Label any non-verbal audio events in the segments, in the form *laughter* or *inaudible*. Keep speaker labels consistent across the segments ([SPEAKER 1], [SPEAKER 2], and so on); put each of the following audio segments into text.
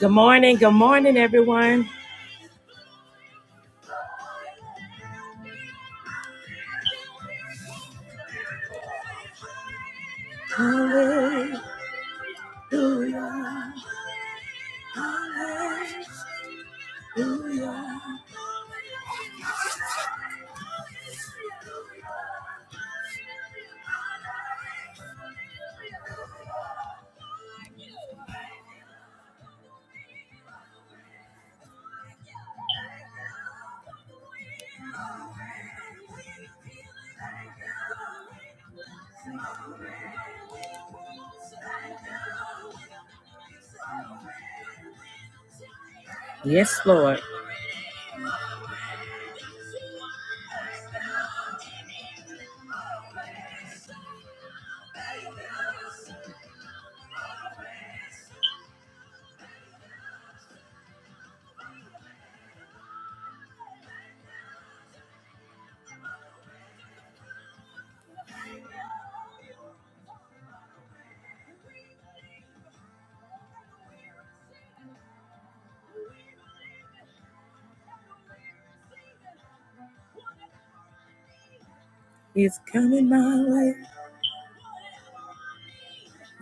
[SPEAKER 1] Good morning, good morning, everyone. Hallelujah, hallelujah. Yes, Lord. It's coming my way.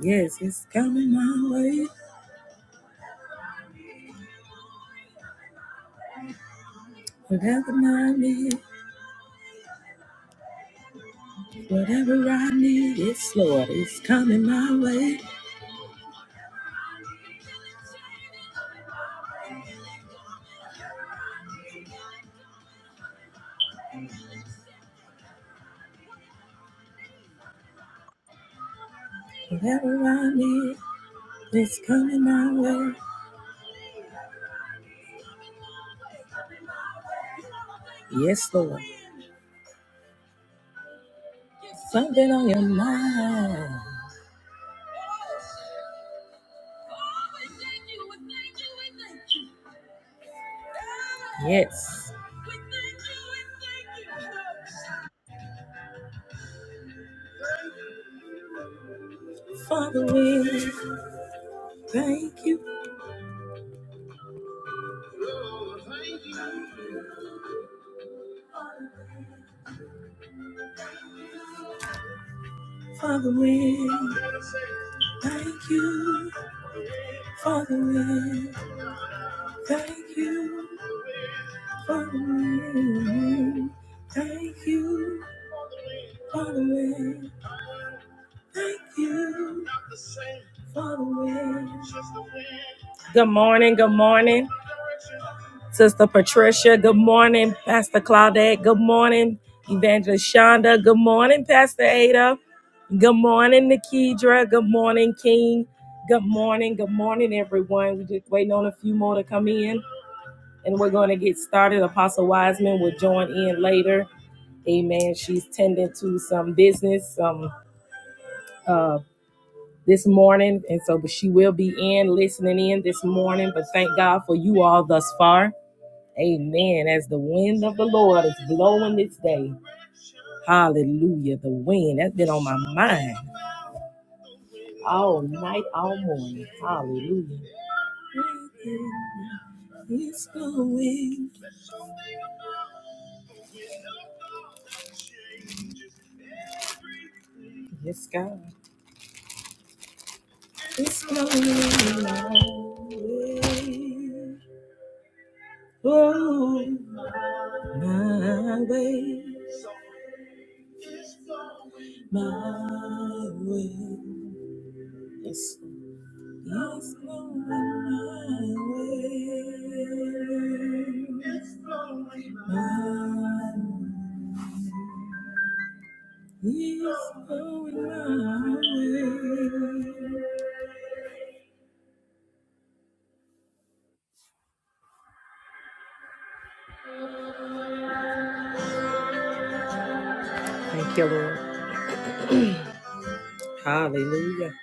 [SPEAKER 1] Yes, it's coming my way. Whatever I need, whatever I need. Yes, Lord. It's coming my way. Whatever I need, it's coming my way. Yes, Lord. Something on your mind. Yes. Father, we thank you. Father, we thank you. Father, we thank you. Father, we thank you. Father, we thank you. Father, we. Good morning. Good morning. Sister Patricia, good morning. Pastor Claudette, good morning. Evangelist Shonda, good morning. Pastor Ada, good morning. Nikedra, good morning. King, good morning. Good morning, everyone. We're just waiting on a few more to come in and we're going to get started. Apostle Wiseman will join in later. Amen. She's tending to some business um, uh, this morning. And so, but she will be in, listening in this morning. But thank God for you all thus far. Amen. As the wind of the Lord is blowing this day. Hallelujah. The wind that's been on my mind all night, all morning. Hallelujah. It's blowing. Yes, God. It's blowing my way. Oh, my way, my way. It's It's blowing my way. It's blowing my way. It's blowing my way. Thank you, Lord. Hallelujah.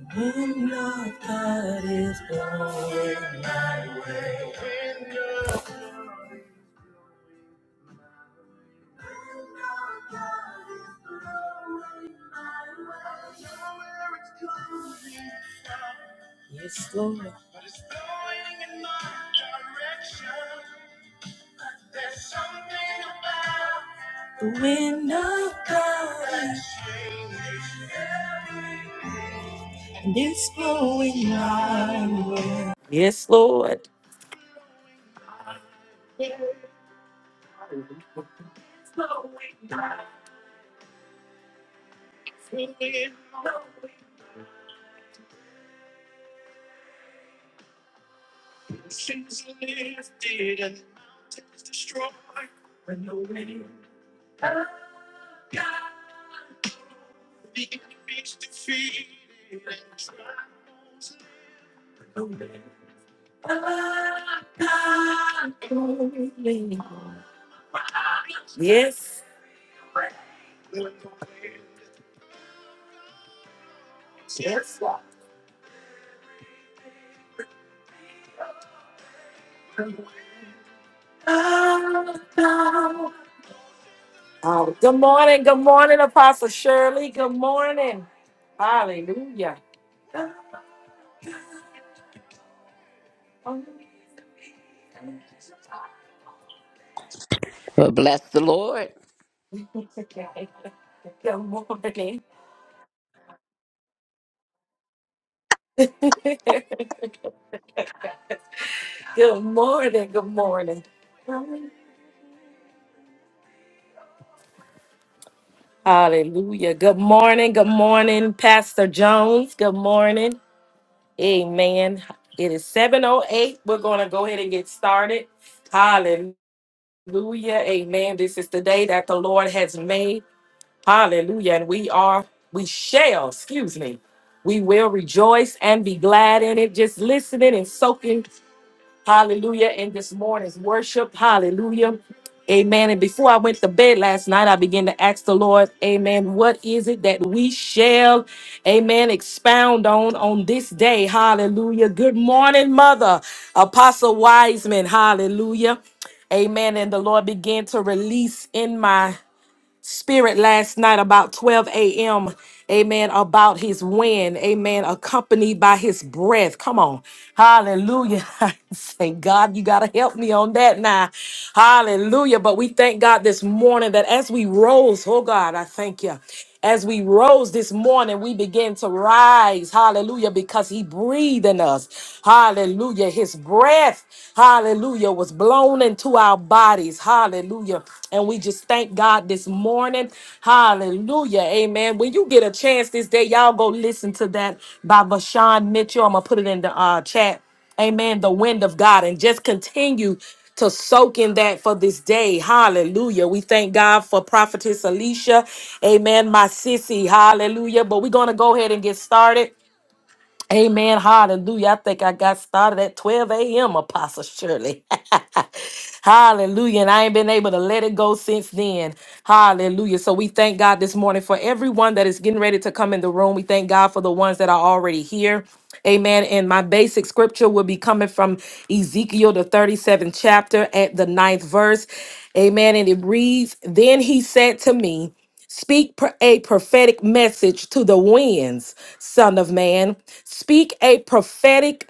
[SPEAKER 1] The Wind of God is blowing. It's blowing. The wind of God and it's blowing my. way. Yes, Lord. Yes. Oh, God. Oh, good morning, good morning, Apostle Shirley. Good morning. Hallelujah. Good morning.
[SPEAKER 2] Well, bless the Lord.
[SPEAKER 1] *laughs* Good morning, good morning. Hallelujah. Good morning, good morning, Pastor Jones. Good morning. Amen. It is 7:08. We're going to go ahead and get started. Hallelujah. Hallelujah. Amen. This is the day that the Lord has made. Hallelujah. And we are, we shall, excuse me, we will rejoice and be glad in it. Just listening and soaking Hallelujah. In this morning's worship. Hallelujah. Amen. And before I went to bed last night, I began to ask the Lord, Amen, what is it that we shall, Amen, expound on on this day? Hallelujah. Good morning, Mother Apostle Wiseman. Hallelujah. Amen. And the Lord began to release in my spirit last night about 12 a.m. Amen. About his win. Amen. Accompanied by his breath. Come on. Hallelujah. *laughs* Thank God you got to help me on that now. Hallelujah. But we thank God this morning that as we rose, oh God, I thank you. As we rose this morning, we began to rise. Hallelujah. Because he breathed in us. Hallelujah. His breath, hallelujah, was blown into our bodies. Hallelujah. And we just thank God this morning. Hallelujah. Amen. When you get a chance this day, y'all go listen to that by Vashawn Mitchell. I'm going to put it in the uh, chat amen, the wind of God and just continue to soak in that for this day. Hallelujah. We thank God for Prophetess Alicia. Amen. My sissy. Hallelujah. But we're going to go ahead and get started. Amen. Hallelujah. I think I got started at 12 a.m., Apostle Shirley. *laughs* Hallelujah. And I ain't been able to let it go since then. Hallelujah. So we thank God this morning for everyone that is getting ready to come in the room. We thank God for the ones that are already here. Amen. And my basic scripture will be coming from Ezekiel, the 37th chapter, at the ninth verse. Amen. And it reads Then he said to me, Speak pr- a prophetic message to the winds, Son of Man. Speak a prophetic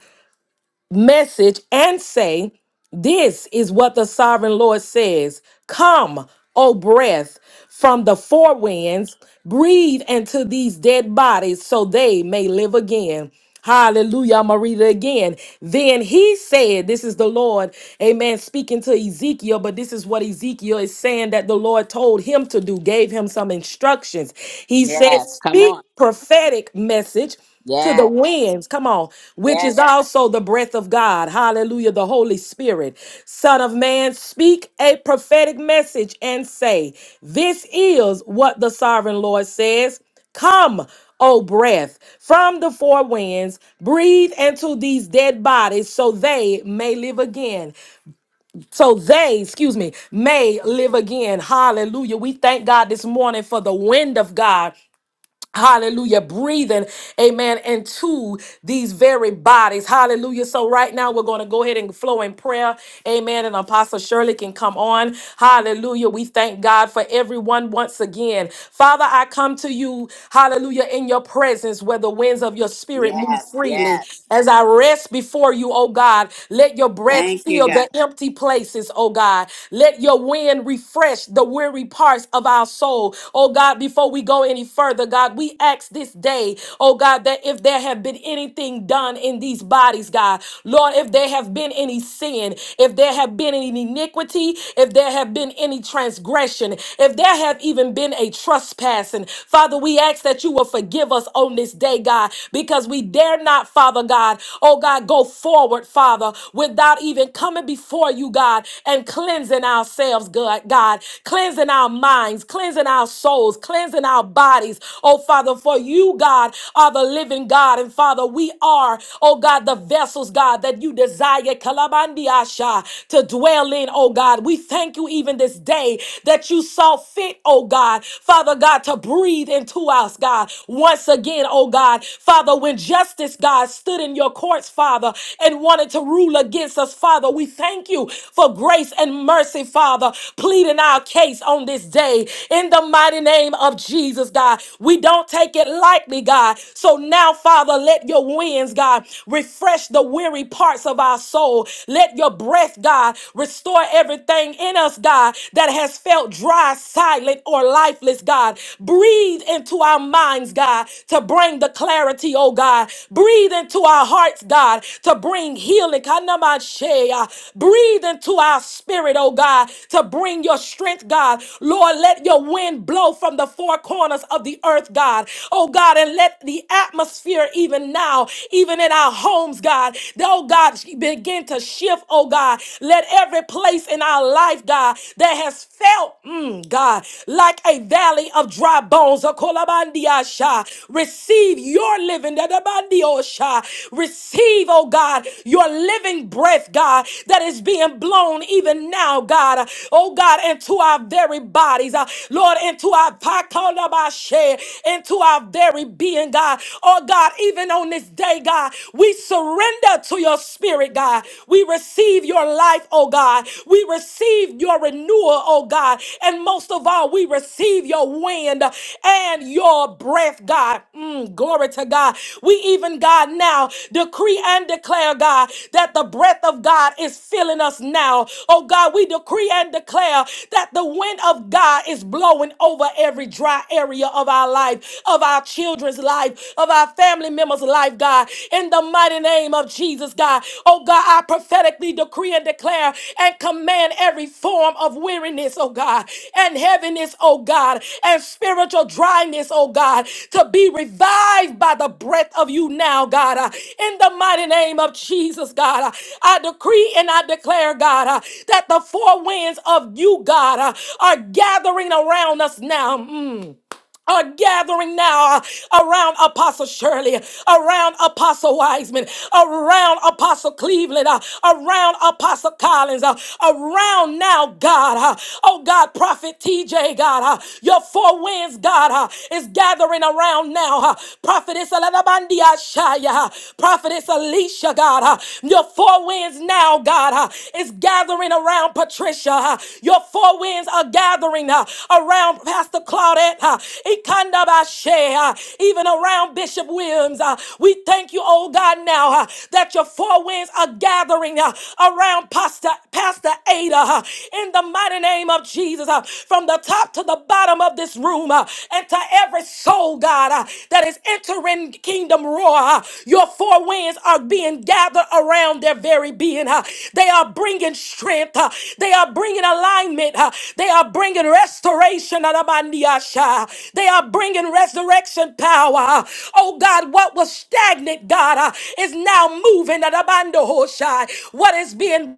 [SPEAKER 1] message and say, This is what the sovereign Lord says Come, O breath, from the four winds, breathe into these dead bodies so they may live again. Hallelujah. I'm going to read it again. Then he said, This is the Lord, amen, speaking to Ezekiel, but this is what Ezekiel is saying that the Lord told him to do, gave him some instructions. He said,
[SPEAKER 2] Yes, come
[SPEAKER 1] Speak
[SPEAKER 2] on.
[SPEAKER 1] prophetic message to the
[SPEAKER 2] Yes,
[SPEAKER 1] winds, come on, which
[SPEAKER 2] yes,
[SPEAKER 1] is also the breath of God. Hallelujah, the Holy Spirit. Son of man, speak a prophetic message and say, This is what the sovereign Lord says. Come, O breath, from the four winds, breathe into these dead bodies so they may live again. So they, excuse me, may live again. Hallelujah. We thank God this morning for the wind of God Hallelujah, breathing, amen, into these very bodies. Hallelujah. So, right now, we're going to go ahead and flow in prayer, amen. And Apostle Shirley can come on. Hallelujah. We thank God for everyone once again. Father, I come to you, hallelujah, in your presence where the winds of your spirit move
[SPEAKER 2] yes,
[SPEAKER 1] freely.
[SPEAKER 2] yes.
[SPEAKER 1] As I rest before you, oh God, let your breath
[SPEAKER 2] Thank you,
[SPEAKER 1] fill
[SPEAKER 2] God.
[SPEAKER 1] the empty places, oh God. Let your wind refresh the weary parts of our soul, oh God. Before we go any further, God. God, we ask this day, oh God, that if there have been anything done in these bodies, God, Lord, if there have been any sin, if there have been any iniquity, if there have been any transgression, if there have even been a trespassing, Father, we ask that you will forgive us on this day, God, because we dare not, Father God, oh God, go forward, Father, without even coming before you, God, and cleansing ourselves, God, God, cleansing our minds, cleansing our souls, cleansing our bodies, oh Father, for you, God, are the living God. And Father, we are, oh God, the vessels, God, that you desire, Kalabandiasha, to dwell in, oh God. We thank you even this day that you saw fit, oh God, Father God, to breathe into us, God, once again, oh God. Father, when justice, God, stood in your courts, Father, and wanted to rule against us, Father, we thank you for grace and mercy, Father, pleading our case on this day in the mighty name of Jesus, God. We don't take it lightly, God. So now, Father, let your winds, God, refresh the weary parts of our soul. Let your breath, God, restore everything in us, God, that has felt dry, silent, or lifeless, God. Breathe into our minds, God, to bring the clarity, oh God. Breathe into our hearts, God, to bring healing. Kanamashe. Breathe into our spirit, oh God, to bring your strength, God. Lord, let your wind blow from the four corners of the earth, God. Oh God, and let the atmosphere even now, even in our homes, God, that, oh God, begin to shift, oh God. Let every place in our life, God, that has felt, mm, God, like a valley of dry bones, a kolabandiasha, receive your living, dadabandiosha. receive, oh God, your living breath, God, that is being blown even now, God, oh God, into our very bodies, uh, Lord, into our Yashe, into our very being, God. Oh, God, even on this day, God, we surrender to your spirit, God. We receive your life, oh God. We receive your renewal, oh God. And most of all, we receive your wind and your breath, God. Mm, glory to God. We even, God, now decree and declare, God, that the breath of God is filling us now. Oh God, we decree and declare that the wind of God is blowing over every dry area area of our life, of our children's life, of our family members' life, God. In the mighty name of Jesus, God. Oh, God, I prophetically decree and declare and command every form of weariness, oh God, and heaviness, oh God, and spiritual dryness, oh God, to be revived by the breath of you now, God. Uh, In the mighty name of Jesus, God, uh, I decree and I declare, God, uh, that the four winds of you, God, uh, are gathering around us now. Mm are gathering now uh, around Apostle Shirley, around Apostle Wiseman, around Apostle Cleveland, uh, around Apostle Collins, uh, around now, God. uh, oh, God, Prophet TJ, God, uh, your four winds, God, uh, is gathering around now. Uh, Prophetess Alanabandia Shaya, uh, Prophetess Alicia, God, uh, your four winds now now, God, uh, is gathering around Patricia. uh, Your four winds are gathering uh, around Pastor Claudette, uh, Ikandabashe, uh, even around Bishop Williams. uh, We thank you, oh God, now uh, that your four winds are gathering uh, around Pastor, Pastor Ada uh, in the mighty name of Jesus, uh, from the top to the bottom of this room uh, and to every soul, God, uh, that is entering kingdom roar. uh, Your four winds are being gathered around their very being. uh, They are bringing strength. uh, They are bringing alignment. uh, They are bringing restoration. Adabandiasha. They are bringing resurrection power. uh, Oh, God, what was stagnant, God, uh, is now moving. Adabandohoshai. What is being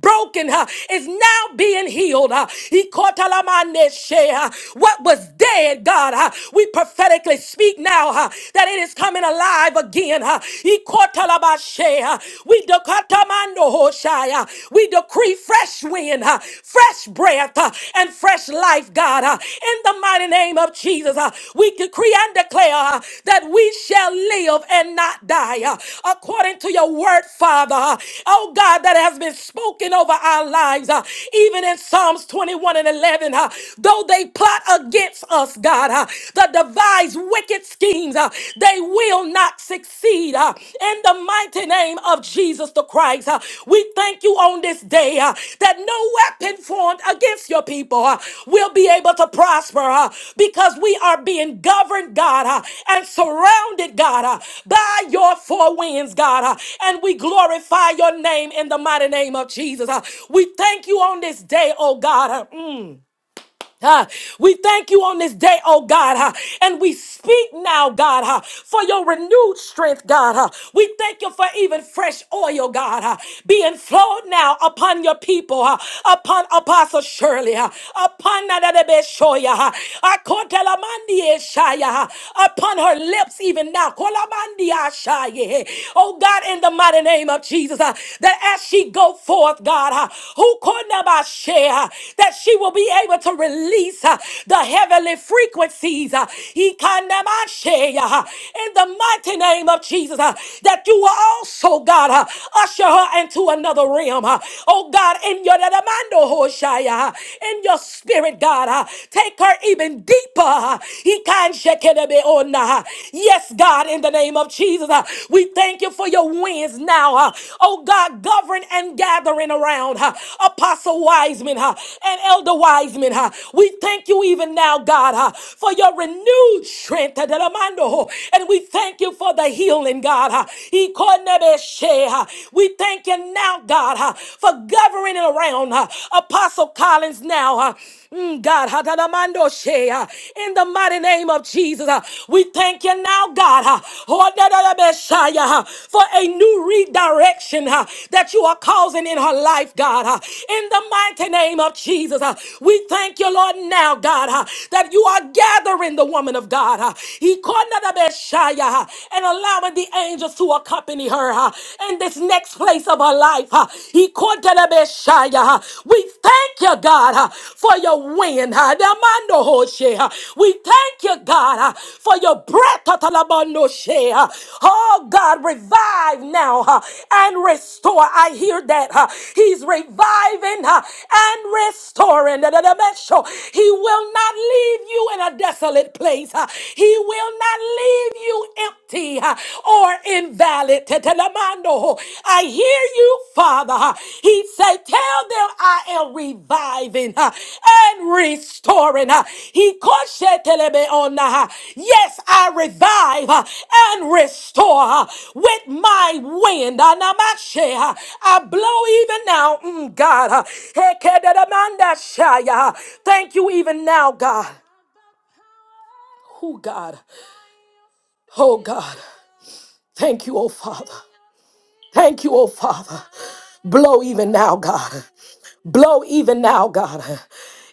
[SPEAKER 1] broken huh, is now being healed. huh. Ikotalamandeshe, huh. What was dead, God, huh, we prophetically speak now huh, that it is coming alive again. huh. Ikotalabashe, huh. We dekatamandohoshai, huh. we decree fresh wind, huh, fresh breath, huh, and fresh life, God, huh, in the mighty name of Jesus. Jesus, uh, we decree and declare uh, that we shall live and not die uh, according to your word, Father. uh, Oh God, that has been spoken over our lives, uh, even in Psalms 21 and 11. uh, Though they plot against us, God, uh, that devise wicked schemes, uh, they will not succeed. uh, In the mighty name name of Jesus the Christ. Uh, We thank you on this day uh, that no weapon formed against your people uh, will be able to prosper uh, because we are being governed, God, uh, and surrounded, God, uh, by your four winds, God. uh, And we glorify your name in the mighty name of Jesus. Uh, We thank you on this day, oh God. uh, mm huh? We thank you on this day, oh God, huh? and we speak now, God, huh? for your renewed strength, God. huh? We thank you for even fresh oil, God, huh? being flowed now upon your people, huh? upon Apostle Shirley, huh? upon Nadadebe Shoya, huh? Akotelamandi Eshaya, huh? upon her lips even now. Kolamandi Ashaya, eh? Oh God, in the mighty name of Jesus, huh? that as she we go forth, God, uh, who could never share, uh, that she will be able to release uh, the heavenly frequencies uh, he can never share, uh, in the mighty name of Jesus, uh, that you will also, God, uh, usher her into another realm. uh, Oh, God, in your demando, Hoshaya, uh, in your spirit, God, uh, take her even deeper. uh, He can shake it a bit on, uh, Yes, God, in the in the name of Jesus. Uh, We thank you for your winds now. uh, Oh God, govern and gathering around uh, Apostle Wiseman uh, and Elder Wiseman. uh, We thank you even now, God, uh, for your renewed strength. uh, that oh, And we thank you for the healing, God. uh, he uh, We thank you now, God, uh, for governing around uh, Apostle Collins now. uh, Mm, God, in the mighty name of Jesus, uh, we thank you now, God, uh, oh, da, da, da, Messiah, uh, for a new redirection uh, that you are causing in her life, God. uh, In the mighty name of Jesus, uh, we thank you, Lord, now, God, uh, that you are gathering the woman of God. uh, he called her the Messiah, uh, And allowing the angels to accompany her uh, in this next place of her life. uh, He Kotelebeshaya. We thank you, God, uh, for your wind. uh, Demando Hoshe, uh. We thank you, God, uh, for your breath. Tatalabando She, uh. Oh, God, revive now uh, and restore. I hear that. uh, He's reviving uh, and restoring. Dadadabesho. He will not leave you in a desolate place. uh. He will not leave you empty. uh or invalid. Tetelamando. I hear you, Father. He said, Tell them I am reviving uh, and restoring. uh, He koshetelebeona, uh, Yes, I revive uh, and restore uh, with my wind. Anamashe, uh, I blow even now, mm, God. uh, hekedelemandashaya. Thank you, even now, God. Oh, God. Oh, God. Thank you, oh Father. Thank you, oh Father. Blow even now, God. Blow even now, God.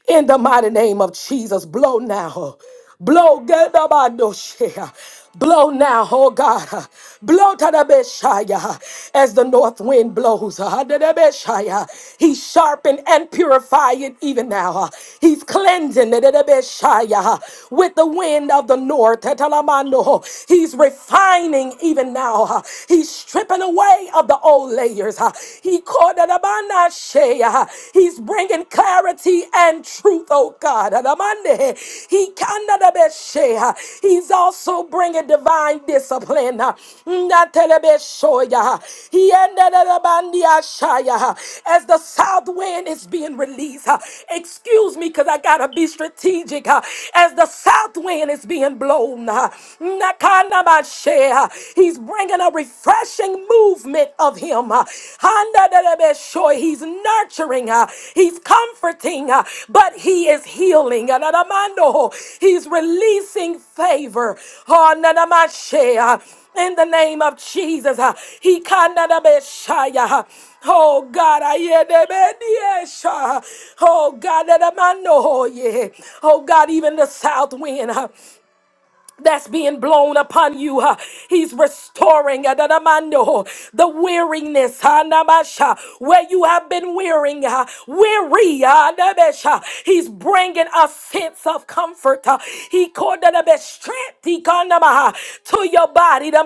[SPEAKER 1] In the mighty name of Jesus, blow now. Blow, Gedabadoshe. blow now, oh God. Blow to the Beshaya as the north wind blows. Hadadabeshaya. He sharpened and purified it even now. He's cleansing it Hadadabeshaya, with the wind of the north. Hatalamano. He's refining even now. He's stripping away of the old no layers. ah. He called it Amanda Shea, ah. He's bringing clarity and truth, oh God. Adamande. He kinda the best ah. He's also bringing divine discipline. ah. Not Telebeshoya. He ended it Abandia ah. as the south wind is being released. ah. Excuse me, because I gotta be strategic. ah. As the south wind is being blown. ah. Nakana uh, He's bringing a refreshing movement of Him. uh, Handa da da be shoy. He's nurturing, uh, He's comforting, uh, but He is healing. Uh, da da mando. ho. He's releasing favor. Oh, na na ma she, uh, In the name of Jesus, uh, He kanda da be shaya, uh, Oh God, I hear the mediation. Oh God, that a man know. Oh yeah. Oh God, even the south wind. uh, that's being blown upon you. huh. He's restoring uh, the the the weariness huh, namasha, where you have been wearing, huh, weary. huh, nabesha. He's bringing a sense of comfort. huh. He called the the strength he kandamaha, to your body. the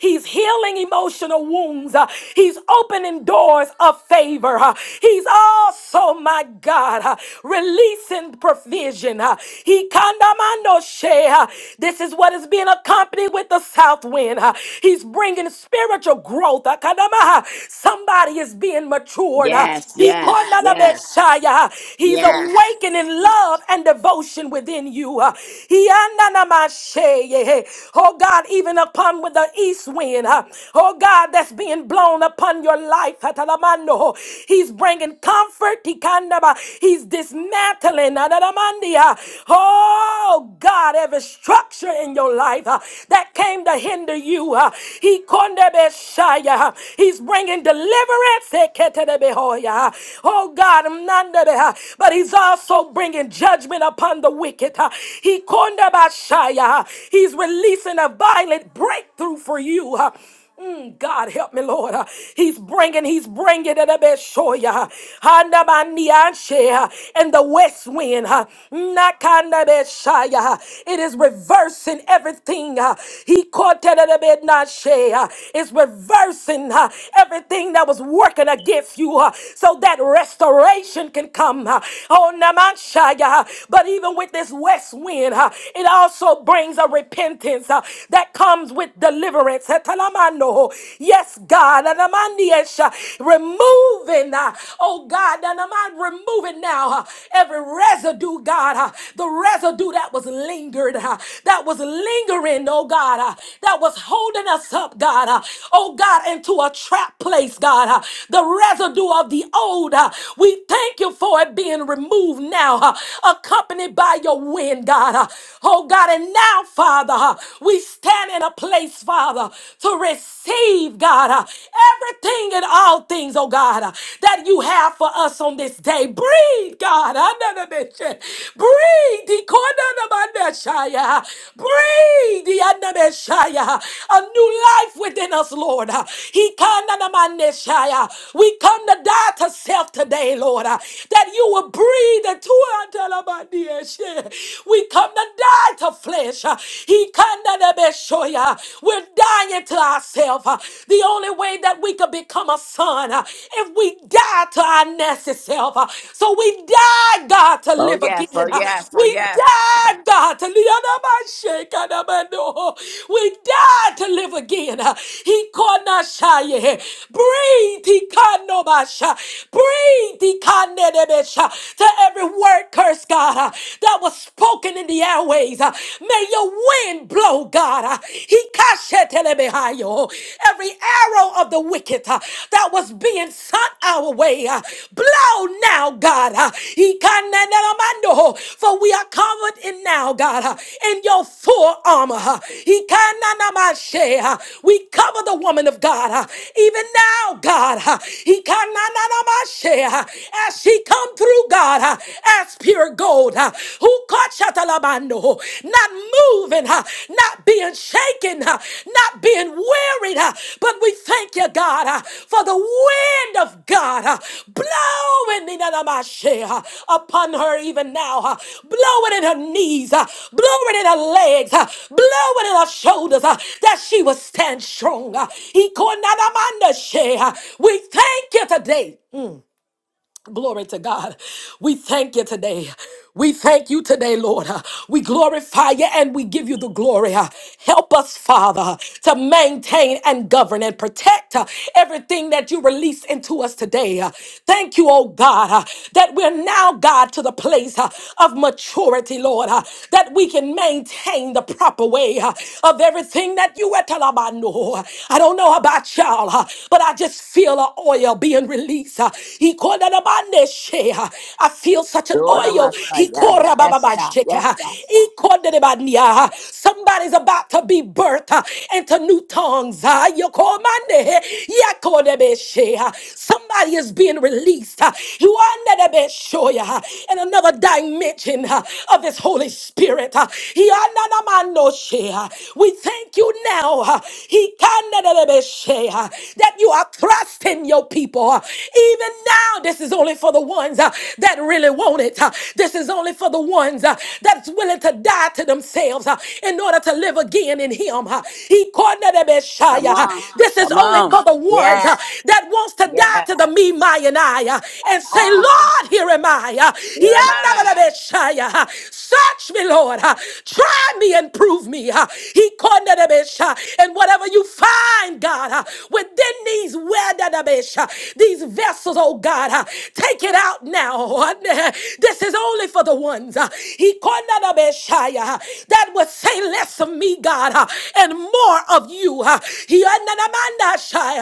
[SPEAKER 1] He's healing emotional wounds. huh. He's opening doors of favor. huh. He's also, my God, huh, releasing provision. huh? He kandamando shea. This is what is being accompanied with the south wind. uh, He's bringing spiritual growth. uh, kadamaha. Somebody is being matured. uh,
[SPEAKER 2] Yes,
[SPEAKER 1] he
[SPEAKER 2] yes, yes,
[SPEAKER 1] kondalabeshaya. He's
[SPEAKER 2] yes.
[SPEAKER 1] awakening love and devotion within you. uh, he andanamasheye. Oh God, even upon with the east wind. uh, Oh God, that's being blown upon your life. atalamando. He's bringing comfort. he kandaba. He's dismantling, Adadamandia, oh God, every structure in your life uh, that came to hinder you. uh, He kondebeshaya. He's bringing deliverance. Eketedebehoya. Oh God, mnandebeha. but He's also bringing judgment upon the wicked. uh, He kondebashaya. He's releasing a violent breakthrough for you. uh, Mm, God help me, Lord. Uh, He's bringing, he's bringing it a up at Shoya. Handa bandianshe, uh, And the west wind, uh, nakanda beshaya, uh, it is reversing everything. uh, He caught it up at nashe, uh, It's reversing uh, everything that was working against you uh, so that restoration can come. uh, On namanshaya. uh, But even with this west wind, uh, it also brings a repentance uh, that comes comes with deliverance. Etalamando. Yes, God. Anamandiesha. Removing, uh, oh God, Anaman, removing now uh, every residue, God, uh, the residue that was lingered, uh, that was lingering, oh God, uh, that was holding us up, God, uh, oh God, into a trap place, God, uh, the residue of the old. uh, we thank you for it being removed now, uh, accompanied by your wind, God, uh, oh God, and now. God, Father, uh, we stand in a place, Father, to receive, God, uh, everything and all things, oh God, uh, that you have for us on this day. Breathe, God. uh, na- na- na- shit. Breathe. the corner of my Messiah. Breathe the under Messiah. a new life within us, Lord. uh, He come under my Messiah. We come to die to self today, Lord, uh, that you will breathe into us we come to die to flesh. uh, He kinda be show ya. We're dying to ourselves. The only way that we could become a son uh, if we die to our nasty self. uh, So we die, God, to
[SPEAKER 2] Oh,
[SPEAKER 1] live
[SPEAKER 2] yes, oh,
[SPEAKER 1] again. uh,
[SPEAKER 2] yes, oh,
[SPEAKER 1] We
[SPEAKER 2] yes.
[SPEAKER 1] die, God, to live. We die to live again. uh, He called us shy. yeah. Breathe, he can't no bash. Breathe, he can't no To every word curse curse, God, uh, that was spoken in the airways. uh, May your wind blow, God. uh, Hikashetelebehayo. Every arrow of the wicked uh, that was being sent our way, uh, blow now, God. uh, Hikananaramando. For we are covered in now, God, uh, in your full armor. uh, Hikananamashe, uh, We cover the woman of God, uh, even now, God. uh, Hikananamashe, uh, As she comes come through, God, uh, as pure gold, uh, who caught Shatalabando, uh, not moving, uh, not being shaken, uh, not being wearied. uh, But we thank you, God, uh, for the wind of God uh, blowing in Adamashe, uh, upon her even now, uh, blowing in her knees, uh, blowing in her legs, uh, blowing in her shoulders, uh, that she would stand strong. uh, Ikonadamanashe, uh, We thank you today. Glory to God. We thank you today. We thank you today, Lord. Uh, We glorify you and we give you the glory. Uh, Help us, Father, to maintain and govern and protect uh, everything that you release into us today. Uh, Thank you, oh God, uh, that we're now, God, to the place uh, of maturity, Lord, uh, that we can maintain the proper way uh, of everything that you were talking about. No, I don't know about y'all, uh, but I just feel an oil being released. uh, He called it a bande she, uh, I feel such an
[SPEAKER 2] Lord of
[SPEAKER 1] oil.
[SPEAKER 2] my
[SPEAKER 1] He
[SPEAKER 2] son, yeah.
[SPEAKER 1] called it a ba- ba-
[SPEAKER 2] Yes,
[SPEAKER 1] ba-
[SPEAKER 2] God,
[SPEAKER 1] shake,
[SPEAKER 2] yes,
[SPEAKER 1] uh,
[SPEAKER 2] God.
[SPEAKER 1] he called it a bande, uh, Somebody's about to be birthed uh, into new tongues. uh, you call my name, yeah, call it a bande she, uh, Somebody is being released. uh, You are not a bande she, uh, in another dimension uh, of His Holy Spirit. uh, he are not a man no share. We thank thank you now uh, he can uh, that you are trusting your people. uh, Even now, this is only for the ones uh, that really want it. uh, This is only for the ones uh, that's willing to die to themselves uh, in order to live again in him. uh, he can
[SPEAKER 2] Come
[SPEAKER 1] uh,
[SPEAKER 2] on,
[SPEAKER 1] This is
[SPEAKER 2] come
[SPEAKER 1] only
[SPEAKER 2] on.
[SPEAKER 1] for the ones uh,
[SPEAKER 2] Yes,
[SPEAKER 1] that wants to die
[SPEAKER 2] yes.
[SPEAKER 1] to the me, my, and I uh,
[SPEAKER 2] Come
[SPEAKER 1] and say,
[SPEAKER 2] on.
[SPEAKER 1] Lord, here am I. uh,
[SPEAKER 2] Here am I.
[SPEAKER 1] yandadelebeshaya, uh, Search me, Lord. Uh, Try me and prove me. Uh, He cornered a bitch. Uh, And whatever you find, God, uh, within these wedadabish, uh, these vessels, oh God, uh, take it out now. Uh, *laughs* This is only for the ones. uh, He cornered a bitch, uh, That would say less of me, God, uh, and more of you. uh, He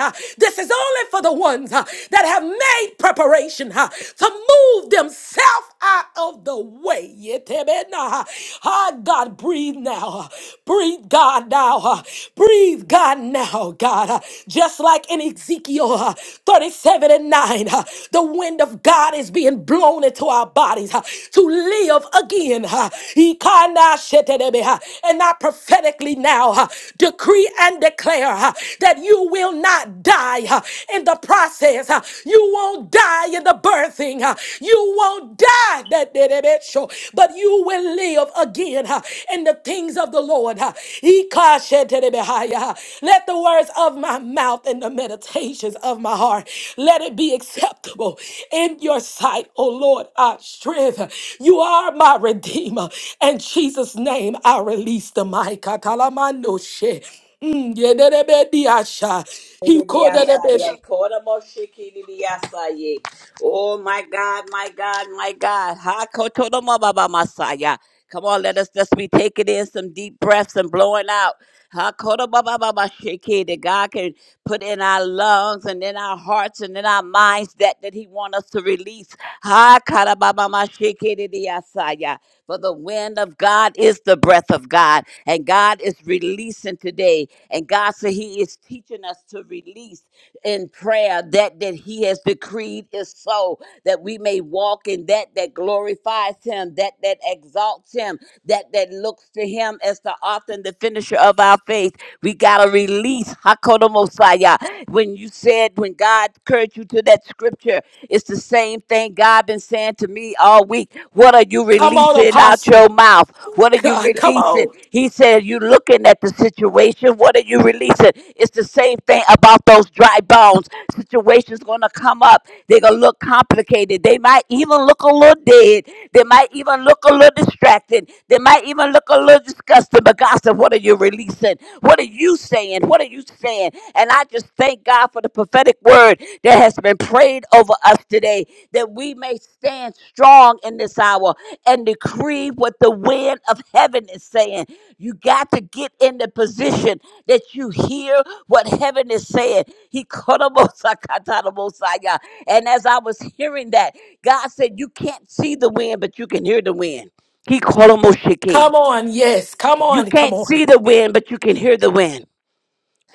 [SPEAKER 1] uh, This is only for the ones uh, that have made preparation uh, to move themselves out of the way. Yetebenaha. Ah, God, breathe now. Breathe, God, now. Breathe, God, now, God. Just like in Ezekiel uh, 37 and 9, uh, the wind of God is being blown into our bodies uh, to live again. uh. Ikana shetedebe, uh, And I prophetically now uh, decree and declare uh, that you will not die. uh, in the process. uh, You won't die in the birthing. uh, You won't die, that did it, it show, but you will live again uh, in the things of the Lord. uh, He cautioned to the behind, uh, Let the words of my mouth and the meditations of my heart, let it be acceptable in your sight, O Lord, our strength. You are my redeemer. In Jesus' name, I release the mic. Katalamando she. Mm, yedebediasha. He called that a bitch.
[SPEAKER 2] Liliasaye, Kodomoshiki Liliasaye. Oh my God, my God, my God. Ha Kotodomo Baba Masaya. Come on, let us just be taking in some deep breaths and blowing out. Ha Kodomo Baba Mashiki, That God can put in our lungs and in our hearts and in our minds that that He wants us to release. Ha karababamashikiridiasaya. For the wind of God is the breath of God, and God is releasing today. And God said He is teaching us to release in prayer that that he has decreed is so that we may walk in that that glorifies him that that exalts him that that looks to him as the author and the finisher of our faith we gotta release hakoto mosiah when you said when god encouraged you to that scripture it's the same thing god been saying to me all week what are you
[SPEAKER 1] Come on,
[SPEAKER 2] releasing out your
[SPEAKER 1] apostle.
[SPEAKER 2] mouth what are you
[SPEAKER 1] God, come
[SPEAKER 2] releasing
[SPEAKER 1] on.
[SPEAKER 2] he said you looking at the situation what are you you release it. It's the same thing about those dry bones. Situations gonna come up. They're gonna look complicated. They might even look a little dead. They might even look a little distracted. They might even look a little disgusted. But God said, What are you releasing? What are you saying? What are you saying? And I just thank God for the prophetic word that has been prayed over us today that we may stand strong in this hour and decree what the wind of heaven is saying. You got to get in the position that you hear what heaven is saying. He katarabosaya. And as I was hearing that, God said, You can't see the wind, but you can hear the wind. He kolomoshiki.
[SPEAKER 1] Come on. Yes. Come
[SPEAKER 2] You
[SPEAKER 1] on. Come
[SPEAKER 2] can't
[SPEAKER 1] on.
[SPEAKER 2] see the wind, but you can hear the wind.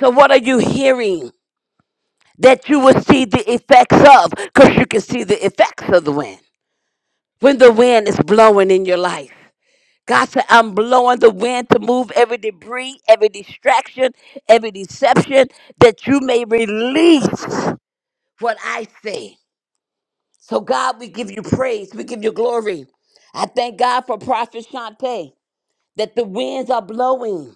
[SPEAKER 2] So what are you hearing that you will see the effects of? Because you can see the effects of the wind. When the wind is blowing in your life. God said, I'm blowing the wind to move every debris, every distraction, every deception that you may release what I say. So, God, we give you praise. We give you glory. I thank God for Prophet Shante that the winds are blowing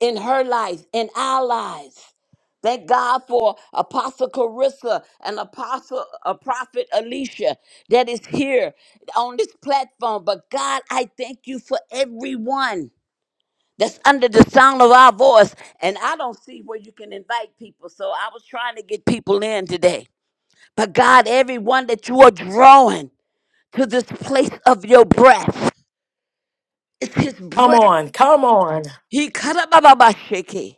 [SPEAKER 2] in her life, in our lives. Thank God for Apostle Carissa and Apostle uh, Prophet Alicia that is here on this platform. But God, I thank you for everyone that's under the sound of our voice. And I don't see where you can invite people. So I was trying to get people in today. But God, everyone that you are drawing to this place of your breath, it's His
[SPEAKER 1] Come
[SPEAKER 2] breath.
[SPEAKER 1] on. Come on.
[SPEAKER 2] He karabababashiki.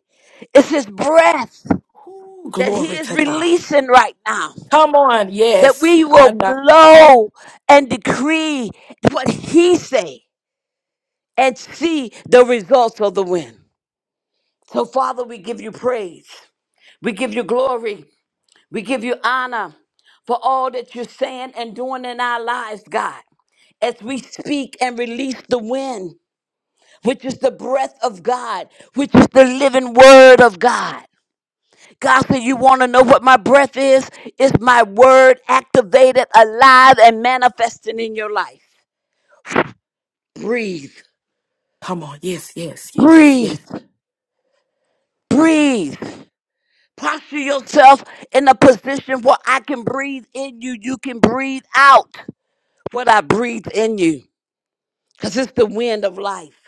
[SPEAKER 2] It's His breath
[SPEAKER 1] Ooh,
[SPEAKER 2] that He
[SPEAKER 1] glory
[SPEAKER 2] is
[SPEAKER 1] to God.
[SPEAKER 2] releasing right now.
[SPEAKER 1] Come on.
[SPEAKER 2] That
[SPEAKER 1] Yes.
[SPEAKER 2] we
[SPEAKER 1] I
[SPEAKER 2] will
[SPEAKER 1] know.
[SPEAKER 2] blow and decree what He say and see the results of the wind. So, Father, we give you praise. We give you glory. We give you honor for all that you're saying and doing in our lives, God, as we speak and release the wind, which is the breath of God, which is the living word of God. God said, You want to know what my breath is? It's my word activated, alive, and manifesting in your life. Breathe,
[SPEAKER 1] Come on. Yes. Yes. Yes. Yes.
[SPEAKER 2] breathe, breathe. Posture yourself in a position where I can breathe in you, you can breathe out what I breathe in you. because it's the wind of life.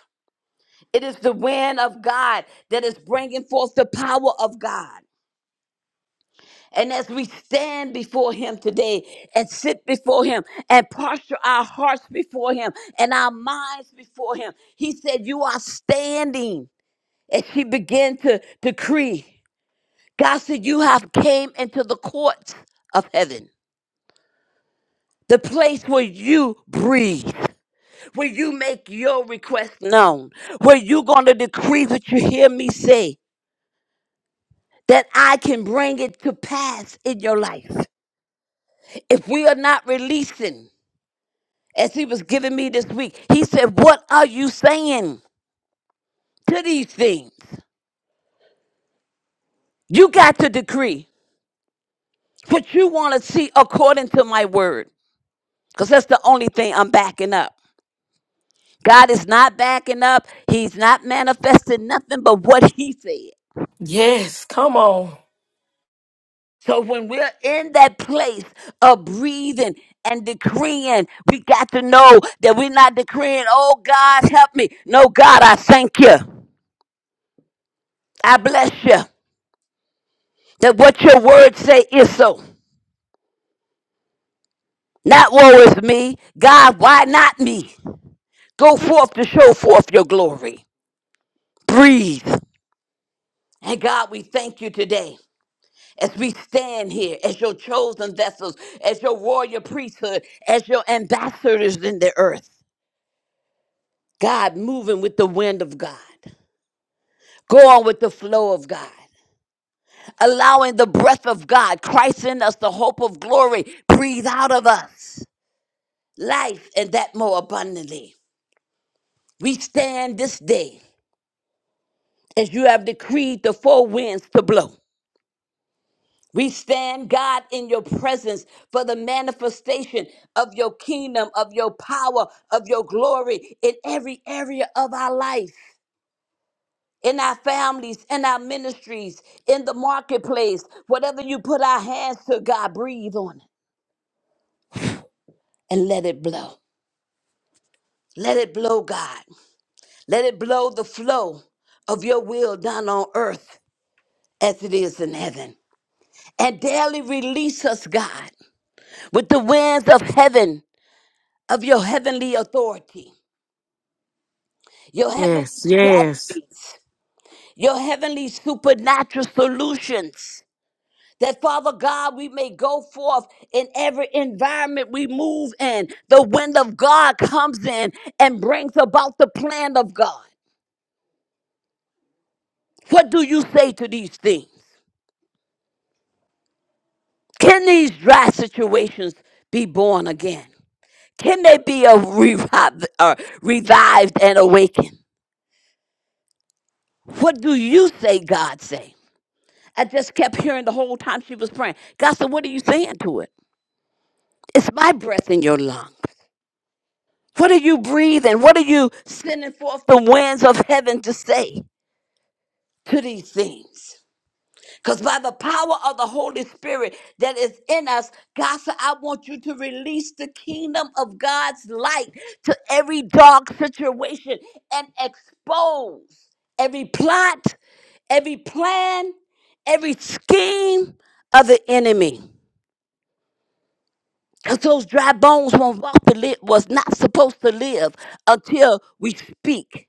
[SPEAKER 2] It is the wind of God that is bringing forth the power of God. And as we stand before Him today and sit before Him and posture our hearts before Him and our minds before Him, He said, You are standing. And she began to decree. God said, You have came into the courts of heaven the place where you breathe, where you make your request known, where you're going to decree what you hear me say. that I can bring it to pass in your life. If we are not releasing, as he was giving me this week, he said, What are you saying to these things? You got to decree what you want to see according to my word, because that's the only thing I'm backing up. God is not backing up, He's not manifesting nothing but what He said.
[SPEAKER 1] Yes. Come on.
[SPEAKER 2] So when we're in that place of breathing and decreeing, we got to know that we're not decreeing, oh God, help me. No, God, I thank you. I bless you. That what your word say is so. Not woe is me. God, why not me? Go forth to show forth your glory. Breathe. And God, we thank you today as we stand here as your chosen vessels, as your royal priesthood, as your ambassadors in the earth. God moving with the wind of God. Go on with the flow of God. Allowing the breath of God, Christ in us, the hope of glory, breathe out of us life and that more abundantly. We stand this day as you have decreed the four winds to blow. We stand, God, in your presence for the manifestation of your kingdom, of your power, of your glory in every area of our life. in our families, in our ministries, in the marketplace, whatever you put our hands to, God, breathe on it and let it blow. Let it blow, God. Let it blow the flow of your will done on earth as it is in heaven. And daily release us, God, with the winds of heaven, of your heavenly authority, your heavenly
[SPEAKER 1] Yes. Yes.
[SPEAKER 2] strategies, your heavenly supernatural solutions That Father God, we may go forth in every environment we move in. The wind of God comes in and brings about the plan of God. What do you say to these things? Can these dry situations be born again? Can they be a reviv- uh, revived and awakened? What do you say, God say? I just kept hearing the whole time she was praying. God said, What are you saying to it? It's my breath in your lung. What are you breathing? What are you sending forth the winds of heaven to say to these things? Because by the power of the Holy Spirit that is in us, God said, I want you to release the kingdom of God's light to every dark situation and expose every plot, every plan, every scheme of the enemy. Because those dry bones won't walk to live, was not supposed to live until we speak.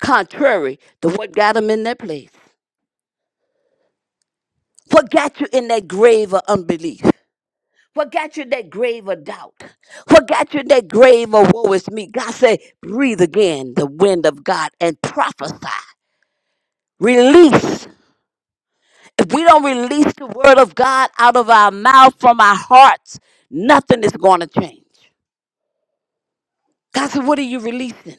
[SPEAKER 2] contrary to what got them in that place. What got you in that grave of unbelief? What got you in that grave of doubt? What got you in that grave of woe is me? God said, breathe again the wind of God and prophesy. Release. If we don't release the word of God out of our mouth, from our hearts, nothing is going to change. God said, what are you releasing?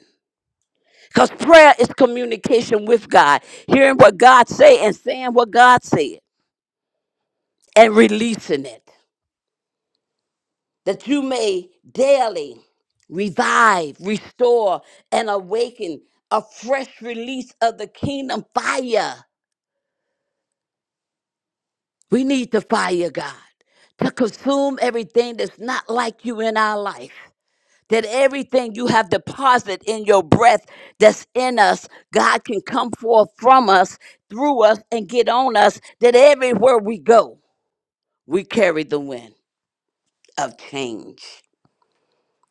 [SPEAKER 2] Because prayer is communication with God, hearing what God say and saying what God said and releasing it. that you may daily revive, restore, and awaken a fresh release of the kingdom fire. We need the fire, God, to consume everything that's not like you in our life. That everything you have deposited in your breath that's in us, God can come forth from us, through us, and get on us. That everywhere we go, we carry the wind of change.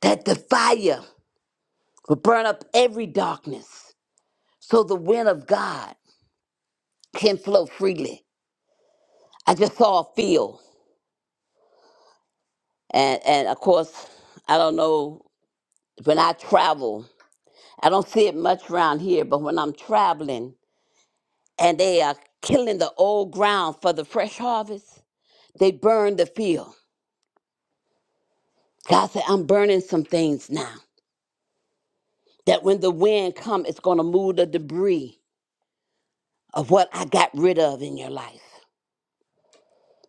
[SPEAKER 2] That the fire We burn up every darkness so the wind of God can flow freely. I just saw a field. And, and of course, I don't know, when I travel, I don't see it much around here, but when I'm traveling and they are killing the old ground for the fresh harvest, they burn the field. God said, I'm burning some things now that when the wind comes, it's going to move the debris of what I got rid of in your life,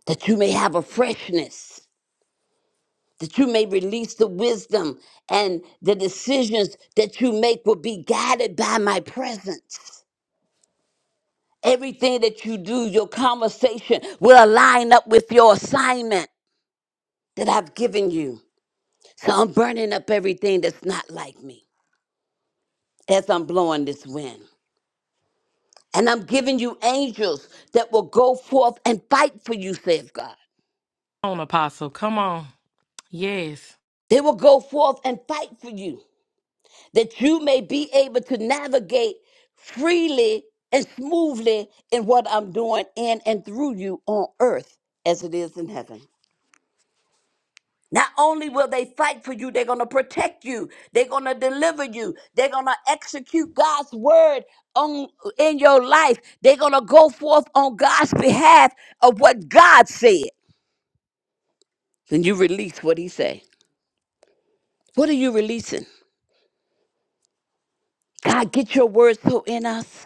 [SPEAKER 2] that you may have a freshness that you may release the wisdom and the decisions that you make will be guided by my presence. Everything that you do, your conversation will align up with your assignment that I've given you. So I'm burning up everything that's not like me as I'm blowing this wind. And I'm giving you angels that will go forth and fight for you, says God.
[SPEAKER 1] Come on, apostle. Come on. Yes.
[SPEAKER 2] They will go forth and fight for you. that you may be able to navigate freely and smoothly in what I'm doing in and through you on earth as it is in heaven. Not only will they fight for you, they're going to protect you. They're going to deliver you. They're going to execute God's word on in your life. They're going to go forth on God's behalf of what God said. Then you release what he say. What are you releasing? God, get your word so in us.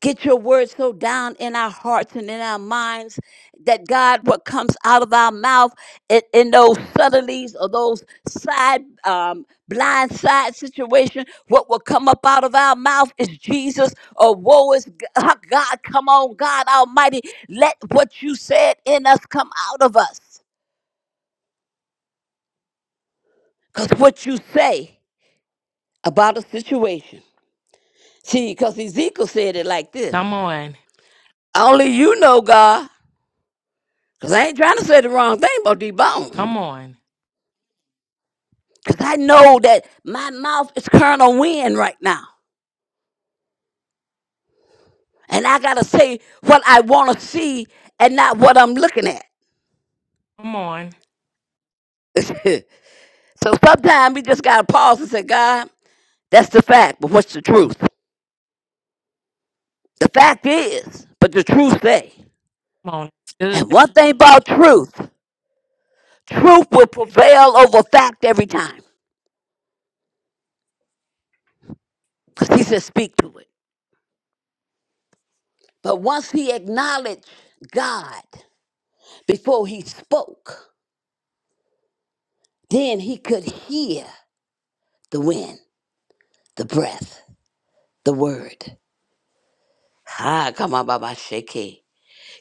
[SPEAKER 2] Get your word so down in our hearts and in our minds that God, what comes out of our mouth in, in those subtleties or those side, um, blind side situation, what will come up out of our mouth is Jesus or woe is G- *laughs* God. Come on, God Almighty, let what you said in us come out of us. Because what you say about a situation, see, because Ezekiel said it like this
[SPEAKER 1] Come on.
[SPEAKER 2] Only you know, God. Because I ain't trying to say the wrong thing about these bones.
[SPEAKER 1] Come on.
[SPEAKER 2] Because I know that my mouth is Colonel Wind right now. And I got to say what I want to see and not what I'm looking at.
[SPEAKER 1] Come on.
[SPEAKER 2] *laughs* so sometimes we just got to pause and say, God, that's the fact, but what's the truth? The fact is, but the truth say.
[SPEAKER 1] Come on. It's good.
[SPEAKER 2] And one thing about truth, truth will prevail over fact every time. Because he says, speak to it. But once he acknowledged God before he spoke, Then he could hear the wind, the breath, the word. Ah, come on, Baba Sheke.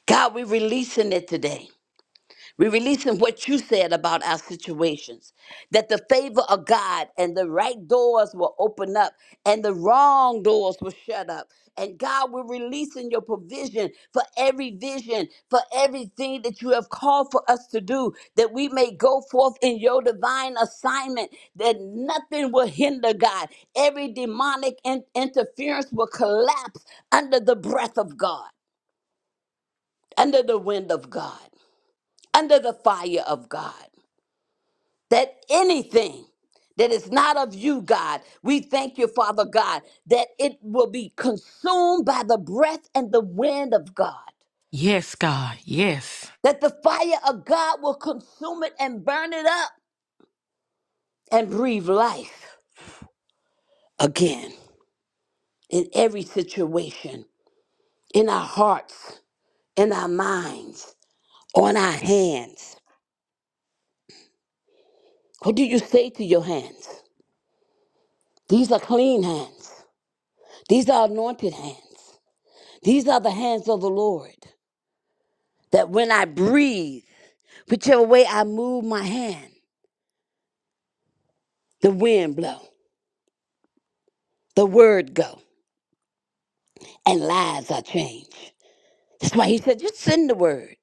[SPEAKER 2] God, we're releasing it today. We're releasing what you said about our situations that the favor of God and the right doors will open up and the wrong doors will shut up. And God, we're releasing your provision for every vision, for everything that you have called for us to do, that we may go forth in your divine assignment, that nothing will hinder God. Every demonic in- interference will collapse under the breath of God, under the wind of God, under the fire of God that anything that is not of you, God, we thank you, Father God, that it will be consumed by the breath and the wind of God,
[SPEAKER 1] Yes, God. Yes.
[SPEAKER 2] that the fire of God will consume it and burn it up and breathe life again in every situation, in our hearts, in our minds, on our hands. What do you say to your hands? These are clean hands, these are anointed hands, these are the hands of the Lord. that when I breathe, whichever way I move my hand, the wind blow, the word go, and lives are changed. That's why he said, just send the word.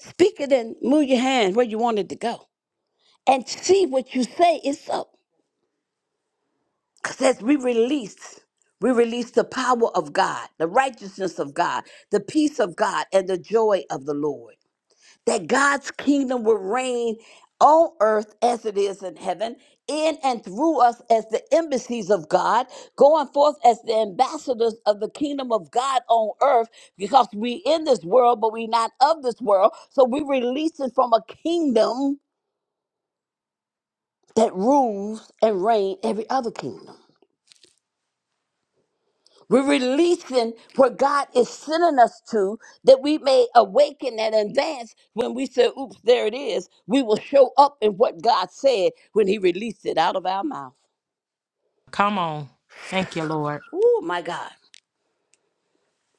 [SPEAKER 2] Speak it and move your hand where you want it to go. And see what you say is so. Because as we release, we release the power of God, the righteousness of God, the peace of God, and the joy of the Lord. that God's kingdom will reign on earth as it is in heaven, in and through us as the embassies of God, going forth as the ambassadors of the kingdom of God on earth, because we in this world, but we not of this world. So we releasing from a kingdom that rules and reign every other kingdom. We're releasing where God is sending us to that we may awaken and advance when we say, oops, there it is. We will show up in what God said when He released it out of our mouth.
[SPEAKER 1] Come on. Thank you, Lord.
[SPEAKER 2] Oh, my God.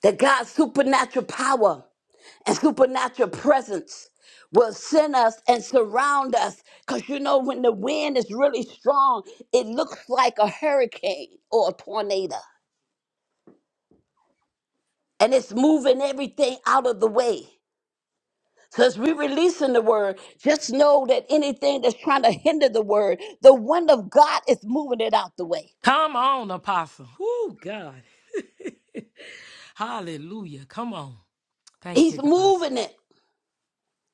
[SPEAKER 2] That God's supernatural power and supernatural presence will send us and surround us. Because you know, when the wind is really strong, it looks like a hurricane or a tornado and it's moving everything out of the way. because we're releasing the word. Just know that anything that's trying to hinder the word, the wind of God is moving it out the way.
[SPEAKER 1] Come on, Apostle. Oh, God. Hallelujah. Come on. Thank
[SPEAKER 2] He's
[SPEAKER 1] you, God.
[SPEAKER 2] moving it.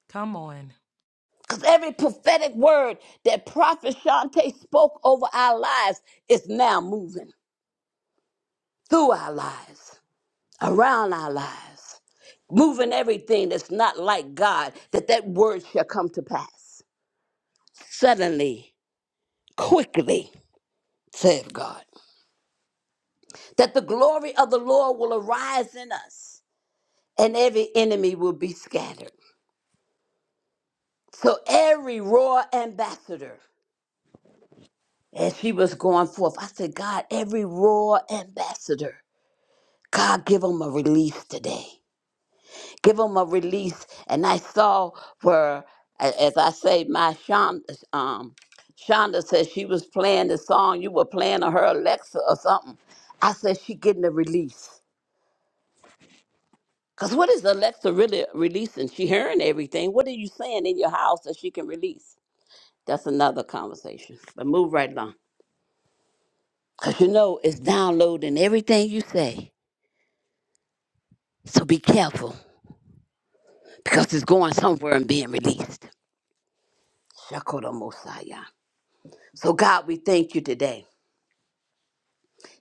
[SPEAKER 1] Come on.
[SPEAKER 2] Because every prophetic word that Prophet Shante spoke over our lives is now moving through our lives, around our lives, moving everything that's not like God, that that word shall come to pass. Suddenly, quickly, saith God, that the glory of the Lord will arise in us and every enemy will be scattered. So every royal ambassador, as she was going forth, I said, God, every royal ambassador, God, give them a release today. Give them a release. And I saw where, a- as I say, my Shonda, um, Shonda said she was playing the song you were playing on her Alexa or something. I said, she getting a release. Because what is Alexa really releasing? She hearing everything. What are you saying in your house that she can release? That's another conversation. But move right along. Because you know, it's downloading everything you say. So be careful because it's going somewhere and being released. Shakoda Mosiah. So, God, we thank you today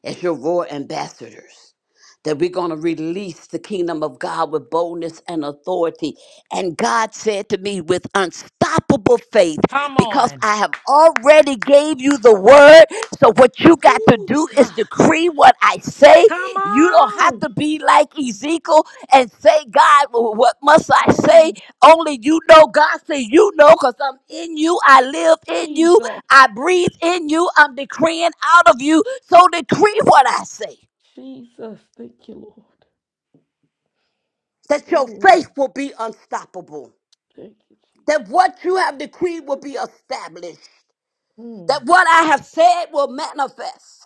[SPEAKER 2] as your royal ambassadors. that we're going to release the kingdom of God with boldness and authority. And God said to me with unstoppable faith,
[SPEAKER 1] Come
[SPEAKER 2] because
[SPEAKER 1] on.
[SPEAKER 2] I have already gave you the word. So what you got to
[SPEAKER 1] Oh,
[SPEAKER 2] do is
[SPEAKER 1] God.
[SPEAKER 2] decree what I say.
[SPEAKER 1] Come
[SPEAKER 2] You don't have
[SPEAKER 1] on.
[SPEAKER 2] to be like Ezekiel and say, God, wh- what must I say?
[SPEAKER 1] Oh,
[SPEAKER 2] Only you know. God said, you know, because I'm in you. I live in you.
[SPEAKER 1] Jesus.
[SPEAKER 2] I breathe in you. I'm decreeing out of you. So decree what I say.
[SPEAKER 1] Jesus. Thank you, Lord.
[SPEAKER 2] that your
[SPEAKER 1] Oh,
[SPEAKER 2] faith will be unstoppable,
[SPEAKER 1] thank you,
[SPEAKER 2] that
[SPEAKER 1] Jesus.
[SPEAKER 2] what you have decreed will be established,
[SPEAKER 1] Mm,
[SPEAKER 2] that what I have said will manifest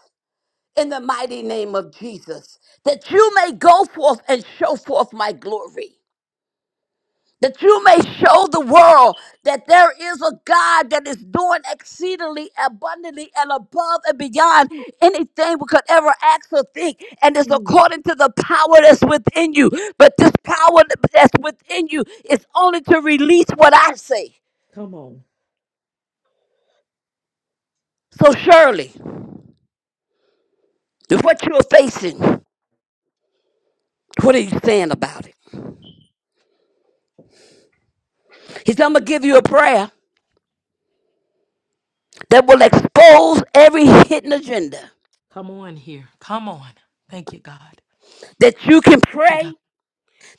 [SPEAKER 2] in the mighty name of Jesus, that you may go forth and show forth my glory. that you may show the world that there is a God that is doing exceedingly abundantly and above and beyond anything we could ever ask or think. And it's
[SPEAKER 1] mm.
[SPEAKER 2] according to the power that's within you. But this power that's within you is only to release what I say.
[SPEAKER 1] Come on.
[SPEAKER 2] So, Shirley, what you're facing, what are you saying about it? He's I'm going to give you a prayer that will expose every hidden agenda
[SPEAKER 1] Come on here. Come on. Thank you, God.
[SPEAKER 2] that you can
[SPEAKER 1] Thank you, God.
[SPEAKER 2] pray,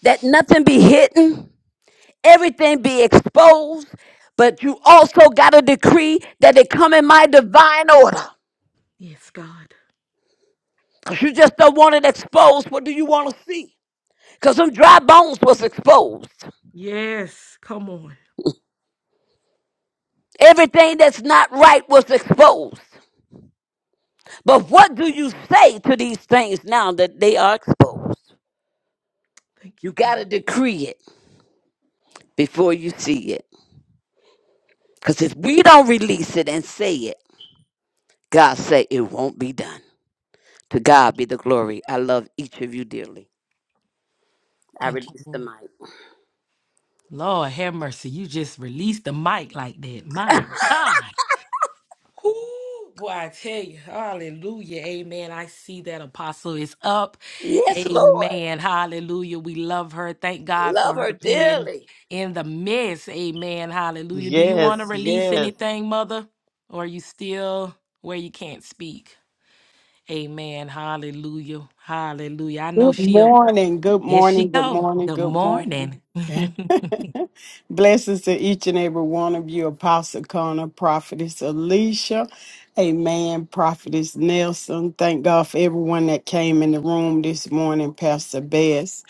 [SPEAKER 2] that nothing be hidden, everything be exposed, but you also got to decree that it come in my divine order.
[SPEAKER 1] Yes, God.
[SPEAKER 2] Because you just don't want it exposed. What do you want to see? Because them dry bones was exposed.
[SPEAKER 1] Yes. Come on.
[SPEAKER 2] Everything that's not right was exposed. But what do you say to these things now that they are exposed?
[SPEAKER 1] Thank
[SPEAKER 2] You
[SPEAKER 1] you,
[SPEAKER 2] got
[SPEAKER 1] God.
[SPEAKER 2] to decree it before you see it. Because if we don't release it and say it, God say it won't be done. To God be the glory. I love each of you dearly. I
[SPEAKER 1] Thank you,
[SPEAKER 2] release the
[SPEAKER 1] Lord.
[SPEAKER 2] mic.
[SPEAKER 1] Lord have mercy. You just released the mic like that. My God. Whoo, boy, I tell you, hallelujah. Amen. I see that apostle is up.
[SPEAKER 2] Yes, Lord.
[SPEAKER 1] Amen. Hallelujah. We love her. Thank God
[SPEAKER 2] Love
[SPEAKER 1] for
[SPEAKER 2] her
[SPEAKER 1] her being
[SPEAKER 2] dearly.
[SPEAKER 1] in the midst. Amen. Hallelujah. Do you want to
[SPEAKER 3] Yes,
[SPEAKER 1] release
[SPEAKER 3] yes.
[SPEAKER 1] anything, mother? Or are you still where you can't speak? Amen. Hallelujah. Hallelujah. I know
[SPEAKER 4] Good
[SPEAKER 1] she up.
[SPEAKER 4] morning, good
[SPEAKER 1] There she
[SPEAKER 4] morning, good
[SPEAKER 1] go.
[SPEAKER 4] morning,
[SPEAKER 1] Good
[SPEAKER 4] good
[SPEAKER 1] morning.
[SPEAKER 4] morning. *laughs* Blessings to each and every one of you, Apostle Connor, Prophetess Alicia, Amen, Prophetess Nelson. Thank God for everyone that came in the room this morning, Pastor Bess.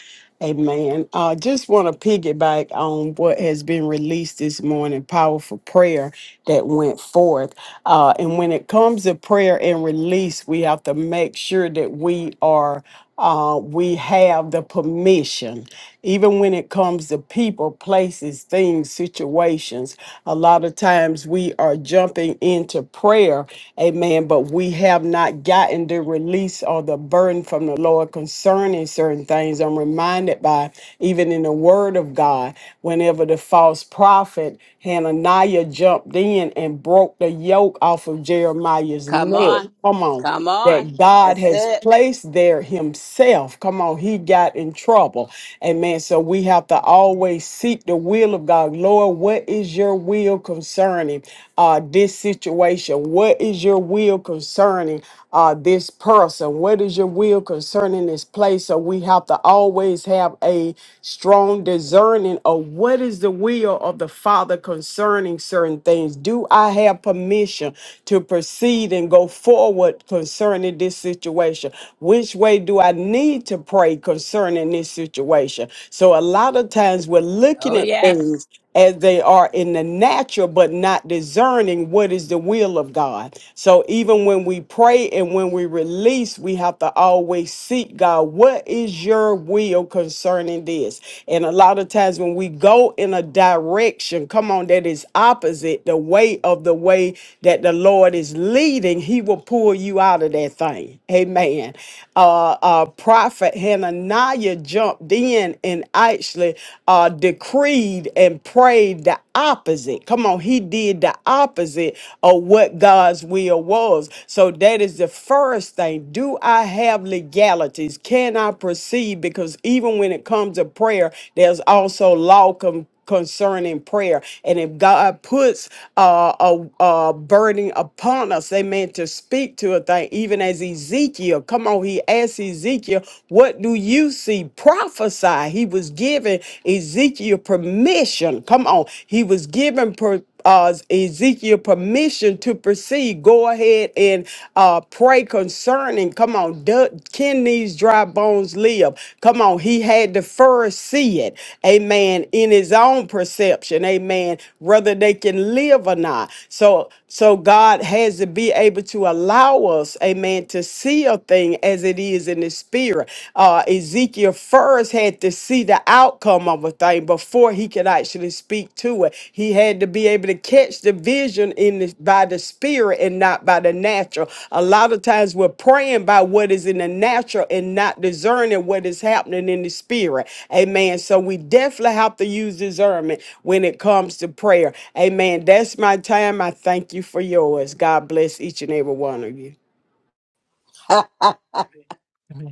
[SPEAKER 4] Amen. I uh, just want to piggyback on what has been released this morning powerful prayer that went forth. Uh, and when it comes to prayer and release, we have to make sure that we are. Uh, we have the permission, even when it comes to people, places, things, situations. A lot of times we are jumping into prayer, amen, but we have not gotten the release or the burden from the Lord concerning certain things. I'm reminded by even in the Word of God, whenever the false prophet Hananiah jumped in and broke the yoke off of Jeremiah's
[SPEAKER 2] Come
[SPEAKER 4] neck.
[SPEAKER 2] on.
[SPEAKER 4] Come on
[SPEAKER 2] Come on.
[SPEAKER 4] that God
[SPEAKER 2] That's
[SPEAKER 4] has
[SPEAKER 2] it.
[SPEAKER 4] placed there himself. Come on, he got in trouble. Amen. So we have to always seek the will of God. Lord, what is your will concerning uh, this situation? What is your will concerning uh, this person? What is your will concerning this place? So we have to always have a strong discerning of what is the will of the Father concerning certain things. Do I have permission to proceed and go forward? concerning? concerning this situation? Which way do I need to pray concerning this situation? So a lot of times we're looking
[SPEAKER 2] Oh,
[SPEAKER 4] at
[SPEAKER 2] yes.
[SPEAKER 4] things as they are in the natural, but not discerning what is the will of God. So even when we pray and when we release, we have to always seek God, what is your will concerning this? And a lot of times when we go in a direction, come on, that is opposite the way of the way that the Lord is leading, He will pull you out out of that thing. Amen. Uh, uh, Prophet Hananiah jumped in and actually uh, decreed and prayed the opposite. Come on, he did the opposite of what God's will was. So that is the first thing. Do I have legalities? Can I proceed? Because even when it comes to prayer, there's also law concerning prayer. And if God puts uh, a, a burden upon us, they meant to speak to a thing, even as Ezekiel. Come on, he asked Ezekiel, What do you see? Prophesy. He was giving Ezekiel permission. Come on, he was given permission uh, Ezekiel permission to proceed. Go ahead and uh, pray concerning. Come on, do, can these dry bones live? Come on, he had to first see it, amen, in his own perception, amen, whether they can live or not. So, so God has to be able to allow us, amen, to see a thing as it is in the spirit. Uh, Ezekiel first had had to see the outcome of a thing before he could actually speak to it. He had to be able to catch the vision in the, by the spirit and not by the natural. A lot of times we're praying by what is in the natural and not discerning what is happening in the spirit. Amen. So we definitely have to use discernment when it comes to prayer. Amen. That's my time. I thank you for yours. God bless each and every one of you.
[SPEAKER 1] *laughs*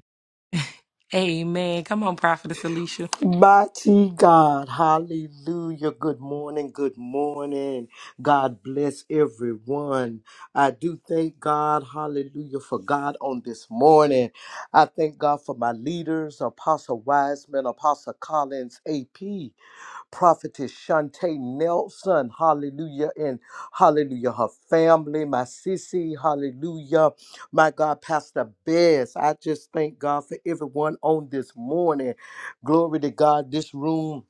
[SPEAKER 1] Amen. Come on, Prophetess Alicia.
[SPEAKER 3] Mighty God, hallelujah. Good morning, good morning. God bless everyone. I do thank God, hallelujah, for God on this morning. I thank God for my leaders, Apostle Wiseman, Apostle Collins, AP. Prophetess Shantae Nelson, hallelujah, and hallelujah, her family, my sissy, hallelujah, my God, Pastor Bess. I just thank God for everyone on this morning. Glory to God, this room.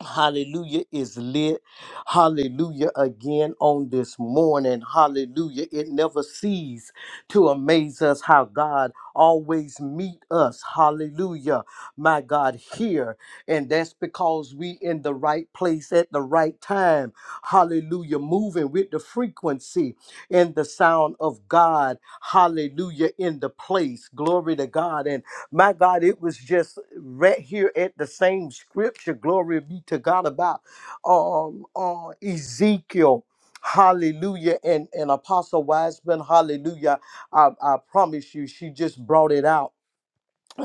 [SPEAKER 3] Hallelujah is lit. Hallelujah again on this morning. Hallelujah. It never ceases to amaze us how God always meet us. Hallelujah. My God here. And that's because we in the right place at the right time. Hallelujah. Moving with the frequency and the sound of God. Hallelujah in the place. Glory to God. and. My God, it was just right here at the same scripture. Glory be to God about um, uh, Ezekiel. Hallelujah. And, and Apostle Wiseman, hallelujah. I, I promise you, she just brought it out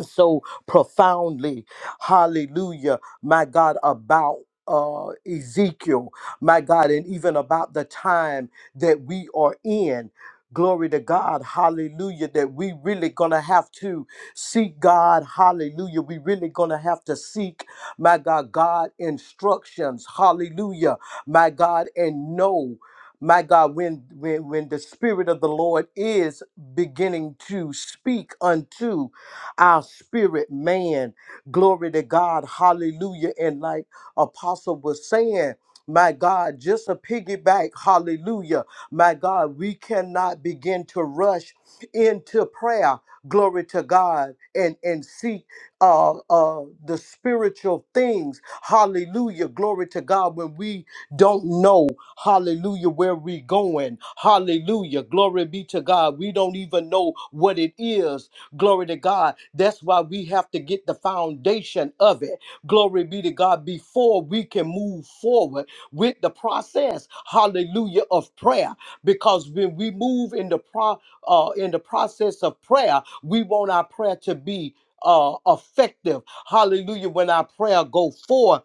[SPEAKER 3] so profoundly, hallelujah, my God, about uh, Ezekiel, my God, and even about the time that we are in. Glory to God, hallelujah, that we really gonna have to seek God, hallelujah. We really gonna have to seek, my God, God instructions, hallelujah, my God, and know. My God, when, when when the Spirit of the Lord is beginning to speak unto our spirit man. Glory to God. Hallelujah. And like Apostle was saying, my God, just a piggyback, hallelujah. My God, we cannot begin to rush into prayer, glory to God, and, and seek uh, uh, the spiritual things, hallelujah, glory to God, when we don't know, hallelujah, where we're going, hallelujah, glory be to God. We don't even know what it is Glory to God. That's why we have to get the foundation of it. Glory be to God before we can move forward with the process. Hallelujah of prayer. Because when we move in the pro uh, in the process of prayer, we want our prayer to be uh effective hallelujah when our prayer go forth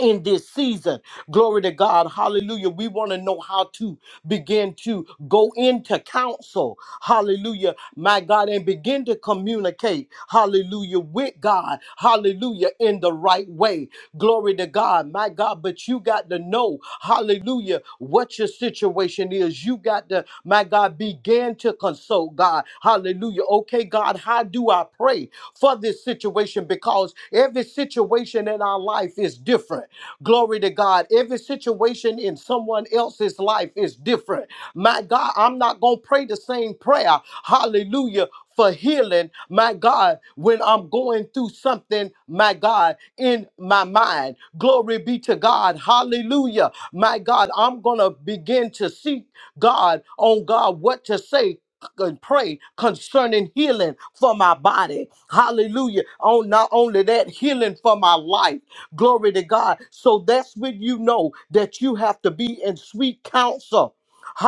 [SPEAKER 3] in this season. Glory to God. Hallelujah. We want to know how to begin to go into counsel. Hallelujah. My God, and begin to communicate. Hallelujah. With God. Hallelujah. In the right way. Glory to God. My God, but you got to know. Hallelujah. What your situation is. You got to, my God, begin to consult God. Hallelujah. Okay, God, how do I pray? for this situation because every situation in our life is different. Glory to God. Every situation in someone else's life is different. My God, I'm not going to pray the same prayer. Hallelujah. For healing, my God, when I'm going through something, my God, in my mind. Glory be to God. Hallelujah. My God, I'm going to begin to seek God on God what to say and pray concerning healing for my body. Hallelujah. Oh, not only that, healing for my life. Glory to God. So that's when you know that you have to be in sweet counsel.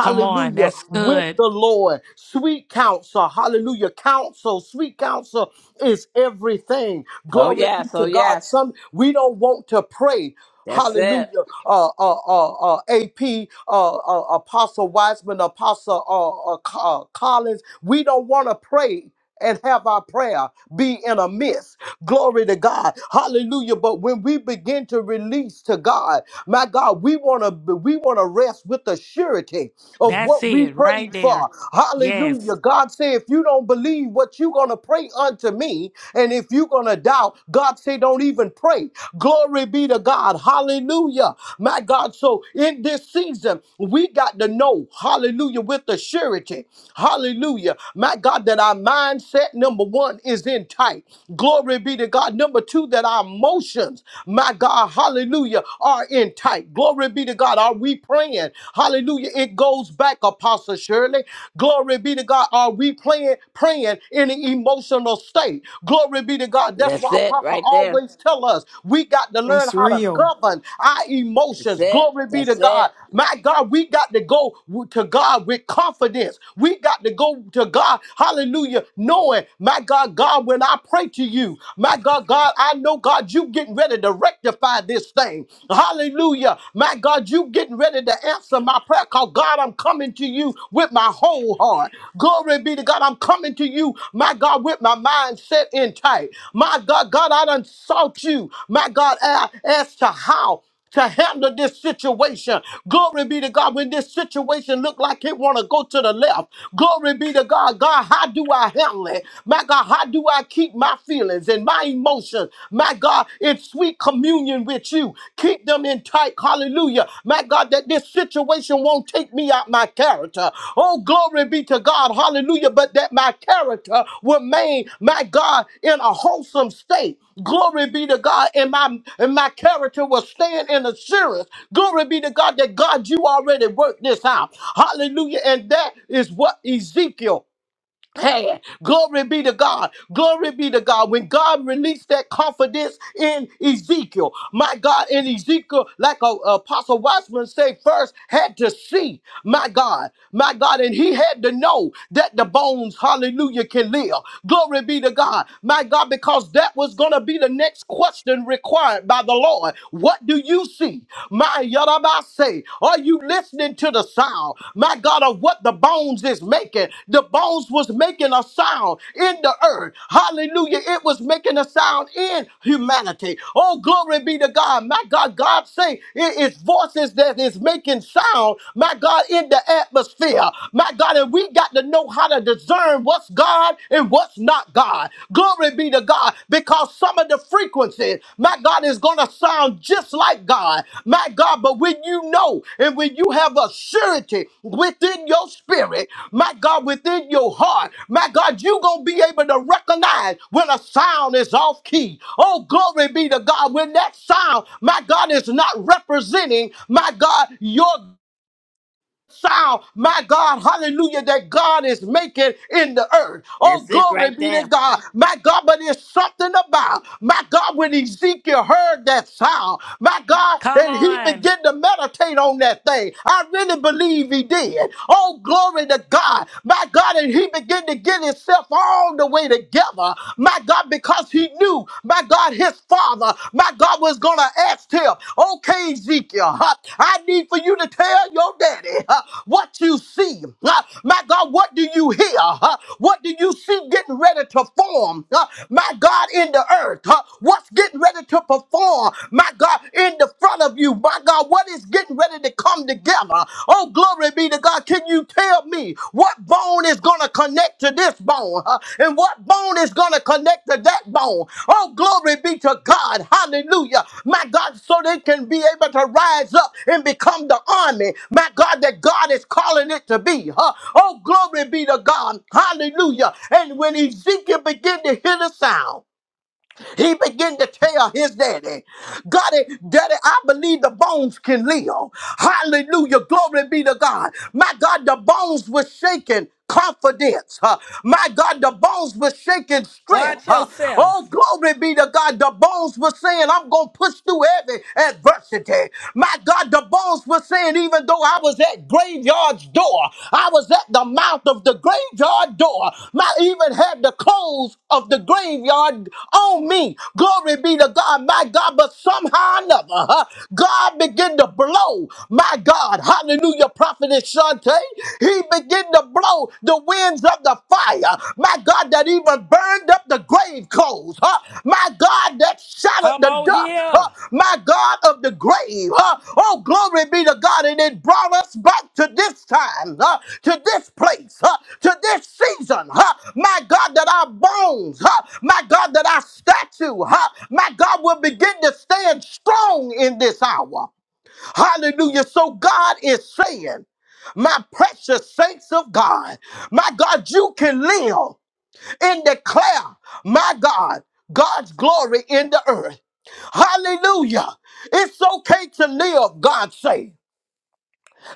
[SPEAKER 1] Come on. That's
[SPEAKER 3] With
[SPEAKER 1] good.
[SPEAKER 3] the Lord. Sweet counsel. Hallelujah. Counsel. Sweet counsel is everything.
[SPEAKER 2] Oh,
[SPEAKER 3] Glory be
[SPEAKER 2] yes. Oh,
[SPEAKER 3] to God.
[SPEAKER 2] yes.
[SPEAKER 3] Some we don't want to pray.
[SPEAKER 2] That's it.
[SPEAKER 3] Hallelujah. Uh, uh, uh, uh, AP, uh, uh, Apostle Wiseman, Apostle uh, uh, Co- uh, Collins, we don't want to pray and have our prayer be in a mist. Glory to God. Hallelujah. But when we begin to release to God, my God, we want to we want to rest with the surety of
[SPEAKER 1] That's
[SPEAKER 3] what we
[SPEAKER 1] it right
[SPEAKER 3] prayed
[SPEAKER 1] there.
[SPEAKER 3] for.
[SPEAKER 1] Yes.
[SPEAKER 3] Hallelujah. God said, if you don't believe what you're gonna pray unto me, and if you're gonna doubt, God said, don't even pray. Glory be to God. Hallelujah. My God. So in this season, we got to know, hallelujah, with the surety. Hallelujah. My God, that our mindset number one is intact appetite. Glory be to God. Number two, that our emotions, my God, hallelujah, are in tight. Glory be to God. Are we praying? Hallelujah. It goes back, Apostle Shirley. Glory be to God. Are we playing, praying in an emotional state? Glory be to God. That's
[SPEAKER 2] That's
[SPEAKER 3] why
[SPEAKER 2] it
[SPEAKER 3] Apostle
[SPEAKER 2] right there.
[SPEAKER 3] always tell us we got to learn
[SPEAKER 4] That's
[SPEAKER 3] how to
[SPEAKER 4] real.
[SPEAKER 3] govern our
[SPEAKER 2] That's
[SPEAKER 3] emotions.
[SPEAKER 2] it.
[SPEAKER 3] Glory be to
[SPEAKER 2] That's it.
[SPEAKER 3] God. My God, we got to go to God with confidence. We got to go to God. Hallelujah. Knowing, my my God, God, when I pray to you, my God, God, I know, God, you getting ready to rectify this thing. Hallelujah. My God, you getting ready to answer my prayer call. God, I'm coming to you with my whole heart. Glory be to God. I'm coming to you, my God, with my mind set in tight. My God, God, I done sought you, my God, a- as to how to handle this situation. Glory be to God. When this situation look like it want to go to the left, glory be to God. God, how do I handle it? My God, how do I keep my feelings and my emotions? My God, in sweet communion with you, keep them in tight. Hallelujah. My God, that this situation won't take me out my character. Oh, glory be to God. Hallelujah. But that my character remain, my God, in a wholesome state. Glory be to God, and my and my character will stand in assurance. Glory be to God that God, you already worked this out. Hallelujah. And that is what Ezekiel Glory be to God. Glory be to God. When God released that confidence in Ezekiel, my God, in Ezekiel, like a, Apostle Watchman say, first had to see, my God, my God, and he had to know that the bones, hallelujah, can live. Glory be to God, my God, because that was going to be the next question required by the Lord. What do you see? My, say? Are you listening to the sound? My God, of what the bones is making. The bones was making a sound in the earth. Hallelujah. It was making a sound in humanity. Oh, glory be to God. My God, God say it is voices that is making sound, my God, in the atmosphere. My God, and we got to know how to discern what's God and what's not God. God. Glory be to God because some of the frequencies, my God, is going to sound just like God. My God, but when you know and when you have a surety within your spirit, my God, within your heart, my God, you're going to be able to recognize when a sound is off key. Oh, glory be to God. When that sound, my God, is not representing, my God, your sound, my God, hallelujah, that God is making in the earth. Oh,
[SPEAKER 2] That's it
[SPEAKER 3] glory
[SPEAKER 2] right
[SPEAKER 3] be to
[SPEAKER 2] there.
[SPEAKER 3] God, my God, but there's something about, my God, when Ezekiel heard that sound, my God,
[SPEAKER 1] Come
[SPEAKER 3] and he
[SPEAKER 1] on.
[SPEAKER 3] began to meditate on that thing. I really believe he did. Oh, glory to God, my God, and he began to get himself all the way together, my God, because he he knew, my God, his father, my God was going to ask him, okay, Ezekiel, huh, I need for you to tell your daddy huh, what you see. Huh, my God, what do you hear? Huh, what do you see getting ready to form? Huh, my God, in the earth, huh, what's getting ready to perform? My God, in the front of you, my God, what is getting ready to come together? Oh, glory be to God. Can you tell me what bone is going to connect to this bone? huh? And what bone is going to connect to that bone? Oh, glory be to God. Hallelujah. My God, so they can be able to rise up and become the army. My God, that God is calling it to be. huh? Oh, glory be to God. Hallelujah. And when Ezekiel began to hear the sound, he began to tell his daddy, God, eh, daddy, I believe the bones can live. Hallelujah. Glory be to God. My God, the bones were shaking Confidence, huh? my God, the bones were shaking strength.
[SPEAKER 1] Watch
[SPEAKER 3] huh?
[SPEAKER 1] yourself.
[SPEAKER 3] Oh, glory be to God. The bones were saying, I'm gonna push through every adversity. My God, the bones were saying, even though though I was at graveyard's door, I was at the mouth of the graveyard door. I even had the clothes of the graveyard on me. Glory be to God, my God. But somehow or another, huh, God began to blow, my God. Hallelujah, Prophetess Shante. He began to blow the winds of the fire, my God, that even burned burned up the grave clothes, huh? my God, that shattered
[SPEAKER 1] Come
[SPEAKER 3] the
[SPEAKER 1] on
[SPEAKER 3] dust,
[SPEAKER 1] here.
[SPEAKER 3] huh? my God of the grave. Huh? Oh, glory be to God, and it brought us back to this time, huh? to this place, huh? to this season. Huh? My God, that our bones, huh? my God, that our statue, huh? my God, will begin to stand strong in this hour. Hallelujah. So God is saying, my precious saints of God, my God, you can live and declare, my God, God's glory in the earth. Hallelujah. It's okay to live, God say.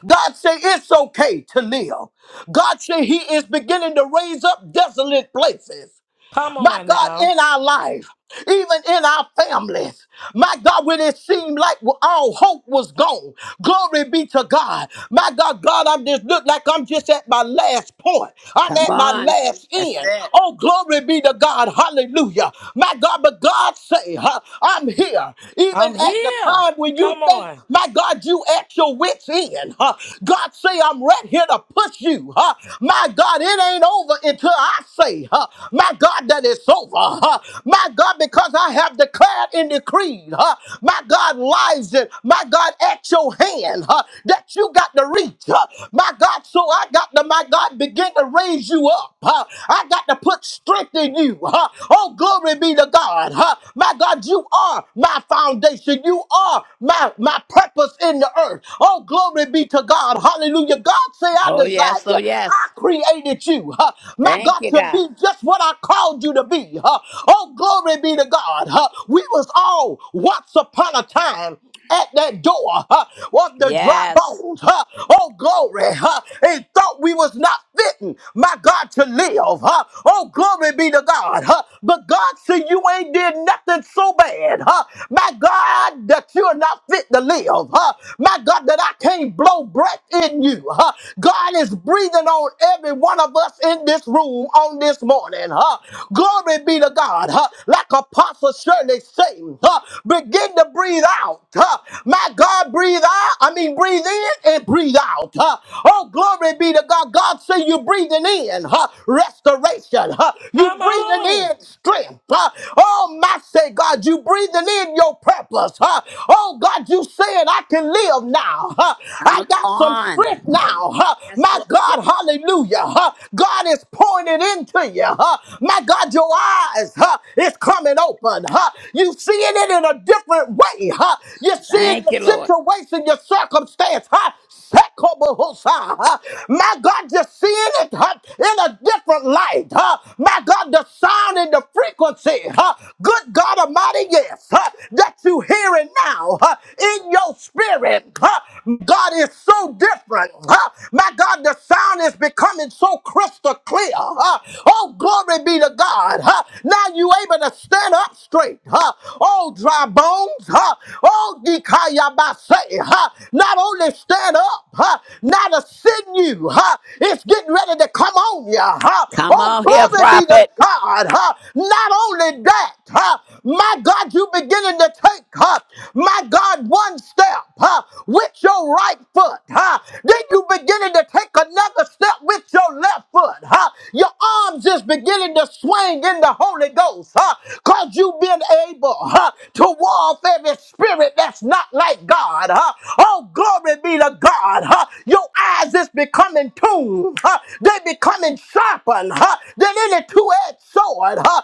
[SPEAKER 3] God say it's okay to live. God say he is beginning to raise up desolate places
[SPEAKER 1] Come
[SPEAKER 3] my
[SPEAKER 1] on
[SPEAKER 3] God,
[SPEAKER 1] now.
[SPEAKER 3] in our life, even in our families. My God, when it seemed like all hope was gone, glory be to God. My God, God, I'm just look like I'm just at my last point. I'm
[SPEAKER 2] Come
[SPEAKER 3] at my
[SPEAKER 2] on.
[SPEAKER 3] last
[SPEAKER 2] That's
[SPEAKER 3] end.
[SPEAKER 2] it.
[SPEAKER 3] Oh, glory be to God. Hallelujah. My God, but God say, huh, I'm here. Even
[SPEAKER 1] I'm
[SPEAKER 3] at the
[SPEAKER 1] here.
[SPEAKER 3] time when
[SPEAKER 1] Come
[SPEAKER 3] you think
[SPEAKER 1] on.
[SPEAKER 3] my God, you at your wits end. huh? God say, I'm right here to push you. huh? My God, it ain't over until I say, huh? my God, that it's over. huh? My God, because I have declared and decreed, huh? my God, lives and my God, at your hand huh? that you got to reach. huh? My God, so I got to, my God, begin to raise you up. huh? I got to put strength in you. huh? Oh, glory be to God. huh? God. My God, you are my foundation. You are my, my purpose in the earth. Oh, glory be to God. Hallelujah. God say, I
[SPEAKER 2] Oh,
[SPEAKER 3] designed
[SPEAKER 2] yes. Oh,
[SPEAKER 3] you. I
[SPEAKER 2] yes.
[SPEAKER 3] created you. huh, My
[SPEAKER 2] Thank
[SPEAKER 3] God,
[SPEAKER 2] you,
[SPEAKER 3] to
[SPEAKER 2] God.
[SPEAKER 3] be just what I called you to be. huh. Oh, glory be to God. huh. We was all once upon a time at that door huh, of the dry
[SPEAKER 2] Yes.
[SPEAKER 3] bones. huh. Oh, glory. huh, And thought we was not fitting, my God, to live. huh. Oh, glory be to God. huh. But God said you ain't did nothing so bad. huh, My God, that you're not fit to live. huh. My God, that I can't blow breath in you. huh. God is breathing on every one of us in this room on this morning. huh. Glory be to God. huh. Like Apostle Shirley said. Satan, huh, begin to breathe out. huh. My God, breathe out. I mean, breathe in and breathe out. huh. Oh, glory be to God. God say you breathing in huh, restoration. huh. You
[SPEAKER 1] Come
[SPEAKER 3] breathing
[SPEAKER 1] on.
[SPEAKER 3] in strength. huh. Oh, my say, God, you breathing in your purpose. huh. Oh, God, you saying I can live now. huh. I
[SPEAKER 2] Come
[SPEAKER 3] got some
[SPEAKER 2] on.
[SPEAKER 3] strength now. huh.
[SPEAKER 2] Yes,
[SPEAKER 3] My
[SPEAKER 2] Lord. Yes.
[SPEAKER 3] God, hallelujah. huh. God is pouring it into you. huh. My God, your eyes eyes, huh? It's coming open, huh? You seeing it in a different way, huh? You're seeing
[SPEAKER 2] Thank
[SPEAKER 3] your
[SPEAKER 2] you, Lord.
[SPEAKER 3] situation, your circumstance, huh? Sekobohosa, huh? My God, you're seeing it huh? in a different light, huh? My God, the sound and the frequency, huh? Good God Almighty, yes, huh? That you hearing now, huh? In your spirit, huh? God is so different, huh? My God, the sound is becoming so crystal clear, huh? huh? Oh, glory be to God. Huh? Now you able to stand up straight. Huh? Oh, dry bones. Huh? Oh, dikayabase. Huh? Not only stand up, huh? not a sinew. Huh? It's getting ready to come on you. Huh?
[SPEAKER 2] Come
[SPEAKER 3] Oh,
[SPEAKER 2] on here,
[SPEAKER 3] glory be to
[SPEAKER 2] prophet.
[SPEAKER 3] God. Huh? Not only that, huh? my God, you beginning to take, huh? my God, one step huh? with your right foot. Huh? Then you beginning to take another another step with your left foot. Huh? Your arms is beginning to swing in the Holy Ghost. Huh? Cause you've been able huh, to war off every spirit that's not like God. Huh? Oh, glory be to God. Huh? Your eyes is becoming tuned. Huh? They becoming sharpened huh, than any two-edged sword. Huh?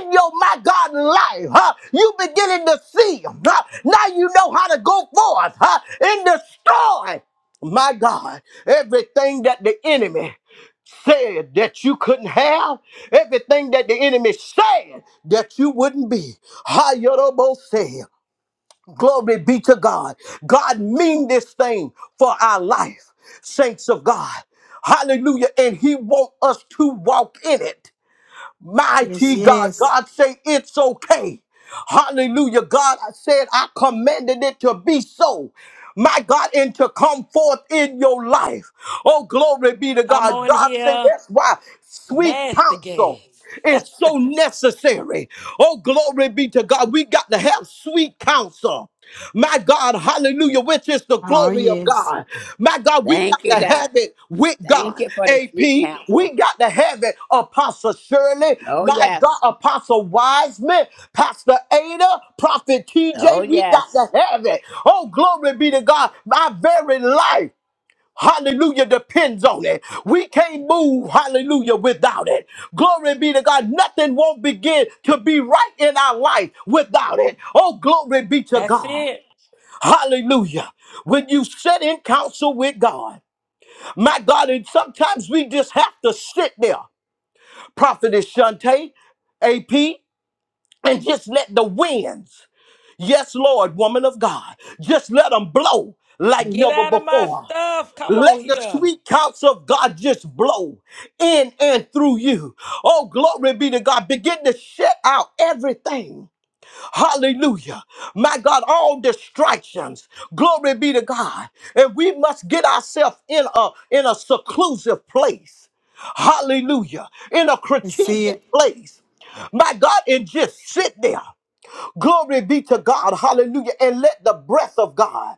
[SPEAKER 3] In your my God life, huh? you beginning to see. Huh? Now you know how to go forth huh, and destroy my God, everything that the enemy said that you couldn't have, everything that the enemy said that you wouldn't be. Hayorobo said, Glory be to God. God mean this thing for our life, saints of God. Hallelujah. And he want us to walk in it.
[SPEAKER 4] Yes,
[SPEAKER 3] Mighty God,
[SPEAKER 4] yes.
[SPEAKER 3] God say it's okay. Hallelujah. God, I said I commanded it to be so. My God, and to come forth in your life. Oh, glory be to
[SPEAKER 1] Come
[SPEAKER 3] God.
[SPEAKER 1] on
[SPEAKER 3] God say
[SPEAKER 1] here.
[SPEAKER 3] that's why sweet
[SPEAKER 1] Mash the gas.
[SPEAKER 3] counsel is so necessary. Oh, glory be to God. We got to have sweet counsel. my God. God, hallelujah, which is the
[SPEAKER 4] Oh,
[SPEAKER 3] glory of
[SPEAKER 4] yes.
[SPEAKER 3] God. My God, we
[SPEAKER 2] Thank
[SPEAKER 3] got
[SPEAKER 2] you,
[SPEAKER 3] to
[SPEAKER 2] God.
[SPEAKER 3] have it with
[SPEAKER 2] Thank
[SPEAKER 3] God.
[SPEAKER 2] you for the
[SPEAKER 3] AP,
[SPEAKER 2] sweet
[SPEAKER 3] we
[SPEAKER 2] counsel.
[SPEAKER 3] got to have it. Apostle Shirley,
[SPEAKER 2] Oh,
[SPEAKER 3] my God,
[SPEAKER 2] yes.
[SPEAKER 3] Apostle Wiseman, Pastor Ada, Prophet
[SPEAKER 2] Oh,
[SPEAKER 3] TJ, we got
[SPEAKER 2] yes.
[SPEAKER 3] to have it. Oh, glory be to God. My very life. Hallelujah depends on it. We can't move, hallelujah, without it. Glory be to God. Nothing won't begin to be right in our life without it. Oh, glory be to
[SPEAKER 1] That's
[SPEAKER 3] God.
[SPEAKER 1] it.
[SPEAKER 3] Hallelujah. When you sit in counsel with God, my God, and sometimes we just have to sit there, Prophetess Shante, AP, and just let the winds, yes, Lord, woman of God, just let them blow like
[SPEAKER 1] Get
[SPEAKER 3] never
[SPEAKER 1] out of my
[SPEAKER 3] before.
[SPEAKER 1] stuff. Come on
[SPEAKER 3] Let the
[SPEAKER 1] here.
[SPEAKER 3] sweet counsel of God just blow in and through you. Oh, glory be to God. Begin to shut out everything Hallelujah. My God, all distractions. Glory be to God. And we must get ourselves in a in a seclusive place. Hallelujah. In a
[SPEAKER 4] And see
[SPEAKER 3] strategic
[SPEAKER 4] it.
[SPEAKER 3] place. My God, and just sit there. Glory be to God. Hallelujah. And let the breath of God.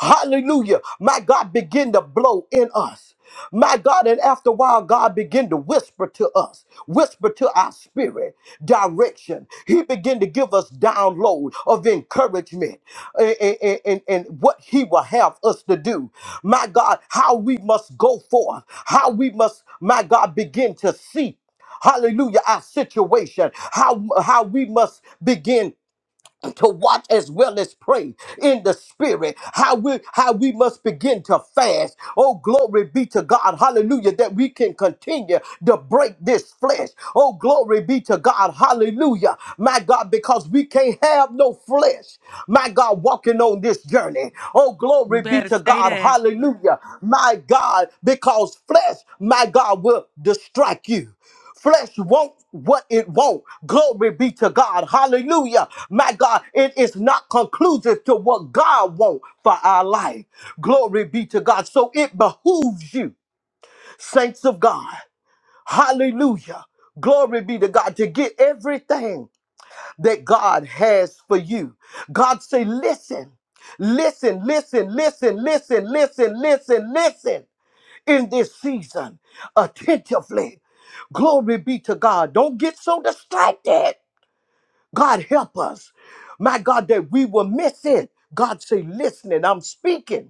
[SPEAKER 3] Hallelujah. My God, begin to blow in us. My God, and after a while, God began to whisper to us, whisper to our spirit direction. He began to give us download of encouragement and, and, and, and what He will have us to do. My God, how we must go forth, how we must, my God, begin to see hallelujah, our situation, how, how we must begin to watch as well as pray in the spirit how we how we must begin to fast oh glory be to god hallelujah that we can continue to break this flesh oh glory be to god hallelujah my god because we can't have no flesh my god walking on this journey oh
[SPEAKER 1] You
[SPEAKER 3] glory be
[SPEAKER 1] better
[SPEAKER 3] to
[SPEAKER 1] say
[SPEAKER 3] god
[SPEAKER 1] that.
[SPEAKER 3] hallelujah my god because flesh my god will distract you Flesh won't what it won't. Glory be to God. Hallelujah. My God, it is not conclusive to what God wants for our life. Glory be to God. So it behooves you, saints of God. Hallelujah. Glory be to God to get everything that God has for you. God say, listen, listen, listen, listen, listen, listen, listen, listen in this season attentively. Glory be to God. Don't get so distracted. God help us. My God, that we will miss it. God say, listening, I'm speaking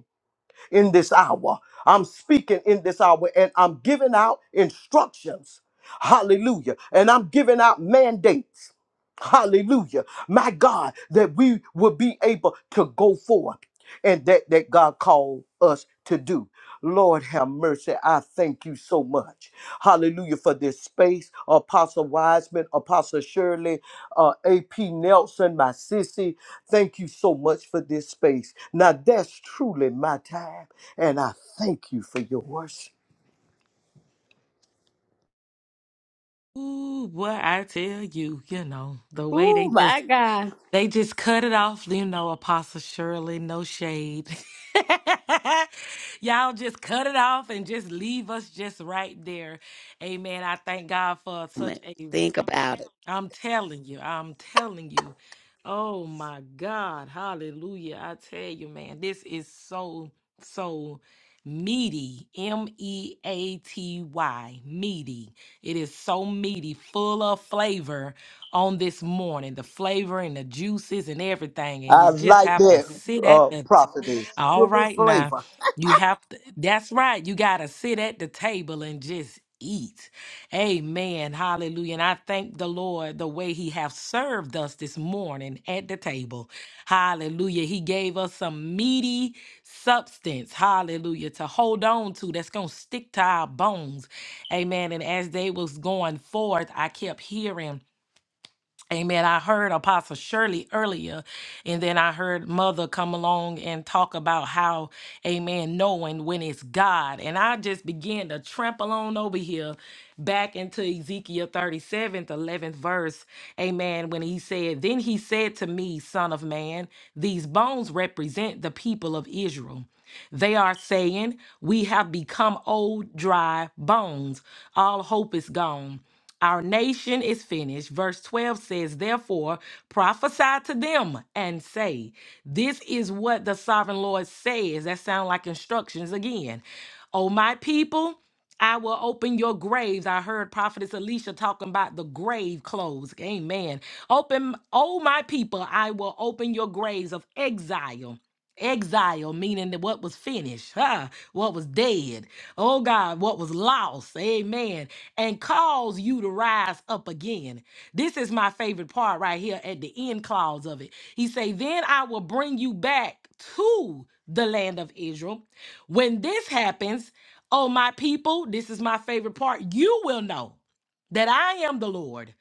[SPEAKER 3] in this hour. I'm speaking in this hour and I'm giving out instructions. Hallelujah. And I'm giving out mandates. Hallelujah. My God, that we will be able to go forth and that, that God called us to do. Lord have mercy. I thank you so much. Hallelujah for this space. Apostle Wiseman, Apostle Shirley uh, AP Nelson, my sissy. Thank you so much for this space. Now that's truly my time, and I thank you for yours.
[SPEAKER 1] Ooh, boy, I tell you, you know, the way
[SPEAKER 2] Oh
[SPEAKER 1] they just
[SPEAKER 2] my God.
[SPEAKER 1] They just cut it off, you know, Apostle Shirley, no shade. *laughs* Y'all just cut it off and just leave us just right there. Amen. I thank God for such
[SPEAKER 2] Moment.
[SPEAKER 1] a
[SPEAKER 2] Think about it.
[SPEAKER 1] I'm telling you, I'm telling you. Oh my God. Hallelujah. I tell you, man, this is so, so meaty. M E A T Y. Meaty. It is so meaty, full of flavor on this morning. The flavor and the juices and everything. And you
[SPEAKER 3] I
[SPEAKER 1] just
[SPEAKER 3] like
[SPEAKER 1] have to
[SPEAKER 3] that
[SPEAKER 1] sit at
[SPEAKER 3] uh,
[SPEAKER 1] the
[SPEAKER 3] prophetess,
[SPEAKER 1] all
[SPEAKER 3] full of
[SPEAKER 1] right now.
[SPEAKER 3] flavor.
[SPEAKER 1] You have to that's right. You gotta sit at the table and just eat. Amen. Hallelujah. And I thank the Lord the way He have served us this morning at the table. Hallelujah. He gave us some meaty substance. Hallelujah. To hold on to that's gonna stick to our bones. Amen. And as they was going forth, I kept hearing. Amen. I heard Apostle Shirley earlier, and then I heard Mother come along and talk about how, amen, knowing when it's God. And I just began to trample on over here back into Ezekiel 37th, 11th verse. Amen. When he said, Then he said to me, Son of man, these bones represent the people of Israel. They are saying, We have become old, dry bones. All hope is gone. Our nation is finished. Verse 12 says, Therefore, prophesy to them and say, This is what the sovereign Lord says. That sound like instructions again. O my people, I will open your graves. I heard Prophetess Alicia talking about the grave clothes. Amen. Open, oh my people, I will open your graves of exile Exile, meaning that what was finished, huh? what was dead, oh God, what was lost, amen, and cause you to rise up again. This is my favorite part right here at the end clause of it. He say, then I will bring you back to the land of Israel. When this happens, oh my people, this is my favorite part, you will know that I am the Lord.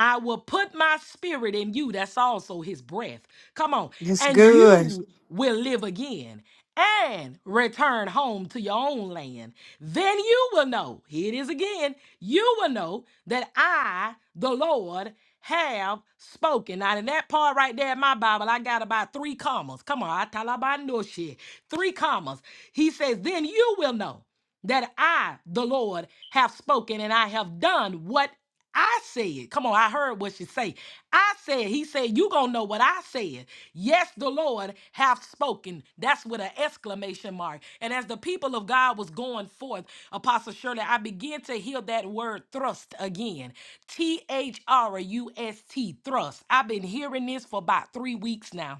[SPEAKER 1] I will put my spirit in you. That's also his breath. Come on
[SPEAKER 4] That's
[SPEAKER 1] and
[SPEAKER 4] good.
[SPEAKER 1] you will live again and return home to your own land. Then you will know, here it is again, you will know that I, the Lord, have spoken. Now, in that part right there in my Bible, I got about three commas. Come on, I talabando shit. Three commas. He says, Then you will know that I, the Lord, have spoken and I have done what I said. Come on, I heard what she say. I said, he said, you gonna know what I said. Yes, the Lord hath spoken. That's with an exclamation mark. And as the people of God was going forth, Apostle Shirley, I began to hear that word thrust again. T H R U S T thrust. thrust. I've been hearing this for about three weeks now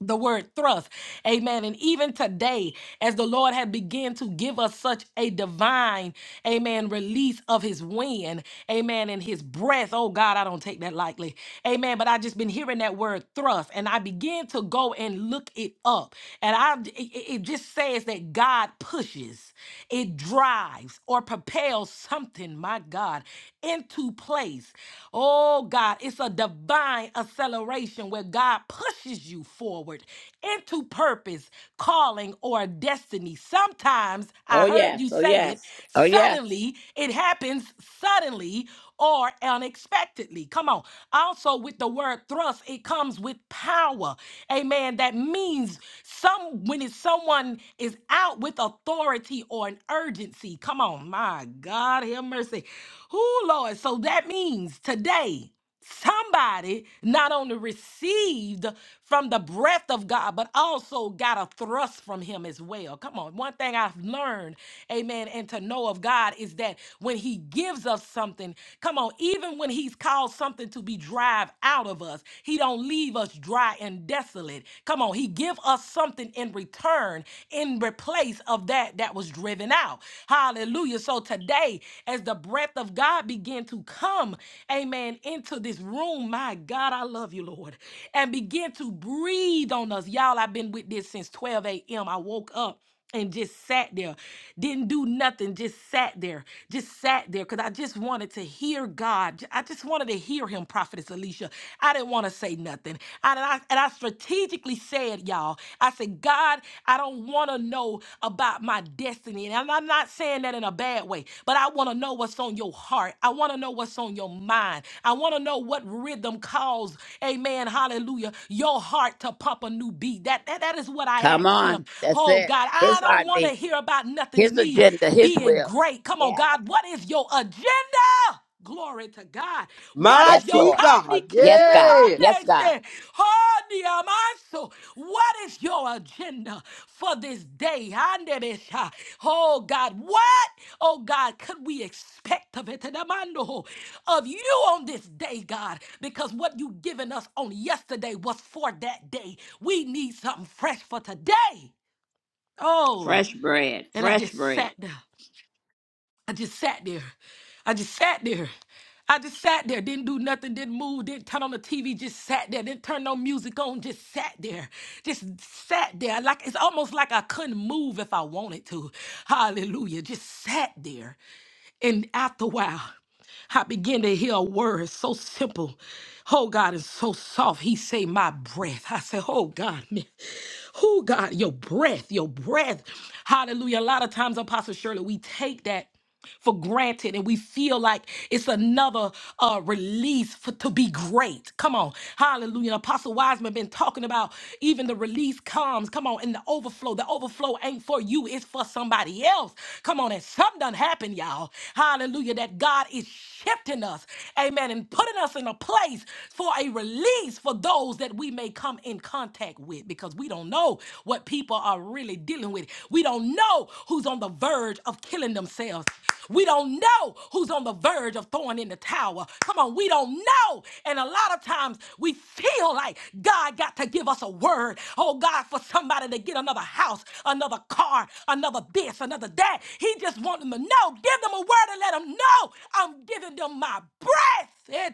[SPEAKER 1] the word thrust. Amen. And even today, as the Lord had begun to give us such a divine, amen, release of his wind, amen, and his breath. Oh God, I don't take that lightly. Amen. But I just been hearing that word thrust and I began to go and look it up. And I it, it it just says that God pushes, it drives or propels something, my God, into place. Oh God, it's a divine acceleration where God pushes you forward into purpose, calling, or destiny. Sometimes I
[SPEAKER 2] Oh
[SPEAKER 1] heard
[SPEAKER 2] yes.
[SPEAKER 1] you
[SPEAKER 2] Oh
[SPEAKER 1] say it
[SPEAKER 2] yes. Oh yes.
[SPEAKER 1] suddenly, it happens suddenly or unexpectedly. Come on. Also, with the word thrust, it comes with power. Amen. That means some when it's someone is out with authority or an urgency mercy. Come on, my God, have mercy. Oh, Lord. So that means today, somebody not only received from the breath of God, but also got a thrust from Him as well. Come on. One thing I've learned, amen, and to know of God is that when He gives us something, come on, even when He's caused something to be drive out of us, He don't leave us dry and desolate. Come on, He give us us something in return, in replace of that that was driven out. Hallelujah. So today, as the breath of God begin to come, amen, into this room, my God, I love you, Lord, and begin to breathe on us. Y'all, I've been with this since 12 a.m. I woke up and just sat there didn't do nothing just sat there just sat there because i just wanted to hear god J- i just wanted to hear him prophetess alicia i didn't want to say nothing I- and I, and I strategically said y'all i said god i don't want to know about my destiny and i'm I'm not saying that in a bad way but i want to know what's on your heart i want to know what's on your mind i want to know what rhythm calls amen hallelujah your heart to pump a new beat that that, that is what i
[SPEAKER 2] Come
[SPEAKER 1] asked
[SPEAKER 2] on.
[SPEAKER 1] him
[SPEAKER 2] That's
[SPEAKER 1] Oh. Oh
[SPEAKER 2] it.
[SPEAKER 1] God, I
[SPEAKER 2] His
[SPEAKER 1] don't want to
[SPEAKER 2] heartbeat.
[SPEAKER 1] hear about
[SPEAKER 2] His
[SPEAKER 1] nothing me
[SPEAKER 2] agenda. His
[SPEAKER 1] being
[SPEAKER 2] will.
[SPEAKER 1] great. Come on,
[SPEAKER 2] Yes.
[SPEAKER 1] God, what is your agenda? Glory to God. What is
[SPEAKER 2] Yes,
[SPEAKER 1] your
[SPEAKER 3] Mighty
[SPEAKER 2] Lord.
[SPEAKER 3] God,
[SPEAKER 2] Yes, God.
[SPEAKER 3] yes.
[SPEAKER 2] Yes, God.
[SPEAKER 1] condiketerebandeshe? Hondiamaso. what is your agenda for this day? Oh God, what, oh God, could we expect of it? Tedemando, Of you on this day, God, because what you given us on yesterday was for that day. We need something fresh for today. Oh,
[SPEAKER 2] Fresh bread.
[SPEAKER 1] and I
[SPEAKER 2] Fresh
[SPEAKER 1] just sat
[SPEAKER 2] bread.
[SPEAKER 1] there. I just sat there. I just sat there. I just sat there, didn't do nothing, didn't move, didn't turn on the TV, just sat there, didn't turn no music on, just sat there, just sat there. Like it's almost like I couldn't move if I wanted to. Hallelujah. Just sat there. And after a while, I began to hear a word so simple. Oh God, it's so soft. He say, My breath. I say, Oh God, man. Who God, your breath, your breath. Hallelujah. A lot of times, Apostle Shirley, we take that for granted and we feel like it's another uh release for to be great come on hallelujah apostle wiseman been talking about even the release comes come on and the overflow the overflow ain't for you it's for somebody else come on and something done happened y'all hallelujah that god God is shifting us, amen, and putting us in a place for a release for those that we may come in contact with because we don't know what people are really dealing with. We don't know who's on the verge of killing themselves. We don't know who's on the verge of throwing in the towel. Come on, we don't know. And a lot of times we feel like God got to give us a word. Oh God, for somebody to get another house, another car, another this, another that. He just wants them to know. Give them a word and let them know I'm giving them my breath eh,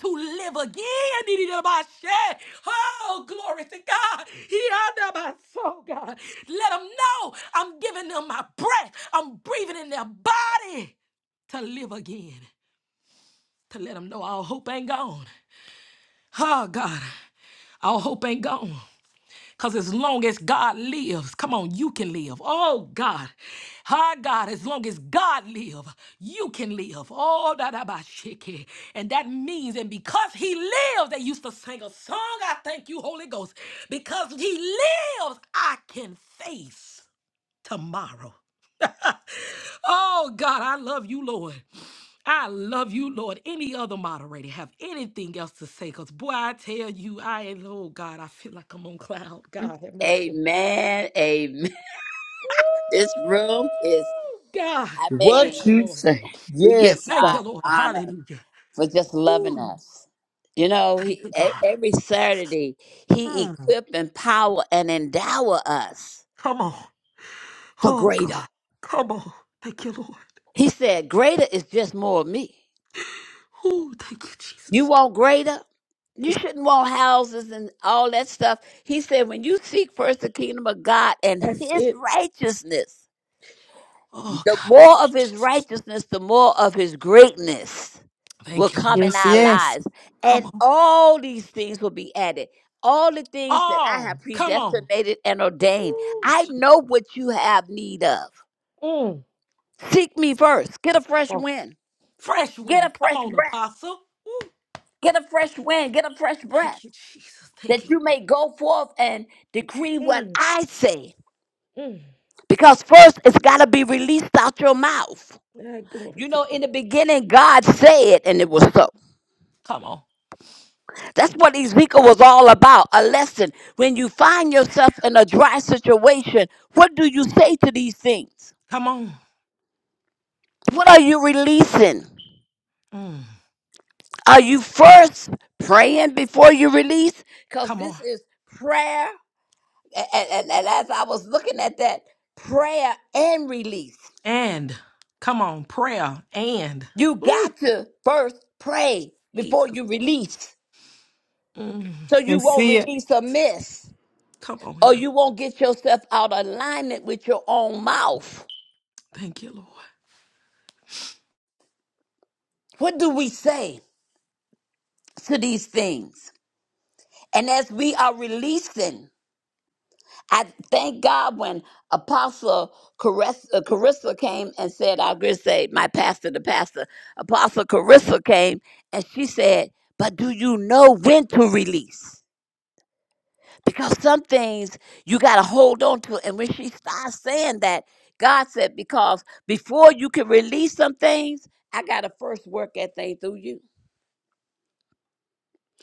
[SPEAKER 1] to live again. Dididabashe. Oh, glory to God. Hiadabaso, God. Let them know I'm giving them my breath. I'm breathing in their body to live again, to let them know our hope ain't gone. Oh, God, our hope ain't gone. Because as long as God lives, come on, you can live. Oh God. Hi God, as long as God lives, you can live. Oh da da ba shiki. And that means, and because he lives, they used to sing a song. I thank you, Holy Ghost. Because he lives, I can face tomorrow. Oh God, I love you, Lord. I love you, Lord. Any other moderator have anything else to say? Because boy, I tell you, I ain't oh God, I feel like I'm on cloud. God have mercy.
[SPEAKER 2] Amen. Amen. *laughs*
[SPEAKER 1] Woo!
[SPEAKER 2] This room is
[SPEAKER 1] God.
[SPEAKER 2] I
[SPEAKER 3] What
[SPEAKER 1] Thank
[SPEAKER 2] mean,
[SPEAKER 1] you,
[SPEAKER 3] you
[SPEAKER 1] Lord.
[SPEAKER 3] say?
[SPEAKER 2] we give
[SPEAKER 3] Yes,
[SPEAKER 1] Thank you,
[SPEAKER 2] God
[SPEAKER 3] God.
[SPEAKER 1] Lord.
[SPEAKER 2] honor
[SPEAKER 1] Hallelujah.
[SPEAKER 2] for just loving
[SPEAKER 1] Woo.
[SPEAKER 2] us. You know,
[SPEAKER 1] Thank
[SPEAKER 2] he,
[SPEAKER 1] you,
[SPEAKER 2] e-
[SPEAKER 1] God.
[SPEAKER 2] every Saturday, he
[SPEAKER 1] Mm.
[SPEAKER 2] equip, empower, and endow us
[SPEAKER 1] Come on.
[SPEAKER 2] for
[SPEAKER 1] Oh,
[SPEAKER 2] greater.
[SPEAKER 1] God. Come on. Thank you, Lord.
[SPEAKER 2] He said, Greater is just more of me.
[SPEAKER 1] Woo. Thank you,
[SPEAKER 2] You
[SPEAKER 1] Jesus.
[SPEAKER 2] want greater? You
[SPEAKER 1] Thank you.
[SPEAKER 2] shouldn't want houses and all that stuff. He said, When you seek first the kingdom of God and
[SPEAKER 1] That's
[SPEAKER 2] his
[SPEAKER 1] it.
[SPEAKER 2] righteousness,
[SPEAKER 1] Oh,
[SPEAKER 2] the
[SPEAKER 1] God. Thank
[SPEAKER 2] more
[SPEAKER 1] you,
[SPEAKER 2] of his
[SPEAKER 1] Jesus.
[SPEAKER 2] righteousness, the more of his greatness will
[SPEAKER 1] Thank you,
[SPEAKER 2] come
[SPEAKER 1] Lord.
[SPEAKER 2] in
[SPEAKER 4] Yes,
[SPEAKER 2] our
[SPEAKER 4] yes.
[SPEAKER 2] lives. And
[SPEAKER 1] Come on.
[SPEAKER 2] all these things will be added. All the things that I
[SPEAKER 1] Oh,
[SPEAKER 2] have
[SPEAKER 1] come on.
[SPEAKER 2] predestinated and ordained.
[SPEAKER 1] Woo.
[SPEAKER 2] I
[SPEAKER 1] Je-
[SPEAKER 2] know what you have need of.
[SPEAKER 1] Mm.
[SPEAKER 2] Seek me first. Get a
[SPEAKER 1] Come
[SPEAKER 2] fresh
[SPEAKER 1] on.
[SPEAKER 2] wind.
[SPEAKER 1] Fresh
[SPEAKER 2] Get
[SPEAKER 1] wind.
[SPEAKER 2] a
[SPEAKER 1] Come
[SPEAKER 2] fresh
[SPEAKER 1] on,
[SPEAKER 2] breath.
[SPEAKER 1] Apostle.
[SPEAKER 2] Get a fresh wind, get a fresh breath,
[SPEAKER 1] Thank you, Jesus. Thank
[SPEAKER 2] that
[SPEAKER 1] you,
[SPEAKER 2] you
[SPEAKER 1] Lord.
[SPEAKER 2] may go forth and decree what
[SPEAKER 1] Mm.
[SPEAKER 2] I say.
[SPEAKER 1] Mm.
[SPEAKER 2] Because first, it's got to be released out your mouth.
[SPEAKER 1] Ah, glory
[SPEAKER 2] You
[SPEAKER 1] to
[SPEAKER 2] know,
[SPEAKER 1] God.
[SPEAKER 2] in the beginning, God said, and it was so.
[SPEAKER 1] Come on.
[SPEAKER 2] That's
[SPEAKER 1] Thank you.
[SPEAKER 2] what Ezekiel was all about a lesson. When you find yourself in a dry situation, what do you say to these things?
[SPEAKER 1] Come on.
[SPEAKER 2] What
[SPEAKER 1] Thank
[SPEAKER 2] are
[SPEAKER 1] you.
[SPEAKER 2] you releasing?
[SPEAKER 1] Mm,
[SPEAKER 2] Are you first praying before you release? Because
[SPEAKER 1] come on.
[SPEAKER 2] this is prayer A- and, and, and as I was looking at that prayer and release,
[SPEAKER 1] And come on, prayer. And
[SPEAKER 2] you
[SPEAKER 1] ooh,
[SPEAKER 2] got to first pray before
[SPEAKER 1] Jesus.
[SPEAKER 2] you release
[SPEAKER 1] Mm,
[SPEAKER 2] so you
[SPEAKER 4] I
[SPEAKER 2] won't
[SPEAKER 4] see it.
[SPEAKER 2] release a miss
[SPEAKER 1] come on
[SPEAKER 2] or
[SPEAKER 1] here.
[SPEAKER 2] you won't get yourself out of alignment with your own mouth.
[SPEAKER 1] Thank you, Lord.
[SPEAKER 2] What do we say to these things? And as we are releasing, I thank God when Apostle Carissa, uh, Carissa came and said, I'll just say, my pastor, the pastor, Apostle Carissa came and she said, But do you know when to release? Because some things you got to hold on to. And when she starts saying that, God said, Because before you can release some things, I got to first work that thing through you.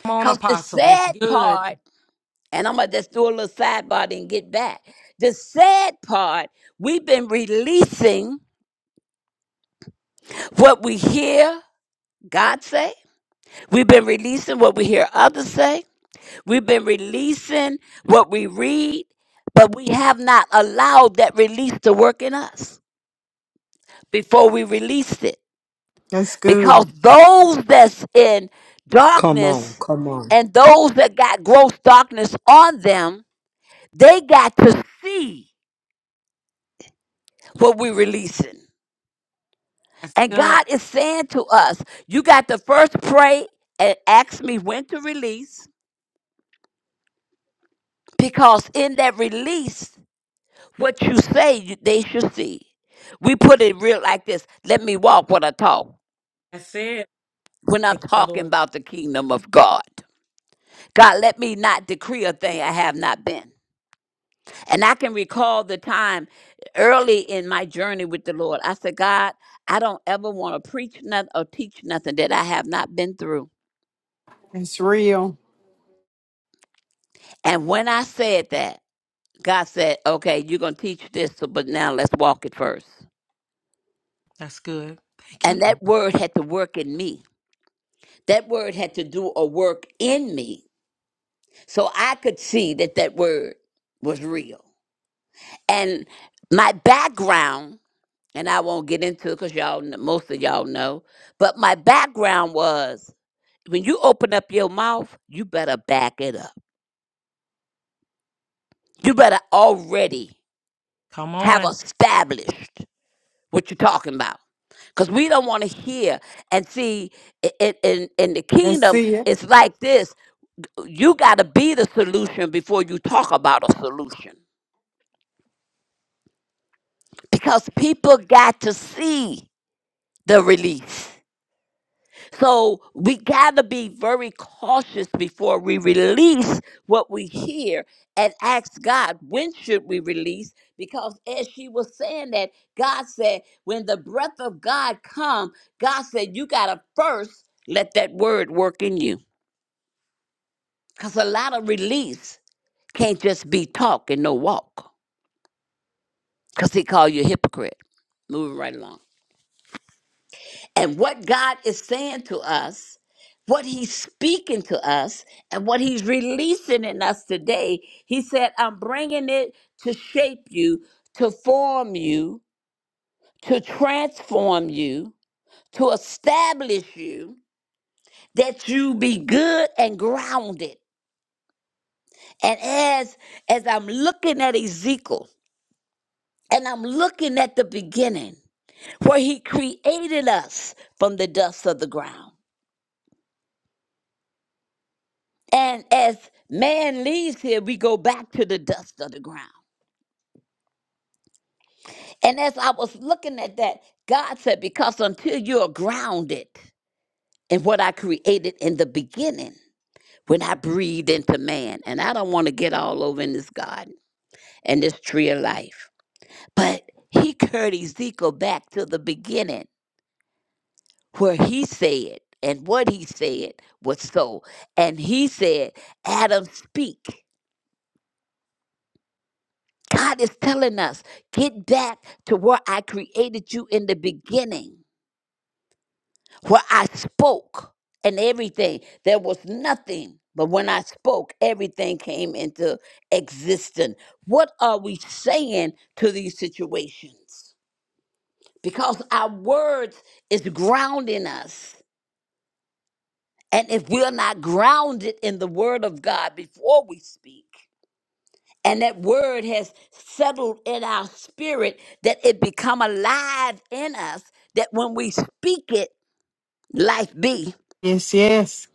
[SPEAKER 1] Come on,
[SPEAKER 2] Because the
[SPEAKER 1] Apostle. That's
[SPEAKER 2] sad
[SPEAKER 1] good.
[SPEAKER 2] part, and I'm gonna just do a little sidebar and get back. The sad part, we've been releasing what we hear God say. We've been releasing what we hear others say. We've been releasing what we read, but we have not allowed that release to work in us before we released it.
[SPEAKER 4] That's
[SPEAKER 2] Because
[SPEAKER 4] good.
[SPEAKER 2] those that's in
[SPEAKER 3] Come on,
[SPEAKER 2] darkness
[SPEAKER 3] come on.
[SPEAKER 2] and those that got gross darkness on them, they got to see what we're releasing.
[SPEAKER 1] That's
[SPEAKER 2] And
[SPEAKER 1] good.
[SPEAKER 2] God is saying to us, you got to first pray and ask me when to release, because in that release, what you say, you- they should see. We put it real like this let me walk when I talk,
[SPEAKER 1] That's it.
[SPEAKER 2] when I'm
[SPEAKER 1] Thank you,
[SPEAKER 2] talking
[SPEAKER 1] Lord.
[SPEAKER 2] about the kingdom of God. God, let me not decree a thing I have not been. And I can recall the time early in my journey with the Lord. I said, God, I don't ever want to preach nothing or teach nothing that I have not been through.
[SPEAKER 4] That's real.
[SPEAKER 2] And when I said that, God said, okay, you're going to teach this, so- but now let's walk it first.
[SPEAKER 1] That's good. Thank you,
[SPEAKER 2] And
[SPEAKER 1] Lord.
[SPEAKER 2] that word had to work in me. That word had to do a work in me so I could see that that word was real. And my background, and I won't get into it because y'all, kn- most of y'all know, but my background was when you open up your mouth, you better back it up. You better already
[SPEAKER 1] Come
[SPEAKER 2] have
[SPEAKER 1] on.
[SPEAKER 2] established what you're talking about because we don't want to hear and see i- in, in the
[SPEAKER 4] I
[SPEAKER 2] kingdom
[SPEAKER 4] see it.
[SPEAKER 2] it's like this you got to be the solution before you talk about a solution because people got to see the release so we got to be very cautious before we release what we hear and ask god when should we release because as she was saying that god said when the breath of god come god said you got to first let that word work in you Because a lot of release can't just be talk and no walk. Because he called you a hypocrite. Moving right along. And what God is saying to us, what he's speaking to us, and what he's releasing in us today, he said, I'm bringing it to shape you, to form you, to transform you, to establish you, that you be good and grounded. And as as I'm looking at Ezekiel, And I'm looking at the beginning where he created us from the dust of the ground. And as man leaves here, we go back to the dust of the ground. And as I was looking at that, God said, Because until you're grounded in what I created in the beginning, when I breathed into man, and I don't want to get all over in this garden and this tree of life, but he carried Ezekiel back to the beginning where he said and what he said was so. And he said, Adam, speak. God is telling us, get back to where I created you in the beginning, where I spoke and everything. There was nothing, but when I spoke, everything came into existence. What are we saying to these situations? Because our words is grounding us And if we're not grounded in the word of God before we speak, and that word has settled in our spirit, that it become alive in us, that when we speak it, life be,
[SPEAKER 4] Yes, yes.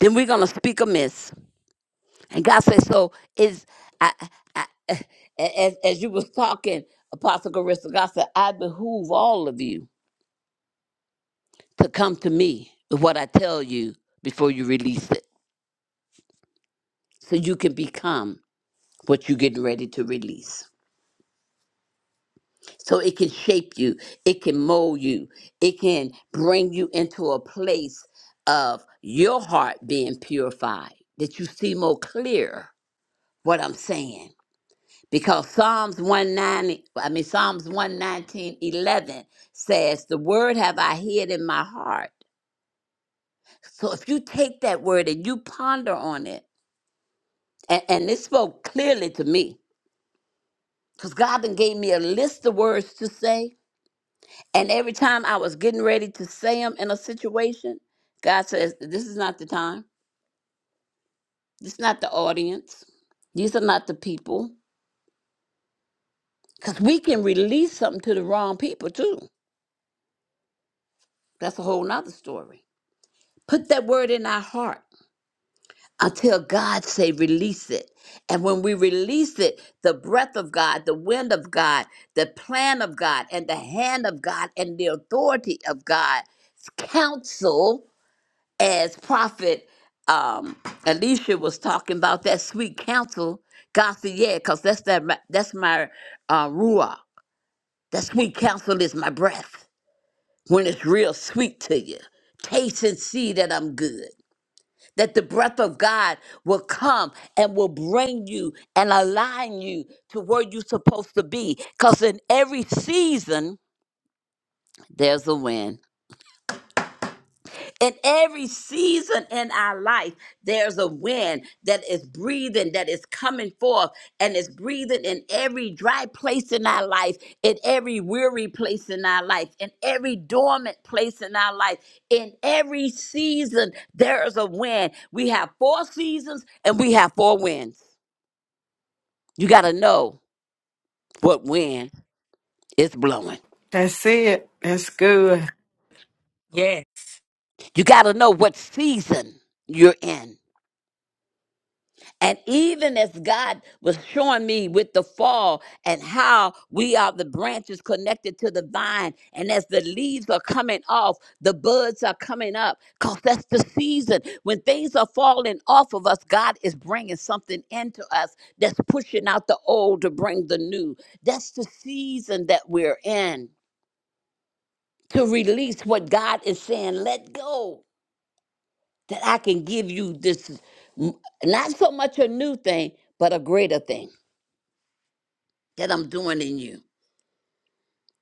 [SPEAKER 2] then we're gonna speak amiss. And God says, so is I, I, I- as, as you was talking, Apostle Carissa, God said, I behoove all of you to come to me with what I tell you before you release it, so you can become what you're getting ready to release. So it can shape you, it can mold you, it can bring you into a place of your heart being purified, that you see more clear what I'm saying. Because Psalms 190, I mean Psalms one nineteen eleven says, The word have I hid in my heart. So if you take that word and you ponder on it, and, and this spoke clearly to me, because God then gave me a list of words to say And every time I was getting ready to say them in a situation, God says, This is not the time. This is not the audience. These are not the people. Because we can release something to the wrong people too. That's a whole nother story. Put that word in our heart until God say release it. And when we release it, the breath of God, the wind of God, the plan of God, and the hand of God and the authority of God counsel as Prophet um, Alicia was talking about that sweet counsel, God said, "Yeah, because that's that. My, that's my uh, ruah. That sweet counsel is my breath. When it's real sweet to you, taste and see that I'm good. That the breath of God will come and will bring you and align you to where you're supposed to be. Because in every season there's a win. In every season in our life, there's a wind that is breathing, that is coming forth, and it's breathing in every dry place in our life, in every weary place in our life, in every dormant place in our life. In every season, there is a wind. We have four seasons and we have four winds. You got to know what wind is blowing,
[SPEAKER 4] I see it. That's good.
[SPEAKER 1] Yes.
[SPEAKER 2] you got to know what season you're in. And even as God was showing me with the fall and how we are the branches connected to the vine, and as the leaves are coming off, the buds are coming up, because that's the season. When things are falling off of us, God is bringing something into us that's pushing out the old to bring the new. That's the season that we're in to release what God is saying, let go, that I can give you this, mm, not so much a new thing, but a greater thing. that I'm doing in you,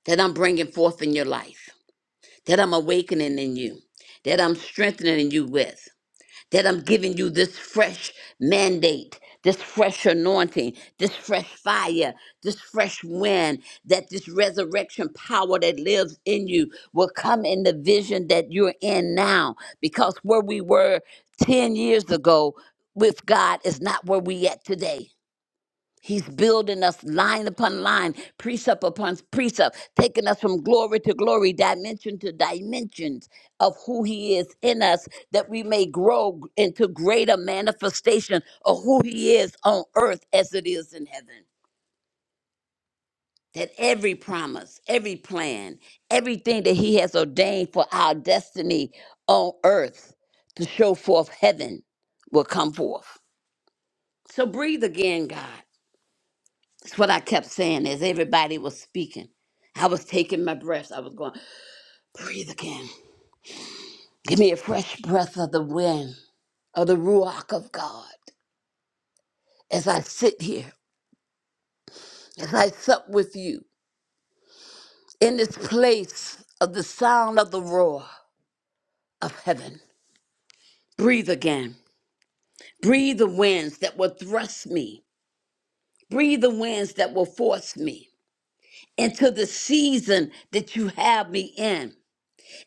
[SPEAKER 2] that I'm bringing forth in your life, that I'm awakening in you, that I'm strengthening you with, that I'm giving you this fresh mandate, this fresh anointing, this fresh fire, this fresh wind, that this resurrection power that lives in you will come in the vision that you're in now. Because where we were 10 years ago with God is not where we at today. He's building us line upon line, precept upon precept, taking us from glory to glory, dimension to dimensions of who He is in us, that we may grow into greater manifestation of who He is on earth as it is in heaven. That every promise, every plan, everything that He has ordained for our destiny on earth to show forth heaven will come forth. So breathe again, God. That's what I kept saying as everybody was speaking. I was taking my breaths. I was going, breathe again. Give me a fresh breath of the wind, of the Ruach of God, as I sit here, as I sup with you in this place of the sound of the roar of heaven. Breathe again. Breathe the winds that will thrust me. Breathe the winds that will force me into the season that you have me in.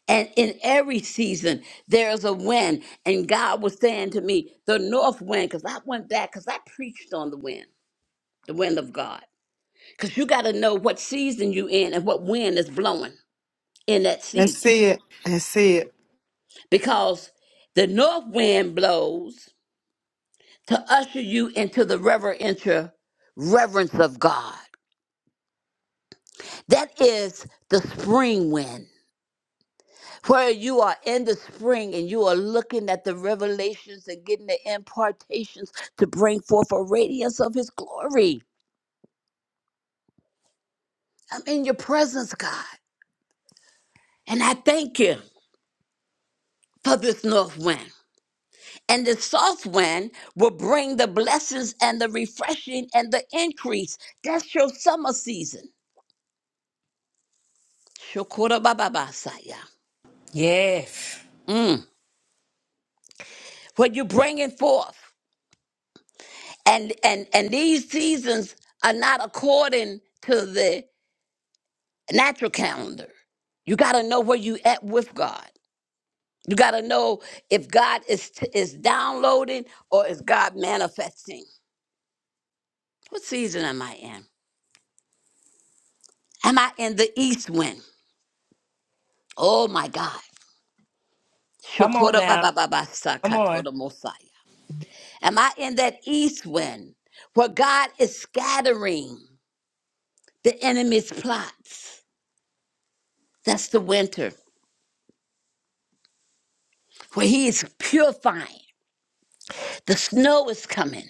[SPEAKER 2] And in every season, there's a wind. And God was saying to me, the north wind, because I went back, because I preached on the wind, the wind of God. Because you got to know what season you in and what wind is blowing in that
[SPEAKER 4] I
[SPEAKER 2] season.
[SPEAKER 4] see it. I see it.
[SPEAKER 2] Because the north wind blows to usher you into the reverential reverence of God. That is the spring wind. where you are in the spring and you are looking at the revelations and getting the impartations to bring forth a radiance of his glory. I'm in your presence, God. And I thank you for this north wind. And the south wind will bring the blessings and the refreshing and the increase. That's your summer season. Shokora baba basaya.
[SPEAKER 1] Yes.
[SPEAKER 2] Mm. What you're bringing forth. And, and, and these seasons are not according to the natural calendar. You got to know where you at with God. You got to know if God is is downloading or is God manifesting. What season am I in? Am I in the east wind? Oh my God.
[SPEAKER 1] Come on
[SPEAKER 2] Shokora ba
[SPEAKER 1] now.
[SPEAKER 2] ba ba ba
[SPEAKER 1] Come on.
[SPEAKER 2] sakatoda mosaya. Am I in that east wind where God is scattering the enemy's plots? That's the winter where he is purifying. The snow is coming.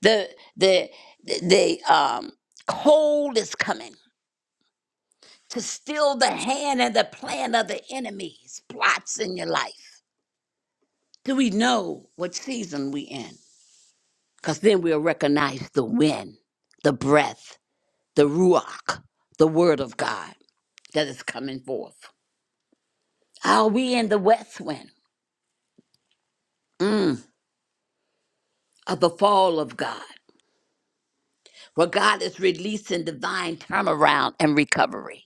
[SPEAKER 2] The the the um cold is coming to steal the hand and the plan of the enemies, plots in your life. Do we know what season we in? Because then we'll recognize the wind, the breath, the ruach, the word of God that is coming forth. Are we in the west wind mm, of the fall of God, where God is releasing divine turnaround and recovery?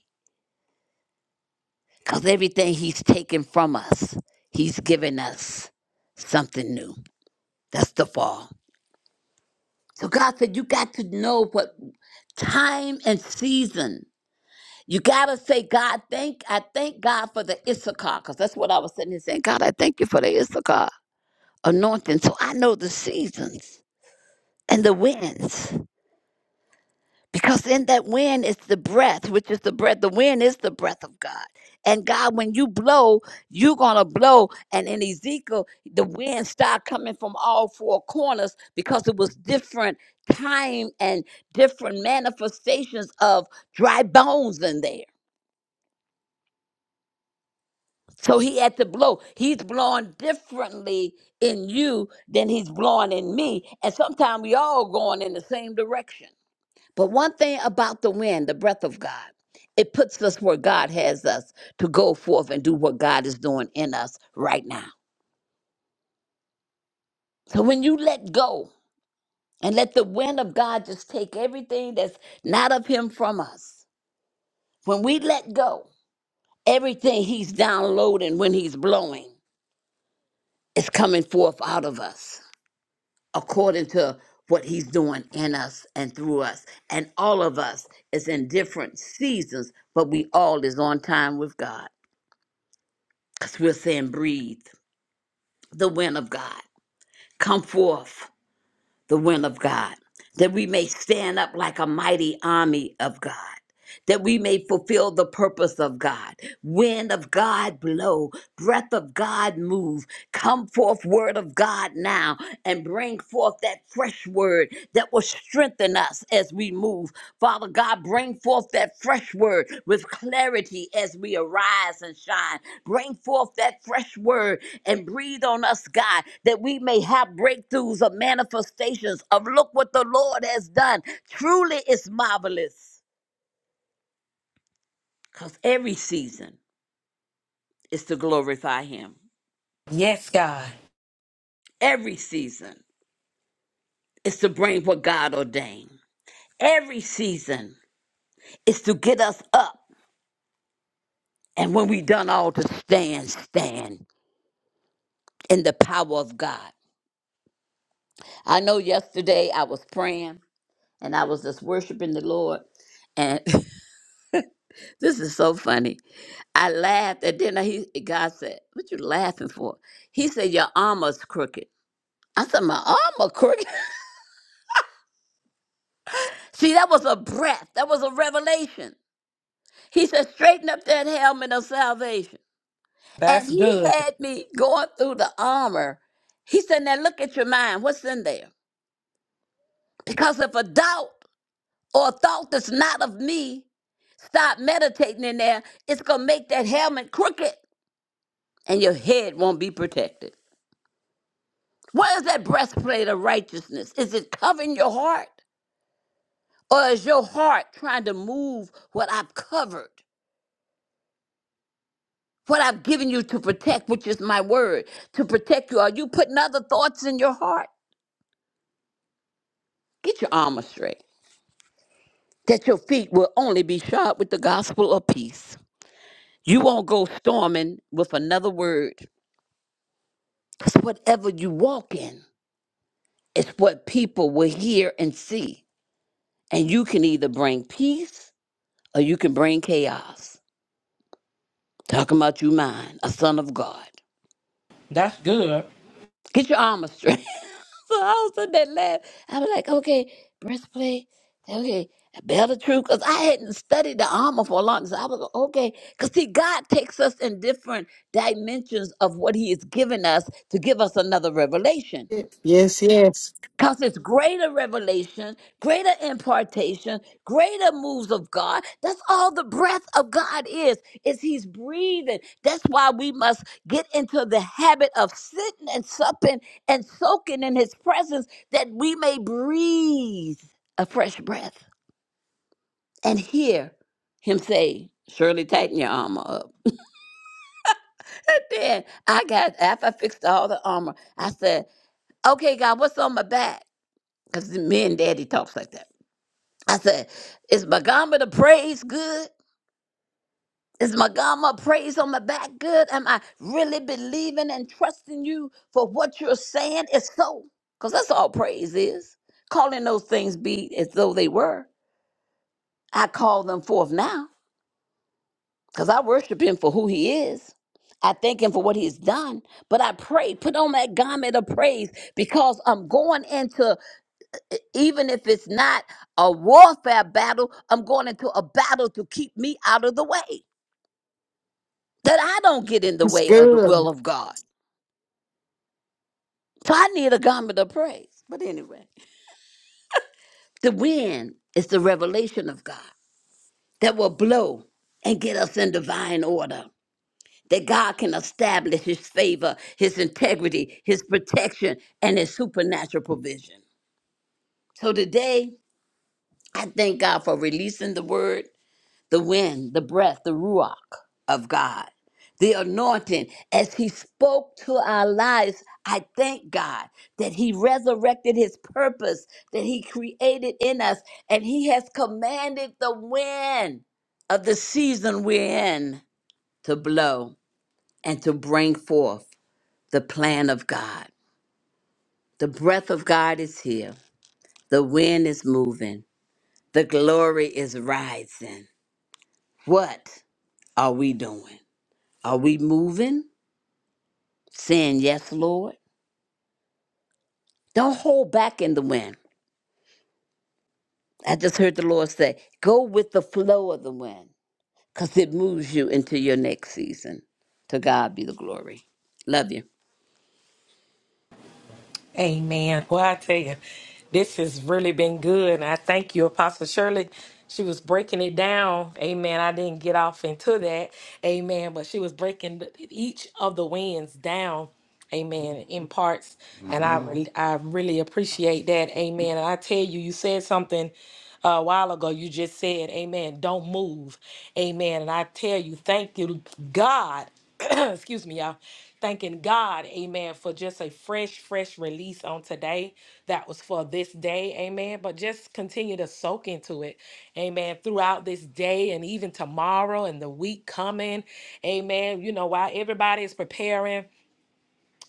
[SPEAKER 2] Because everything he's taken from us, he's given us something new. That's the fall. So God said, You got to know what time and season. You got to say, God, thank, I thank God for the Issachar, because that's what I was sitting here saying. God, I thank you for the Issachar anointing. So I know the seasons and the winds. Because in that wind is the breath, which is the breath. The wind is the breath of God. And God, when you blow, you're gonna blow. And in Ezekiel, the wind started coming from all four corners because it was different time and different manifestations of dry bones in there. So he had to blow. He's blowing differently in you than he's blowing in me. And sometimes we all going in the same direction. But one thing about the wind, the breath of God, it puts us where God has us to go forth and do what God is doing in us right now. So when you let go and let the wind of God just take everything that's not of Him from us, when we let go, everything He's downloading when He's blowing is coming forth out of us according to what He's doing in us and through us. And all of us is in different seasons, but we all is on time with God. because we're saying breathe the wind of God. Come forth the wind of God, that we may stand up like a mighty army of God that we may fulfill the purpose of God. Wind of God blow, breath of God move. Come forth, word of God now, and bring forth that fresh word that will strengthen us as we move. Father God, bring forth that fresh word with clarity as we arise and shine. Bring forth that fresh word and breathe on us, God, that we may have breakthroughs of manifestations of look what the Lord has done. Truly it's marvelous. Because every season is to glorify Him.
[SPEAKER 1] Yes, God.
[SPEAKER 2] Every season is to bring what God ordained. Every season is to get us up. And when we done all to stand, stand in the power of God. I know yesterday I was praying and I was just worshiping the Lord. And *laughs* this is so funny. I laughed and then he God said, What you laughing for? He said, Your armor's crooked. I said, My armor crooked. *laughs* See, that was a breath. That was a revelation. He said, straighten up that helmet of salvation. And
[SPEAKER 1] That's
[SPEAKER 2] he
[SPEAKER 1] good.
[SPEAKER 2] had me going through the armor. He said, now look at your mind. What's in there? Because if a doubt or a thought that's not of me stop meditating in there, it's going to make that helmet crooked and your head won't be protected. Where is that breastplate of righteousness? Is it covering your heart? Or is your heart trying to move what I've covered? what I've given you to protect, which is my word, to protect you. Are you putting other thoughts in your heart? Get your armor straight, that your feet will only be shod with the gospel of peace. You won't go storming with another word. Because whatever you walk in is what people will hear and see. And you can either bring peace or you can bring chaos. Talking about you, mine, a son of God.
[SPEAKER 1] That's good.
[SPEAKER 2] Get your armor straight. *laughs* *laughs* so I was in that lab. I was like, okay, breastplate. Okay, I belt of truth, because I hadn't studied the armor for a long time. So I was like, okay, because see, God takes us in different dimensions of what He has given us to give us another revelation.
[SPEAKER 4] Yes, yes.
[SPEAKER 2] Because it's greater revelation, greater impartation, greater moves of God. That's all the breath of God is, is He's breathing. That's why we must get into the habit of sitting and supping and soaking in His presence that we may breathe a fresh breath and hear Him say, Surely tighten your armor up. And then I got, after I fixed all the armor, I said, Okay, God, what's on my back? Because me and daddy talks like that. I said, is my garment of praise good? Is my garment of praise on my back good? Am I really believing and trusting you for what you're saying is so? Because that's all praise is. Calling those things be as though they were. I call them forth now because I worship him for who he is. I thank him for what he's done, but I pray, put on that garment of praise because I'm going into, even if it's not a warfare battle, I'm going into a battle to keep me out of the way. that I don't get in the
[SPEAKER 4] That's
[SPEAKER 2] way of the will
[SPEAKER 4] good.
[SPEAKER 2] of God. So I need a garment of praise. But anyway, the wind is the revelation of God that will blow and get us in divine order. That God can establish his favor, his integrity, his protection, and his supernatural provision. So today, I thank God for releasing the word. the wind, the breath, the ruach of God, the anointing. As He spoke to our lives, I thank God that He resurrected His purpose that He created in us, and He has commanded the wind of the season we're in to blow and to bring forth the plan of God. The breath of God is here, the wind is moving, the glory is rising. What are we doing? Are we moving? Saying yes, Lord? Don't hold back in the wind. I just heard the Lord say, go with the flow of the wind because it moves you into your next season. To God be the glory. Love you.
[SPEAKER 1] Amen. Well, I tell you, this has really been good. And I thank you, Apostle Shirley. She was breaking it down. Amen. I didn't get off into that. Amen. But she was breaking th- each of the wins down. Amen. In parts. And I, re- I really appreciate that. Amen. And I tell you, you said something uh, a while ago. You just said, Amen. Don't move. Amen. And I tell you, thank you, God. *coughs* *clears throat* excuse me, y'all, thanking God, amen, for just a fresh, fresh release on today. That was for this day, amen. But just continue to soak into it, amen, throughout this day and even tomorrow and the week coming, amen. You know, while everybody is preparing.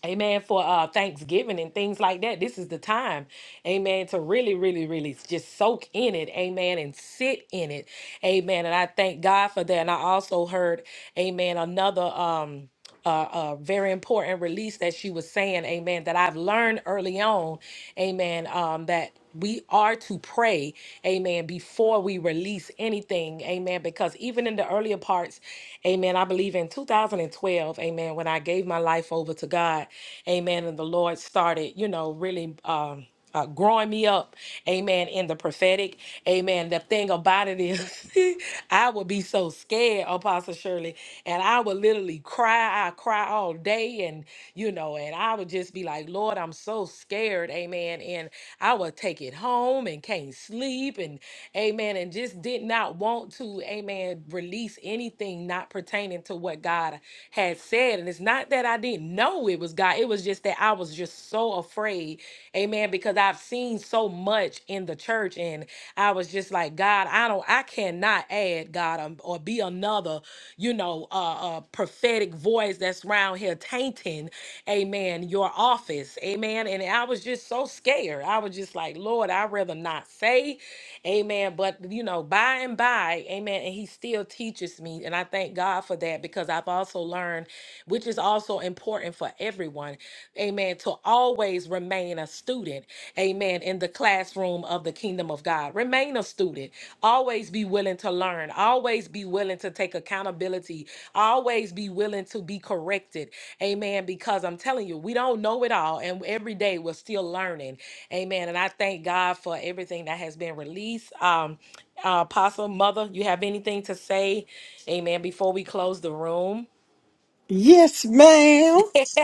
[SPEAKER 1] Amen. For uh, Thanksgiving and things like that. This is the time, amen, to really, really, really just soak in it, amen, and sit in it, amen. And I thank God for that. And I also heard, amen, another um, uh, uh, very important release that she was saying, amen, that I've learned early on, amen, um, that we are to pray, amen, before we release anything, amen, because even in the earlier parts, amen, I believe in 2000. 2012, amen, when I gave my life over to God, amen, and the Lord started, you know, really um, uh, growing me up, amen, in the prophetic, amen. The thing about it is, *laughs* I would be so scared, Apostle Shirley, and I would literally cry. I cry all day, and you know, and I would just be like, Lord, I'm so scared, amen. And I would take it home and can't sleep, and amen, and just did not want to, amen amen, release anything not pertaining to what God had said. And it's not that I didn't know it was God, it was just that I was just so afraid, amen, because I've seen so much in the church. And I was just like, God, I don't, I cannot add God um, or be another, you know, uh, uh, prophetic voice that's around here tainting, amen, your office, amen. And I was just so scared. I was just like, Lord, I'd rather not say. Amen. But, you know, by and by, amen. And he still teaches me. And I thank God for that because I've also learned, which is also important for everyone, amen, to always remain a student, amen, in the classroom of the kingdom of God. Remain a student. Always be willing to learn. Always be willing to take accountability. Always be willing to be corrected, amen, because I'm telling you, we don't know it all. And every day we're still learning. Amen. And I thank God for everything that has been released. Um, uh, Apostle, Mother, you have anything to say? Amen. Before we close the room.
[SPEAKER 4] Yes, ma'am.
[SPEAKER 1] *laughs*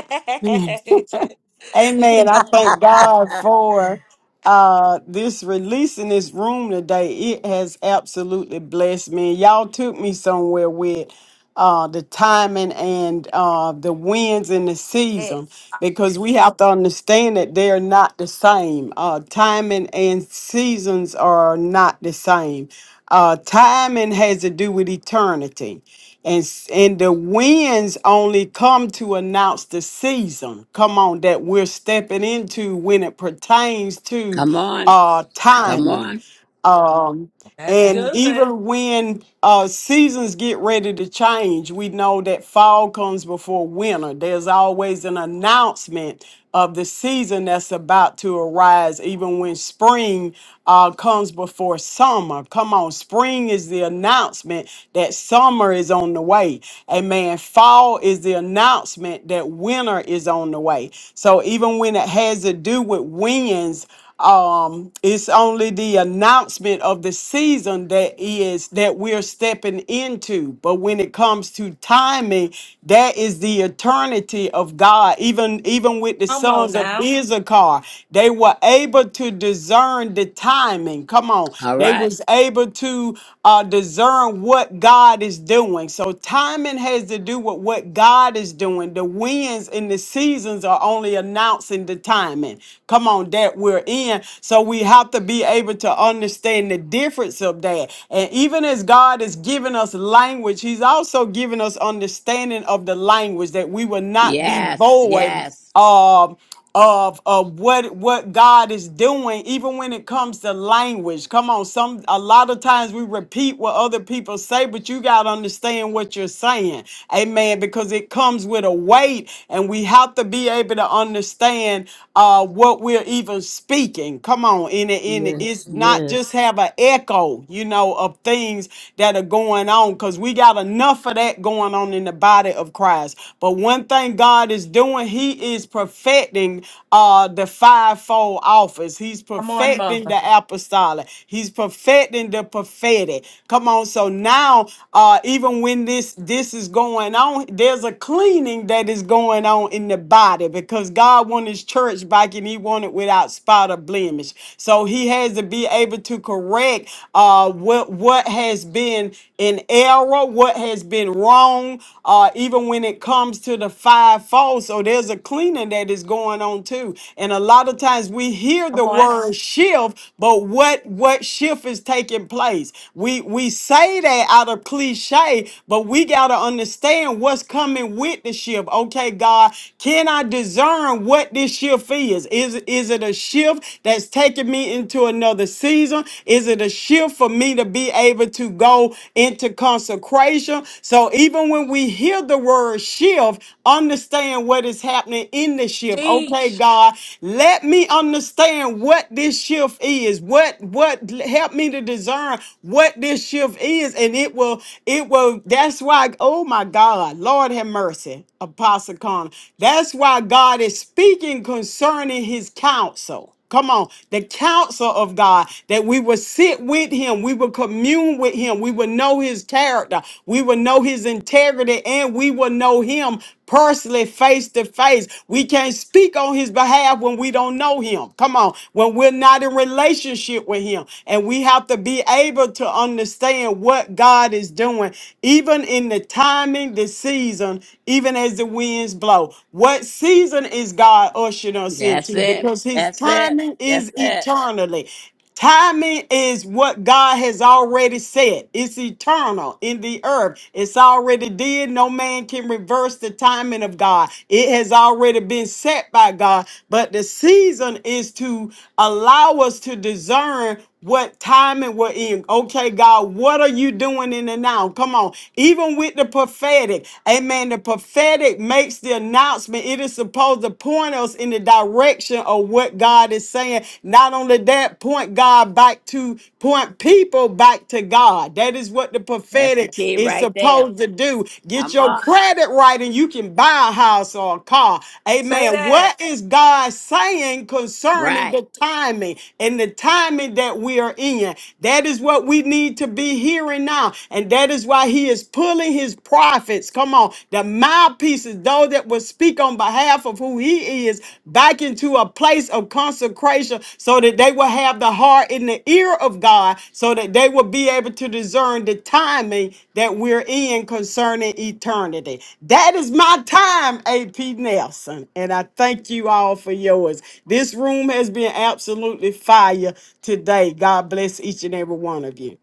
[SPEAKER 4] Amen. I thank
[SPEAKER 3] *laughs*
[SPEAKER 4] God for uh this release in this room today. It has absolutely blessed me. Y'all took me somewhere with uh the timing and uh the winds in the season
[SPEAKER 1] yes.
[SPEAKER 4] because we have to understand that they're not the same. Uh timing and seasons are not the same. Uh timing has to do with eternity and s- and the winds only come to announce the season come on that we're stepping into when it pertains to
[SPEAKER 2] Come on.
[SPEAKER 4] uh
[SPEAKER 2] Come
[SPEAKER 4] timing
[SPEAKER 2] on.
[SPEAKER 4] um
[SPEAKER 1] That's
[SPEAKER 4] and
[SPEAKER 1] good.
[SPEAKER 4] even when uh, seasons get ready to change, we know that fall comes before winter. There's always an announcement of the season that's about to arise, even when spring uh, comes before summer. Come on, spring is the announcement that summer is on the way. Amen. Fall is the announcement that winter is on the way. So even when it has to do with winds, um, it's only the announcement of the season that is that we're stepping into. But when it comes to timing, that is the eternity of God. Even even with the
[SPEAKER 1] Come on
[SPEAKER 4] sons of
[SPEAKER 1] now.
[SPEAKER 4] Issachar, they were able to discern the timing. Come on,
[SPEAKER 2] All
[SPEAKER 4] they
[SPEAKER 2] right.
[SPEAKER 4] was able to uh, discern what God is doing. So timing has to do with what God is doing. The winds and the seasons are only announcing the timing come on, that we're in. So we have to be able to understand the difference of that. And even as God is giving us language, He's also giving us understanding of the language that we will not be
[SPEAKER 2] Yes.
[SPEAKER 4] void
[SPEAKER 2] Yes.
[SPEAKER 4] um of of what what God is doing, even when it comes to language. Come on, some a lot of times we repeat what other people say, but you gotta understand what you're saying, amen. Because it comes with a weight, and we have to be able to understand understand uh, what we're even speaking. Come on, and, it- and it- it's
[SPEAKER 3] yes,
[SPEAKER 4] not
[SPEAKER 3] yes.
[SPEAKER 4] just have an echo, you know, of things that are going on because we got enough of that going on in the body of Christ. But one thing God is doing, He is perfecting uh, the fivefold office. He's
[SPEAKER 1] Come on,
[SPEAKER 4] perfecting
[SPEAKER 1] Mother.
[SPEAKER 4] the apostolic. He's perfecting the prophetic. Come on, so now uh, even when this this is going on, there's a cleaning that is going on in the body body because God wanted his church back and he wanted without spot or blemish. So he has to be able to correct uh, what, what has been in error, what has been wrong, uh, even when it comes to the fivefold. So there's a cleaning that is going on too. And a lot of times we hear
[SPEAKER 1] Come
[SPEAKER 4] the
[SPEAKER 1] on.
[SPEAKER 4] word shift, but what what shift is taking place? We we say that out of cliche, but we gotta understand what's coming with the shift okay, God, can I discern what this shift is? Is, is it a shift that's taking me into another season? Is it a shift for me to be able to go into consecration? So even when we hear the word shift, understand what is happening in the shift. Okay,
[SPEAKER 1] Teach.
[SPEAKER 4] God, let me understand what this shift is. What what help me to discern what this shift is, and it will it will. That's why. Oh my God, Lord have mercy. Apostle Connor. That's why God is speaking concerning his counsel. Come on, the counsel of God that we will sit with him, we will commune with him, we will know his character, we will know his integrity, and we will know him personally face to face. We can't speak on his behalf when we don't know him. Come on, when we're not in relationship with him. And we have to be able to understand what God is doing, even in the timing, the season, even as the winds blow. What season is God ushering us
[SPEAKER 2] That's
[SPEAKER 4] into?
[SPEAKER 2] it.
[SPEAKER 4] Because his
[SPEAKER 2] That's it.
[SPEAKER 4] timing
[SPEAKER 2] That's
[SPEAKER 4] is
[SPEAKER 2] it.
[SPEAKER 4] eternally. Timing is what God has already said. It's eternal in the earth. It's already did. No man can reverse the timing of God. It has already been set by God. But the season is to allow us to discern what timing we're in. Okay, God, what are you doing in the now? Come on. Even with the prophetic, amen. The prophetic makes the announcement. It is supposed to point us in the direction of what God is saying. Not only that, point God back to, point people back to God. That is what the
[SPEAKER 2] That's the
[SPEAKER 4] prophetic
[SPEAKER 2] key
[SPEAKER 4] is
[SPEAKER 2] right there.
[SPEAKER 4] supposed to do you get
[SPEAKER 2] Come
[SPEAKER 4] your
[SPEAKER 2] on.
[SPEAKER 4] credit right and you can buy a house or a car.
[SPEAKER 1] Say
[SPEAKER 4] Amen.
[SPEAKER 1] that.
[SPEAKER 4] What is God saying concerning the
[SPEAKER 2] Right.
[SPEAKER 4] timing and the timing that we are in? That is what we need to be hearing now. And that is why he is pulling his prophets. Come on. The mouthpieces, those that will speak on behalf of who he is, back into to a place of consecration so that they will have the heart in the ear of God so that they will be able to discern the timing that we're in concerning eternity. That is my time, AP Nelson, and I thank you all for yours. This room has been absolutely fire today. God bless each and every one of you.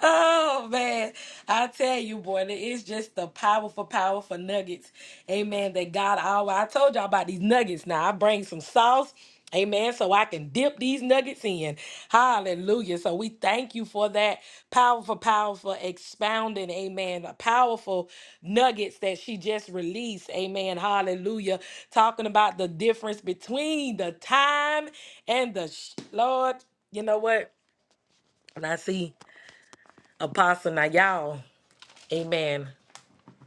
[SPEAKER 1] Oh man, I tell you, boy, that it's just the powerful, powerful nuggets. Amen. That God always I told y'all about these nuggets. Now I bring some sauce. Amen. So I can dip these nuggets in. Hallelujah. So we thank you for that powerful, powerful expounding. Amen. The powerful nuggets that she just released. Amen. Hallelujah. Talking about the difference between the time and the sh- Lord. You know what? When I see Apostle, now y'all. Amen.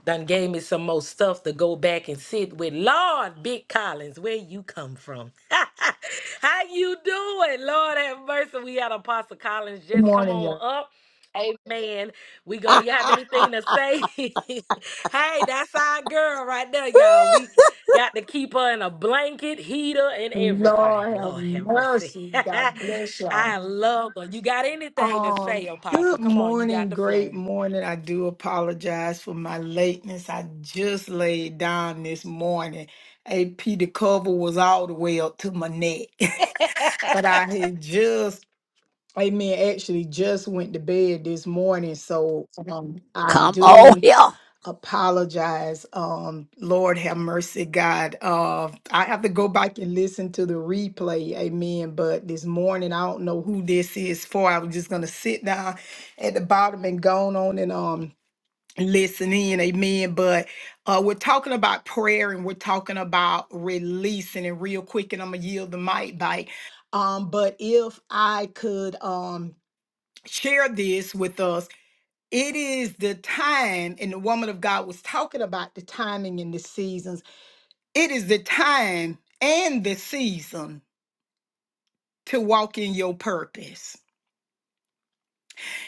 [SPEAKER 1] Done gave me some more stuff to go back and sit with. Lord, Big Collins, where you come from? *laughs* How you doing? Lord have mercy. We had Apostle Collins
[SPEAKER 5] Good
[SPEAKER 1] just come
[SPEAKER 5] morning,
[SPEAKER 1] on
[SPEAKER 5] y'all.
[SPEAKER 1] up. Amen. We
[SPEAKER 3] *laughs*
[SPEAKER 1] gonna you have anything to say? *laughs* hey, that's our girl right there, y'all. We got to keep her in a blanket, heater, and everything.
[SPEAKER 5] Lord have
[SPEAKER 1] Lord have mercy.
[SPEAKER 5] mercy. God bless
[SPEAKER 1] *laughs*
[SPEAKER 5] y'all.
[SPEAKER 1] I love her. You got anything to
[SPEAKER 5] Um,
[SPEAKER 1] say, Apostle?
[SPEAKER 5] good
[SPEAKER 1] Come on, you got
[SPEAKER 5] morning,
[SPEAKER 1] the flow.
[SPEAKER 5] great morning. I do apologize for my lateness. I just laid down this morning. AP the cover was all the way up to my neck. *laughs*
[SPEAKER 1] *laughs*
[SPEAKER 5] but I had just Amen. Actually, just went to bed this morning, so um, I
[SPEAKER 2] Come on
[SPEAKER 5] do.
[SPEAKER 2] *laughs* here.
[SPEAKER 5] apologize. Um, Lord have mercy, God. Uh, I have to go back and listen to the replay. Amen. But this morning, I don't know who this is for. I was just gonna sit down at the bottom and go on and um listen in. Amen. But uh, we're talking about prayer and we're talking about releasing. And real quick, and I'm gonna yield the mic back. Um, but if I could um share this with us it is the time, and the woman of God was talking about the timing and the seasons. It is the time and the season to walk in your purpose.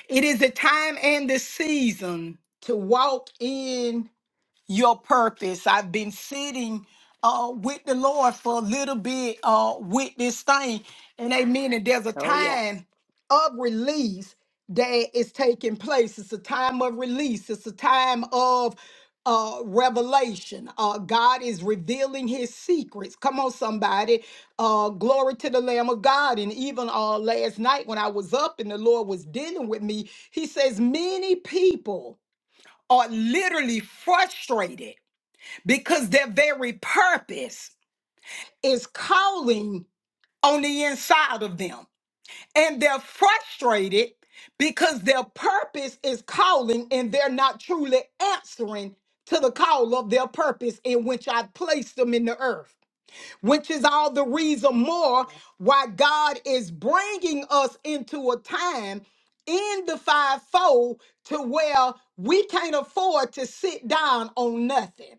[SPEAKER 5] It is the time and the season to walk in. your purpose. I've been sitting uh, with the Lord for a little bit uh, with this thing. And amen. And there's a
[SPEAKER 2] Oh, yeah.
[SPEAKER 5] time of release that is taking place. It's a time of release, it's a time of uh, revelation. Uh, God is revealing his secrets. Come on, somebody. Uh, glory to the Lamb of God. And even uh, last night when I was up and the Lord was dealing with me, he says, Many people are literally frustrated because their very purpose is calling on the inside of them. And they're frustrated because their purpose is calling and they're not truly answering to the call of their purpose in which I placed them in the earth, which is all the reason more why God is bringing us into a time in the fivefold to where we can't afford to sit down on nothing.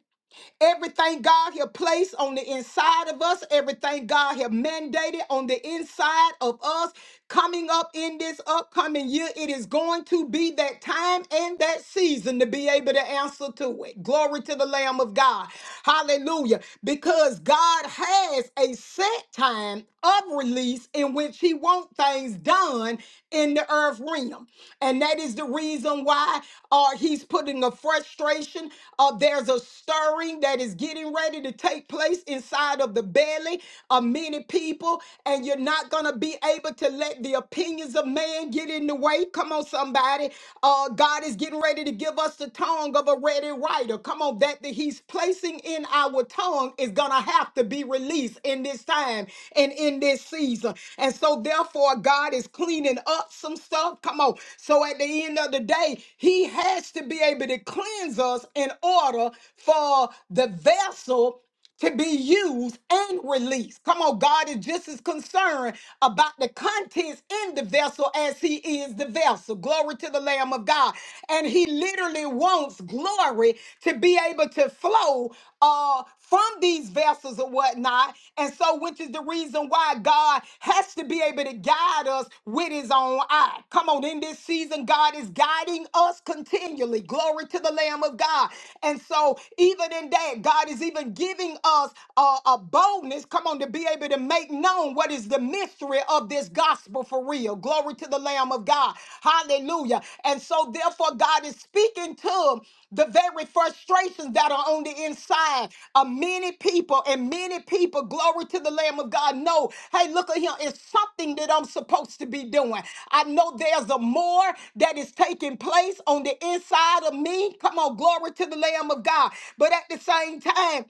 [SPEAKER 5] Everything God has placed on the inside of us, everything God has mandated on the inside of us, coming up in this upcoming year, it is going to be that time and that season to be able to answer to it. Glory to the Lamb of God. Hallelujah. Because God has a set time of release in which He wants things done in the earth realm. And that is the reason why uh, he's putting a frustration. Uh, there's a stirring that is getting ready to take place inside of the belly of many people. And you're not going to be able to let the opinions of man get in the way. Come on, somebody. Uh, God is getting ready to give us the tongue of a ready writer. Come on, that that he's placing in our tongue is going to have to be released in this in this time and in this season. And so, therefore, God is cleaning up some stuff. Come on. So, at the end of the day, He has to be able to cleanse us in order for the vessel to be used and released. Come on, God is just as concerned about the contents in the vessel as He is the vessel. Glory to the Lamb of God. And He literally wants glory to be able to flow uh, from these vessels or whatnot. And so, which is the reason why God has to be able to guide us with his own eye. Come on, in this season, God is guiding us continually. Glory to the Lamb of God. And so, even in that, God is even giving us a, a boldness, come on, to be able to make known what is the mystery of this gospel for real. Glory to the Lamb of God. Hallelujah. And so, therefore, God is speaking to the very frustrations that are on the inside of many people and many people glory to the lamb of god know hey look at him it's something that i'm supposed to be doing i know there's a more that is taking place on the inside of me come on glory to the lamb of god but at the same time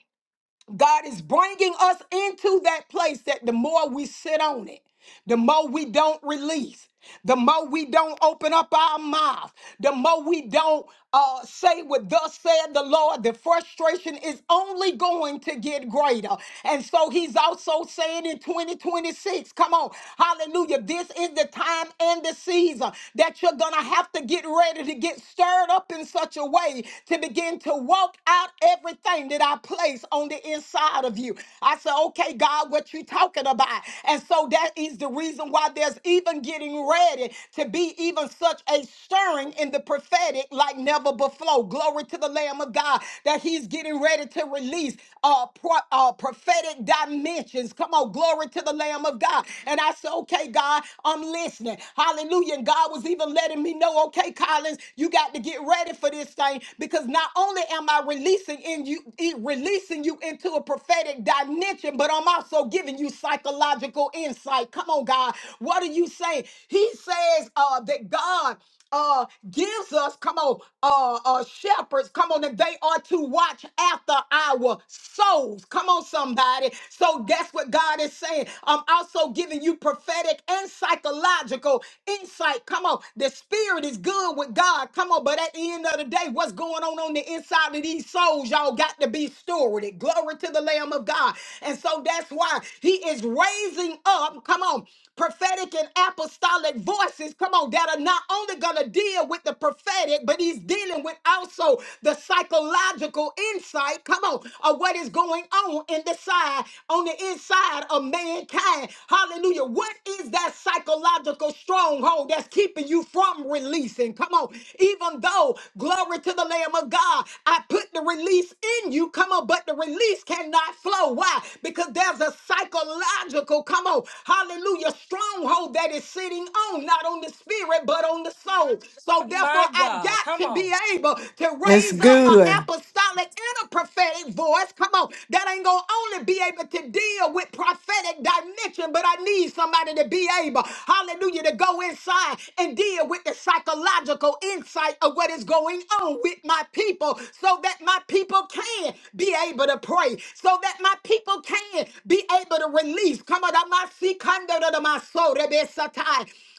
[SPEAKER 5] God is bringing us into that place that the more we sit on it, the more we don't release, the more we don't open up our mouth, the more we don't uh, say what thus said the Lord, the frustration is only going to get greater. And so he's also saying in 2026, come on, hallelujah, this is the time and the season that you're going to have to get ready to get stirred up in such a way to begin to walk Pluck out everything that I place on the inside of you. I said, okay, God, what you talking about? And so that is the reason why there's even getting ready to be even such a stirring in the prophetic like never before. Glory to the Lamb of God that he's getting ready to release uh, pro- uh, prophetic dimensions. Come on, glory to the Lamb of God. And I said, okay, God, I'm listening. Hallelujah. And God was even letting me know, okay, Collins, you got to get ready ready for this thing because not only am I releasing in you, e- releasing you into a prophetic dimension, but I'm also giving you psychological insight. Come on, God. What are you saying? He says uh, that God uh gives us come on uh uh shepherds come on that they are to watch after our souls come on somebody so that's what god is saying i'm also giving you prophetic and psychological insight come on the spirit is good with God. Come on, but at the end of the day, what's going on on the inside of these souls, y'all got to be stewarded. Glory to the Lamb of God. And so that's why He is raising up, come on, prophetic and apostolic voices, come on, that are not only going to deal with the prophetic, but He's dealing with also the psychological insight, come on, of what is going on in the side, on the inside of mankind. Hallelujah. What is that? psychological stronghold that's keeping you from releasing. Come on. Even though, glory to the Lamb of God, I put the release in you. Come on. But the release cannot flow. Why? Because there's a psychological, come on, hallelujah, stronghold that is sitting on, not on the spirit, but on the soul. So therefore,
[SPEAKER 1] My
[SPEAKER 5] I
[SPEAKER 1] God, come
[SPEAKER 5] got to
[SPEAKER 1] on.
[SPEAKER 5] be able to
[SPEAKER 4] That's
[SPEAKER 5] raise up an
[SPEAKER 4] good.
[SPEAKER 5] apostolic and a prophetic voice. Come on. That ain't going to only be able to deal with prophetic dimension, but I need somebody to be able, hallelujah, to go inside and deal with the psychological insight of what is going on with my people so that my people can be able to pray, so that my people can be able to release. Come on, my seek under my soul,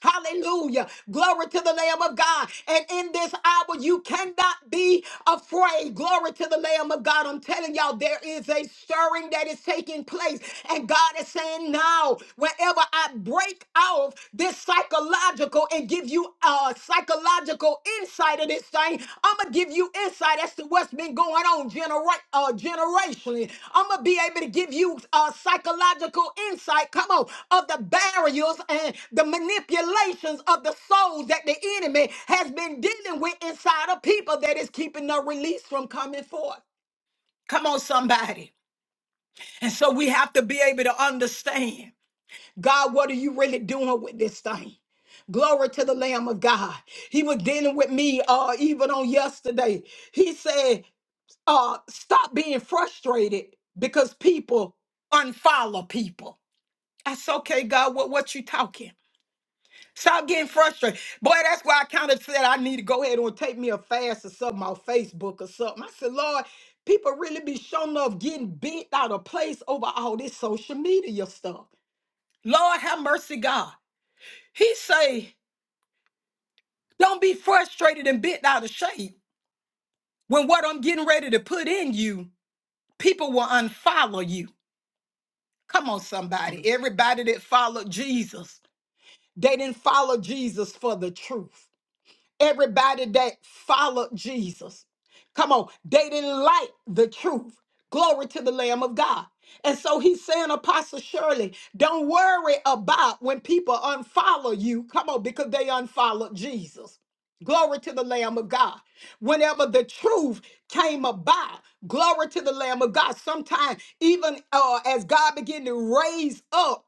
[SPEAKER 5] Hallelujah. Glory to the Lamb of God. And in this hour, you cannot be afraid. Glory to the Lamb of God. I'm telling y'all, there is a stirring that is taking place. And God is saying, now, whenever I break off this psychological and give you a psychological insight of this thing. I'm gonna give you insight as to what's been going on genera- uh, generationally. I'm gonna be able to give you uh, psychological insight. Come on, of the barriers and the manipulations of the souls that the enemy has been dealing with inside of people that is keeping the release from coming forth. Come on, somebody. And so we have to be able to understand. God, what are you really doing with this thing? Glory to the Lamb of God. He was dealing with me uh, even on yesterday. He said, uh, Stop being frustrated because people unfollow people. That's okay, God. What, what you talking? Stop getting frustrated. Boy, that's why I kind of said I need to go ahead and take me a fast or something on Facebook or something. I said, Lord, people really be showing up getting bent out of place over all this social media stuff. Lord, have mercy, God. He say, don't be frustrated and bent out of shape when what I'm getting ready to put in you, people will unfollow you. Come on, somebody. Everybody that followed Jesus, they didn't follow Jesus for the truth. Everybody that followed Jesus, come on, they didn't like the truth. Glory to the Lamb of God. And so he's saying, Apostle Shirley, don't worry about when people unfollow you. Come on, because they unfollowed Jesus. Glory to the Lamb of God. Whenever the truth came about, glory to the Lamb of God. Sometimes, even uh, as God began to raise up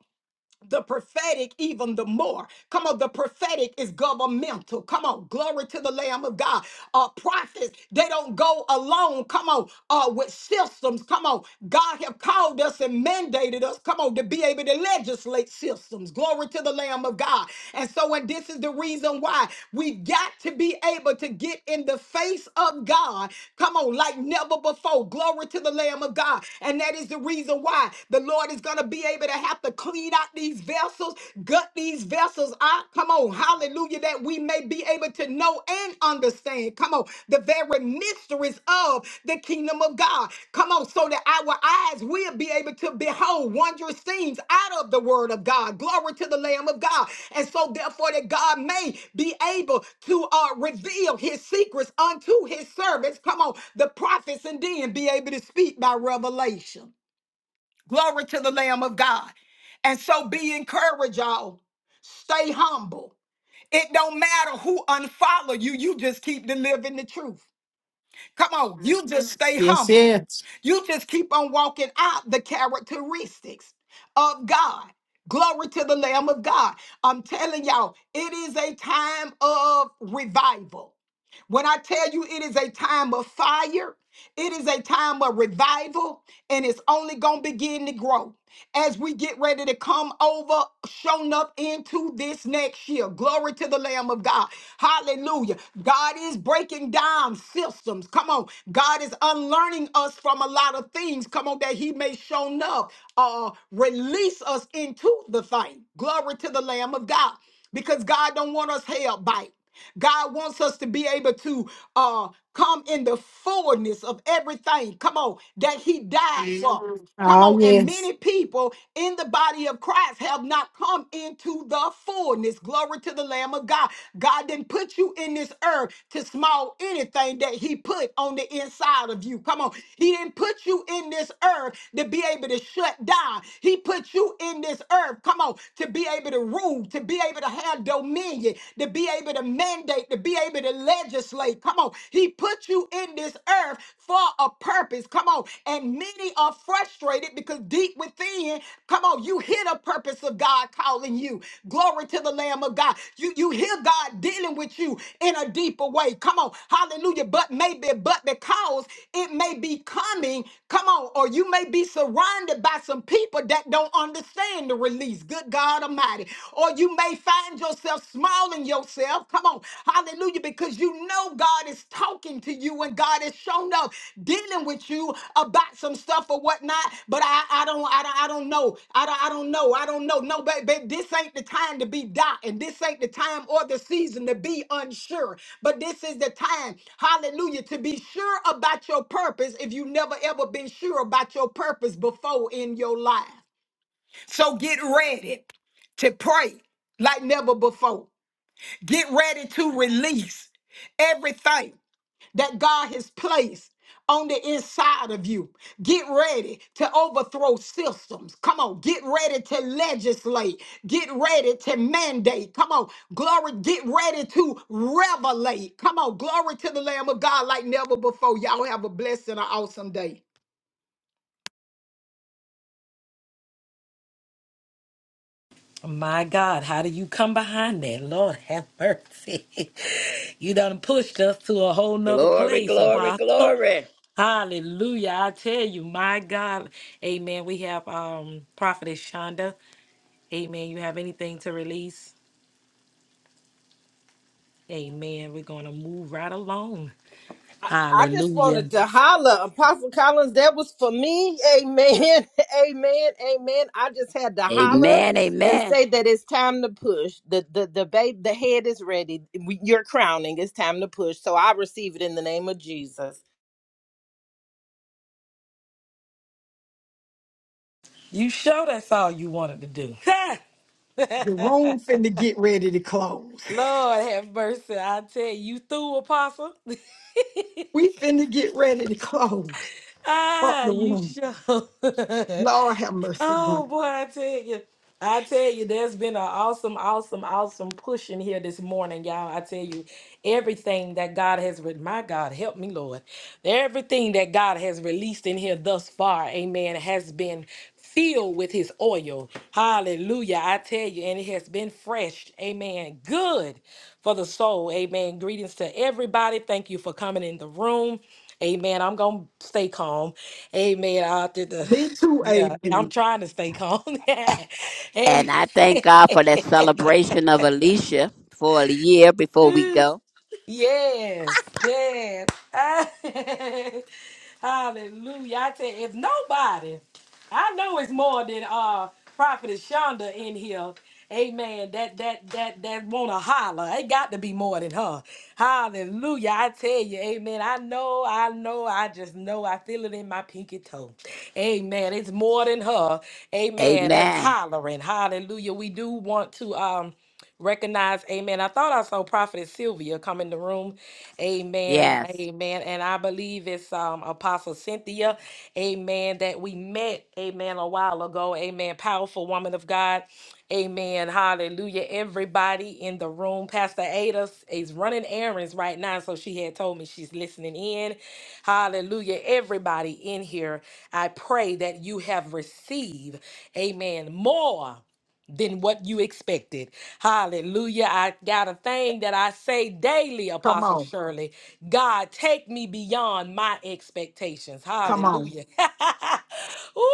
[SPEAKER 5] the prophetic even the more. Come on, the prophetic is governmental. Come on, glory to the Lamb of God. Uh, prophets, they don't go alone. Come on, uh, with systems. Come on, God have called us and mandated us. Come on, to be able to legislate systems. Glory to the Lamb of God. And so, and this is the reason why we've got to be able to get in the face of God. Come on, like never before. Glory to the Lamb of God. And that is the reason why the Lord is going to going to be able to have to clean out these vessels, gut these vessels out. Come on, hallelujah, that we may be able to know and understand. Come on, the very mysteries of the kingdom of God. Come on, so that our eyes will be able to behold wondrous things out of the word of God. Glory to the Lamb of God. And so, therefore, that God may be able to uh, reveal his secrets unto his servants. Come on, the prophets, and then be able to speak by revelation. Glory to the Lamb of God. And so be encouraged, y'all. Stay humble. It don't matter who unfollow you, you just keep delivering the truth. Come on, you just stay
[SPEAKER 4] Yes,
[SPEAKER 5] humble.
[SPEAKER 4] yes.
[SPEAKER 5] You just keep on walking out the characteristics of God. Glory to the Lamb of God. I'm telling y'all, it is a time of revival. When I tell you it is a time of fire, it is a time of revival, and it's only going to begin to grow as we get ready to come over, shown up into this next year. Glory to the Lamb of God. Hallelujah. God is breaking down systems. Come on. God is unlearning us from a lot of things. Come on, that He may shown up, uh, release us into the thing. Glory to the Lamb of God because God don't want us hell-bite. God wants us to be able to uh, come in the fullness of everything. Come on, that He died for. Mhm. Come
[SPEAKER 4] Oh,
[SPEAKER 5] on, and
[SPEAKER 4] yes.
[SPEAKER 5] many people in the body of Christ have not come into the fullness. Glory to the Lamb of God. God didn't put you in this earth to small anything that He put on the inside of you. Come on, He didn't put you in this earth to be able to shut down. He put you in this earth. Come on, to be able able to rule, to be able to have dominion, to be able to mandate, to be able to legislate. Come on. He put you in this earth for a purpose. Come on. And many are frustrated because deep within, come on, you hear the purpose of God calling you. Glory to the Lamb of God. You, you hear God dealing with you in a deeper way. Come on. Hallelujah. But maybe, but because it may be coming, come on, or you may be surrounded by some people that don't understand the to release. Good God Almighty. Or you may find yourself smiling yourself. Come on. Hallelujah. Because you know God is talking to you and God has shown up dealing with you about some stuff or whatnot. But I, I don't I don't I don't know. I don't I don't know. I don't know. No, but, but this ain't the time to be doubting. This ain't the time or the season to be unsure. But this is the time, hallelujah, to be sure about your purpose if you never ever been sure about your purpose before in your life. So get ready to pray like never before. Get ready to release everything that God has placed on the inside of you. Get ready to overthrow systems. Come on, get ready to legislate. Get ready to mandate. Come on, glory, get ready to revelate. Come on, glory to the Lamb of God like never before. Y'all have a blessed and an awesome day.
[SPEAKER 1] My God, how do you come behind that? Lord have mercy. *laughs* you done pushed us to a whole nother
[SPEAKER 2] Glory,
[SPEAKER 1] place,
[SPEAKER 2] glory,
[SPEAKER 1] Apostle.
[SPEAKER 2] glory.
[SPEAKER 1] Hallelujah. I tell you, my God. Amen. We have um Prophetess Shonda. Amen. You have anything to release? Amen. We're gonna move right along.
[SPEAKER 6] I I just wanted
[SPEAKER 1] Hallelujah.
[SPEAKER 6] to holler, Apostle Collins. That was for me. Amen. *laughs* Amen. Amen. I just had to holler
[SPEAKER 2] Amen.
[SPEAKER 6] and
[SPEAKER 2] Amen.
[SPEAKER 6] say that it's time to push. The the the babe, the head is ready. We- You're crowning. It's time to push. So I receive it in the name of Jesus.
[SPEAKER 1] You sure that's all you wanted to do. *laughs*
[SPEAKER 5] The room finna get ready to close.
[SPEAKER 1] Lord have mercy. I tell you, you through apostle. *laughs*
[SPEAKER 5] We finna get ready to close up
[SPEAKER 1] ah,
[SPEAKER 5] the
[SPEAKER 1] you
[SPEAKER 5] room.
[SPEAKER 1] sure? *laughs*
[SPEAKER 5] Lord have mercy. God.
[SPEAKER 1] Oh boy, I tell you, I tell you, there's been an awesome, awesome, awesome push in here this morning, y'all. I tell you, everything that God has with my God, help me, Lord. Everything that God has released in here thus far, amen, has been filled with his oil. Hallelujah. I tell you, and it has been fresh, amen. Good for the soul, amen. Greetings to everybody. Thank you for coming in the room. Amen. I'm gonna stay calm. Amen. I did the
[SPEAKER 5] Me too,
[SPEAKER 1] yeah,
[SPEAKER 5] AP.
[SPEAKER 1] I'm trying to stay calm. *laughs*
[SPEAKER 2] And
[SPEAKER 1] Every-
[SPEAKER 2] I thank God for that celebration of Alicia for a year before we
[SPEAKER 1] *laughs*
[SPEAKER 2] go.
[SPEAKER 1] Yes, yes. *laughs* Hallelujah. I tell you, if nobody, I know it's more than uh Prophetess Shonda in here. Amen. That that that that wanna holler. It got to be more than her. Hallelujah. I tell you, amen. I know, I know, I just know I feel it in my pinky toe. Amen. It's more than her. Amen. That's
[SPEAKER 2] Amen.
[SPEAKER 1] hollering. Hallelujah. We do want to um recognize amen i thought i saw prophetess sylvia come in the room amen
[SPEAKER 2] Yes.
[SPEAKER 1] amen and i believe it's um apostle cynthia amen that we met amen a while ago amen powerful woman of god amen hallelujah everybody in the room pastor ada is running errands right now so she had told me she's listening in hallelujah everybody in here i pray that you have received amen more than what you expected. Hallelujah. I got a thing that I say daily,
[SPEAKER 5] Come
[SPEAKER 1] Apostle
[SPEAKER 5] on.
[SPEAKER 1] Shirley. God, take me beyond my expectations.
[SPEAKER 5] Come on.
[SPEAKER 1] Hallelujah. *laughs*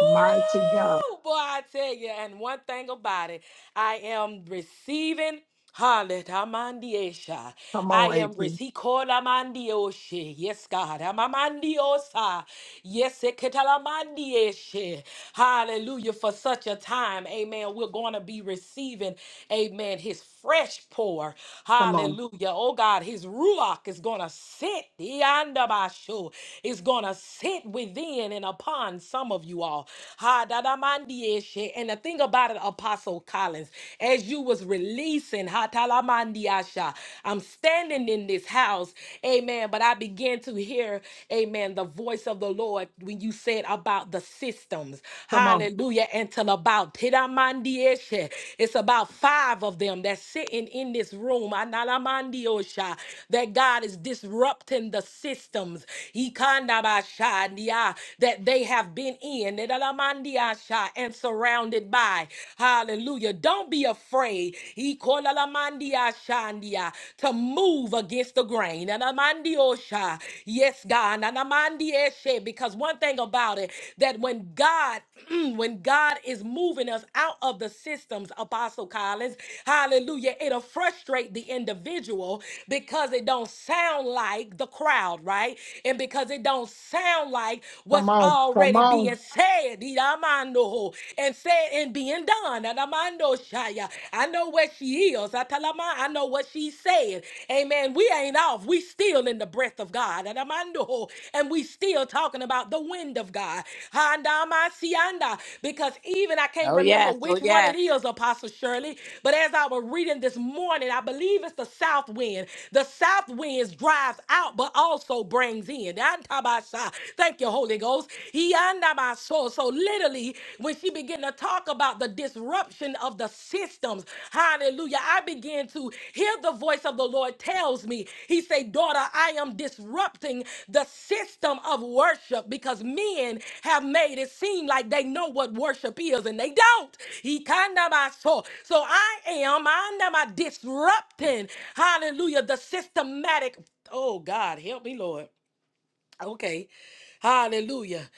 [SPEAKER 5] Mighty God.
[SPEAKER 1] boy, I tell you. And one thing about it, I am receiving. Hallelujah.
[SPEAKER 5] Come
[SPEAKER 1] I
[SPEAKER 5] on, AP.
[SPEAKER 1] am rich. He called Amandioshe. Yes, God. Amamandiosa. Yes, Eketalamandieshe. Hallelujah. For such a time, amen. We're going to be receiving, amen, his fresh pour.
[SPEAKER 5] Come on.
[SPEAKER 1] Hallelujah. Oh, God, his ruach is going to sit. Iandabasho, It's going to sit within and upon some of you all. Ha, da, da, mandieshe. And the thing about it, Apostle Collins silence as you was releasing hatalamandiasha i'm standing in this house amen but i began to hear amen the voice of the lord when you said about the systems
[SPEAKER 5] Come on.
[SPEAKER 1] hallelujah until about tidamandieshe it's about five of them that's sitting in this room analamandiosha that god is disrupting the systems ikandabashandia that they have been in edalamandiasha, and surround surrounded by. Hallelujah. Don't be afraid Ikolalamandia shandia, to move against the grain. Nanamandiosha. Yes, God. Nanamandieshe. Because one thing about it, that when God, *clears throat* when God is moving us out of the systems, Apostle Collins, hallelujah, it'll frustrate the individual because it don't sound like the crowd, right? And because it don't sound like
[SPEAKER 5] Come
[SPEAKER 1] what's
[SPEAKER 5] on. Come
[SPEAKER 1] already being
[SPEAKER 5] on.
[SPEAKER 1] said said, Iramando, and said, and being done. Anamando Shaya. I know where she is. Atalama, I know what she said. Amen. We ain't off. We still in the breath of God. Anamando. And we still talking about the wind of God. Handamasianda. Because even I can't
[SPEAKER 2] Oh,
[SPEAKER 1] remember
[SPEAKER 2] yes. Oh,
[SPEAKER 1] which one it
[SPEAKER 2] yes.
[SPEAKER 1] is, Apostle Shirley. But as I was reading this morning, I believe it's the south wind. The south wind drives out, but also brings in. Antabasha. Thank you Thank you, Holy Ghost. He under my soul. So literally, when she began to talk about the disruption of the systems, hallelujah, I began to hear the voice of the Lord tells me, He say, daughter, I am disrupting the system of worship because men have made it seem like they know what worship is and they don't. He kind of my soul. So I am under my disrupting, hallelujah, the systematic. Oh God, help me, Lord Okay. Hallelujah.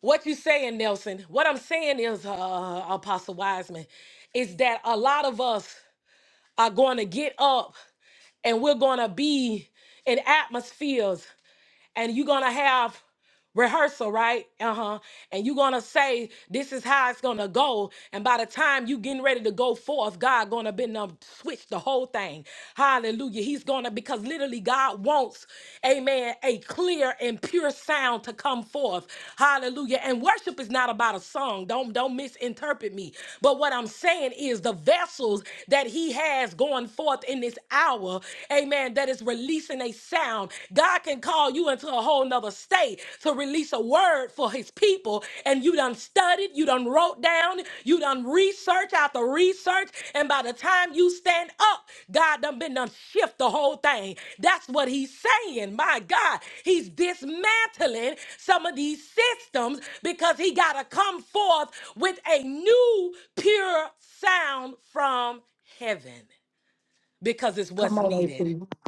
[SPEAKER 1] What you saying, Nelson? What I'm saying is, uh, uh, Apostle Wiseman, is that a lot of us are going to get up and we're going to be in atmospheres and you're gonna have rehearsal, right? Uh-huh. And you're gonna say this is how it's gonna go. And by the time you getting ready to go forth, God gonna been um switch the whole thing. Hallelujah. He's gonna because literally God wants, amen, a clear and pure sound to come forth. Hallelujah. And worship is not about a song. Don't don't misinterpret me. But what I'm saying is the vessels that he has going forth in this hour, amen, that is releasing a sound. God can call you into a whole nother state to release a word for his people. And you done studied, you done wrote down, you done research after research. And by the time you stand up, God done been done shift the whole thing. That's what he's saying. My God, he's dismantling some of these systems because he got to come forth with a new pure sound from heaven because it's what's
[SPEAKER 5] Come on,
[SPEAKER 1] needed
[SPEAKER 5] AP.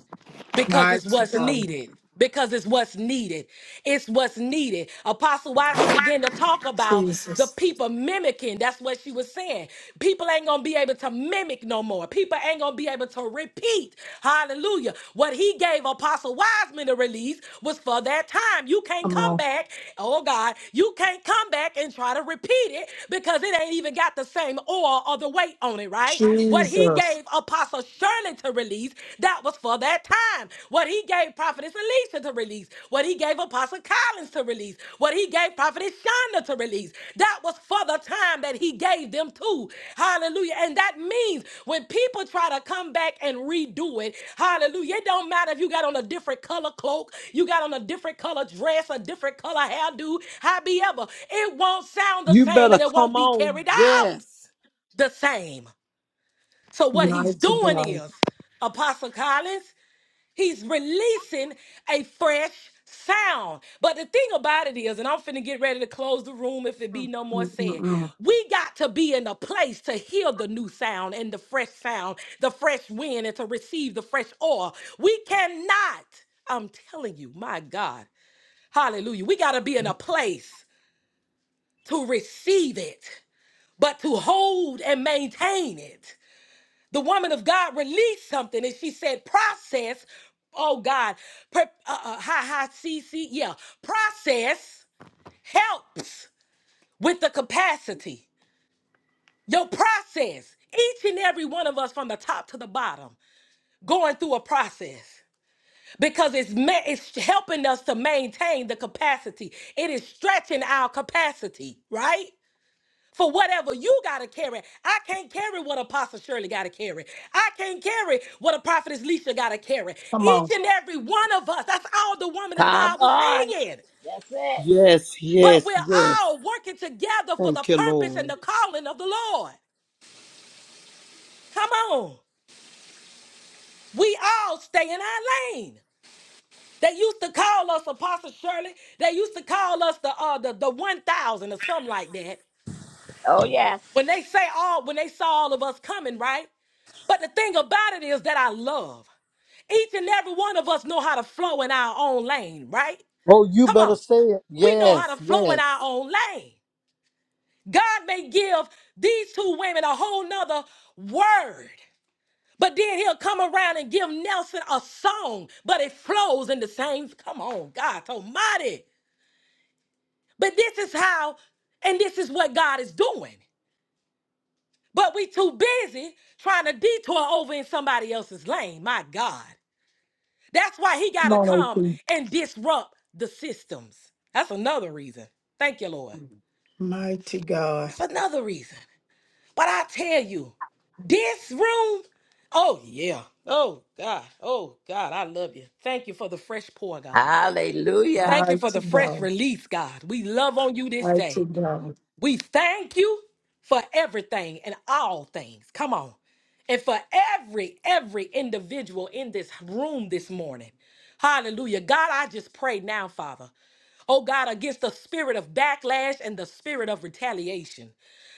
[SPEAKER 1] because it's
[SPEAKER 5] Mighty
[SPEAKER 1] what's
[SPEAKER 5] God.
[SPEAKER 1] needed. Because it's what's needed. It's what's needed. Apostle Wiseman began to talk about the
[SPEAKER 5] Jesus.
[SPEAKER 1] people mimicking. That's what she was saying. People ain't going to be able to mimic no more. People ain't going to be able to repeat. Hallelujah. What he gave Apostle Wiseman to release was for that time. You can't
[SPEAKER 5] Come on.
[SPEAKER 1] come back. Oh, God. You can't come back and try to repeat it because it ain't even got the same oil or the weight on it, right? What he
[SPEAKER 5] Jesus.
[SPEAKER 1] gave Apostle Shirley to release, that was for that time. What he gave Prophetess Alicia to release, what he gave Apostle Collins to release, what he gave Prophetess Shonda to release, that was for the time that he gave them to. Hallelujah. And that means when people try to come back and redo it, hallelujah, it don't matter if you got on a different color cloak, you got on a different color dress, a different color hairdo, however, it won't sound the
[SPEAKER 3] you
[SPEAKER 1] same
[SPEAKER 3] better
[SPEAKER 1] and it won't
[SPEAKER 3] come
[SPEAKER 1] be
[SPEAKER 3] on.
[SPEAKER 1] carried out
[SPEAKER 3] Yes,
[SPEAKER 1] the same. So what he's
[SPEAKER 5] Mighty
[SPEAKER 1] doing
[SPEAKER 5] God.
[SPEAKER 1] is, Apostle Collins, he's releasing a fresh sound. But the thing about it is, and I'm finna get ready to close the room if it be no more said,
[SPEAKER 5] Mm-mm-mm.
[SPEAKER 1] we got to be in a place to hear the new sound and the fresh sound, the fresh wind, and to receive the fresh oil. We cannot, I'm telling you, my God, hallelujah, we got to be in a place to receive it, but to hold and maintain it the woman of God released something and she said, process, oh God, per, uh, uh, hi, hi, CC, yeah, process helps with the capacity. Your process, each and every one of us from the top to the bottom, going through a process because it's ma- it's helping us to maintain the capacity. It is stretching our capacity, right? for whatever you gotta carry. I can't carry what Apostle Shirley gotta carry. I can't carry what a prophetess Leisha gotta carry.
[SPEAKER 5] Come on.
[SPEAKER 1] Each and every one of us, that's all the woman of
[SPEAKER 2] Come
[SPEAKER 1] God was
[SPEAKER 2] on.
[SPEAKER 1] saying.
[SPEAKER 2] That's it.
[SPEAKER 3] yes,
[SPEAKER 1] But
[SPEAKER 3] yes,
[SPEAKER 1] we're
[SPEAKER 3] yes.
[SPEAKER 1] all working together for the
[SPEAKER 3] Thank you,
[SPEAKER 1] purpose and
[SPEAKER 3] Lord.
[SPEAKER 1] the calling of the Lord. Come on. We all stay in our lane. They used to call us Apostle Shirley. They used to call us the uh the, the 1000 or something like that.
[SPEAKER 2] Oh, yes.
[SPEAKER 1] When they say all when they saw all of us coming, right? But the thing about it is that I love. Each and every one of us know how to flow in our own lane, right?
[SPEAKER 3] Oh, you
[SPEAKER 1] Come
[SPEAKER 3] better
[SPEAKER 1] on.
[SPEAKER 3] say it.
[SPEAKER 1] We know how
[SPEAKER 3] Yes,
[SPEAKER 1] to flow in our
[SPEAKER 3] yes.
[SPEAKER 1] own lane. God may give these two women a whole nother word, but then he'll come around and give Nelson a song, but it flows in the same. Come on, God almighty. But this is how, and this is what God is doing. But we too busy trying to detour over in somebody else's lane. My God. That's why he got
[SPEAKER 5] Come
[SPEAKER 1] to
[SPEAKER 5] on,
[SPEAKER 1] come
[SPEAKER 5] AP.
[SPEAKER 1] and disrupt the systems. That's another reason. Thank you, Lord.
[SPEAKER 5] God.
[SPEAKER 1] That's another reason. But I tell you, this room, oh, yeah. Oh, God. Oh, God. I love you. Thank you for the fresh pour, God.
[SPEAKER 2] Hallelujah.
[SPEAKER 1] Thank you for
[SPEAKER 5] Mighty
[SPEAKER 1] the fresh
[SPEAKER 5] God.
[SPEAKER 1] release, God. We love on you this day.
[SPEAKER 5] Mighty God.
[SPEAKER 1] We thank you for everything and all things. Come on. And for every, every individual in this room this morning. Hallelujah. God, I just pray now, Father. Oh God, against the spirit of backlash and the spirit of retaliation.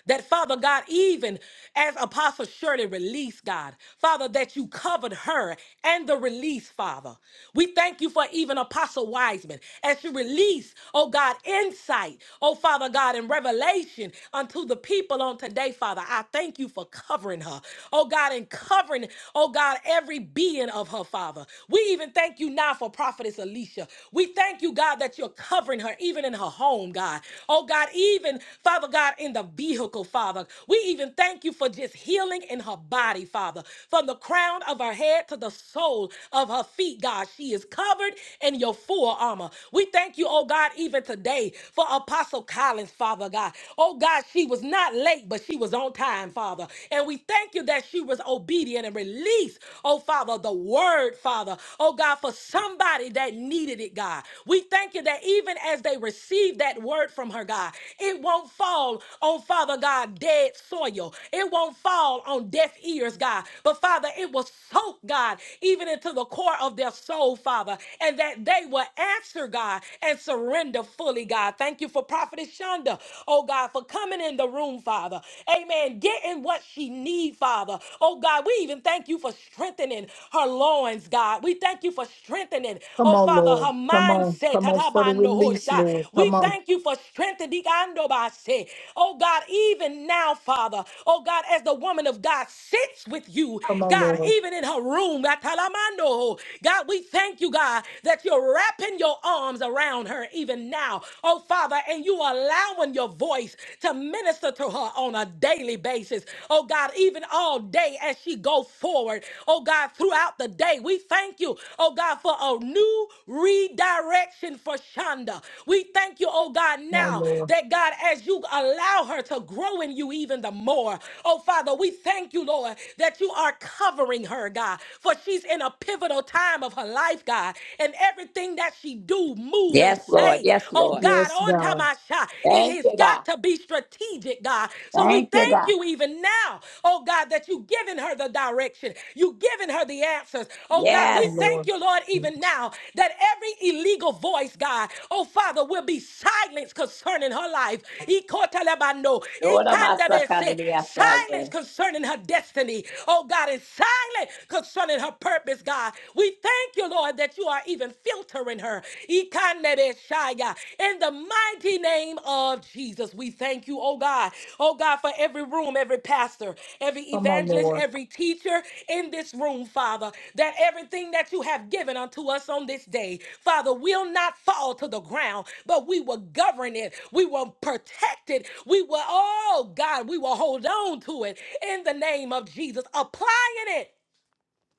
[SPEAKER 1] That Father God, even as Apostle Shirley released, God, Father, that you covered her and the release, Father. We thank you for even Apostle Wiseman as she released, oh God, insight, oh Father God, and revelation unto the people on today, Father. I thank you for covering her, oh God, and covering, oh God, every being of her, Father. We even thank you now for Prophetess Alicia. We thank you, God, that you're covering her, even in even in her home, God. Oh, God, even, Father God, in the vehicle, Father. We even thank you for just healing in her body, Father. From the crown of her head to the sole of her feet, God, she is covered in your full armor. We thank you, oh God, even today for Apostle Collins, Father God. Oh God, she was not late, but she was on time, Father. And we thank you that she was obedient and released, oh Father, the word, Father. Oh God, for some somebody that needed it, God. We thank you that even as they received that word from her, God, it won't fall on, Father God, dead soil. It won't fall on deaf ears, God. But Father, it will soak, God, even into the core of their soul, Father, and that they will answer, God, and surrender fully, God. Thank you for Prophetess Shonda, oh God, for coming in the room, Father. Amen. Getting what she needs, Father. Oh God, we even thank you for strengthening her loins, God. We thank you for strengthening,
[SPEAKER 5] Come
[SPEAKER 1] oh
[SPEAKER 5] on,
[SPEAKER 1] Father,
[SPEAKER 5] Lord.
[SPEAKER 1] her
[SPEAKER 5] Come on.
[SPEAKER 1] mindset.
[SPEAKER 5] Come on for the release,
[SPEAKER 1] Tatabanohosha.
[SPEAKER 5] Lord.
[SPEAKER 1] We
[SPEAKER 5] Come on.
[SPEAKER 1] thank you for strengthening, Andobase. oh God, even now, Father, oh God, as the woman of God sits with you,
[SPEAKER 5] Come on,
[SPEAKER 1] God,
[SPEAKER 5] Lord.
[SPEAKER 1] even in her room, Atalamando. God, we thank you, God, that you're wrapping your arms around her even now, oh Father, and you allowing your voice to minister to her on on a daily basis. Oh God, even all day as she go forward. Oh God, throughout the day, we thank you, oh God, for a new redirection for Shonda. We thank you, oh God,
[SPEAKER 5] Come on,
[SPEAKER 1] now
[SPEAKER 5] Lord.
[SPEAKER 1] that God, as you allow her to grow in you even the more. Oh Father, we thank you, Lord, that you are covering her, God, for she's in a pivotal time of her life, God, and everything that she do, move, and
[SPEAKER 2] Yes, Lord.
[SPEAKER 1] say,
[SPEAKER 2] Yes,
[SPEAKER 1] oh
[SPEAKER 2] Lord.
[SPEAKER 1] God,
[SPEAKER 5] Yes,
[SPEAKER 1] on
[SPEAKER 5] God.
[SPEAKER 1] Tamasha. It
[SPEAKER 2] Thank
[SPEAKER 1] has
[SPEAKER 2] you, God.
[SPEAKER 1] got to be strategic, God. So we
[SPEAKER 2] Thank you,
[SPEAKER 1] thank
[SPEAKER 2] God.
[SPEAKER 1] you even now, oh God, that you've given her the direction. You've given her the answers. Oh God, we
[SPEAKER 5] My
[SPEAKER 2] Yes.
[SPEAKER 1] thank
[SPEAKER 5] Lord.
[SPEAKER 1] you, Lord, even now that every illegal voice, God, oh Father, will be silenced concerning her life. Ikotalabano,
[SPEAKER 2] Lord of my
[SPEAKER 1] ikandabese, Silence
[SPEAKER 2] sakadidiyasaya.
[SPEAKER 1] concerning her destiny, oh God, and silence concerning her purpose, God. We thank you, Lord, that you are even filtering her. Ikanebeshaya. In the mighty name of Jesus, we thank you, oh God. Oh God, for every room, every pastor, every
[SPEAKER 5] Come on,
[SPEAKER 1] evangelist,
[SPEAKER 5] Lord.
[SPEAKER 1] every teacher in this room, Father, that everything that you have given unto us on this day, Father, will not fall to the ground, but we will govern it. We will protect it. We will, oh God, we will hold on to it in the name of Jesus, applying it,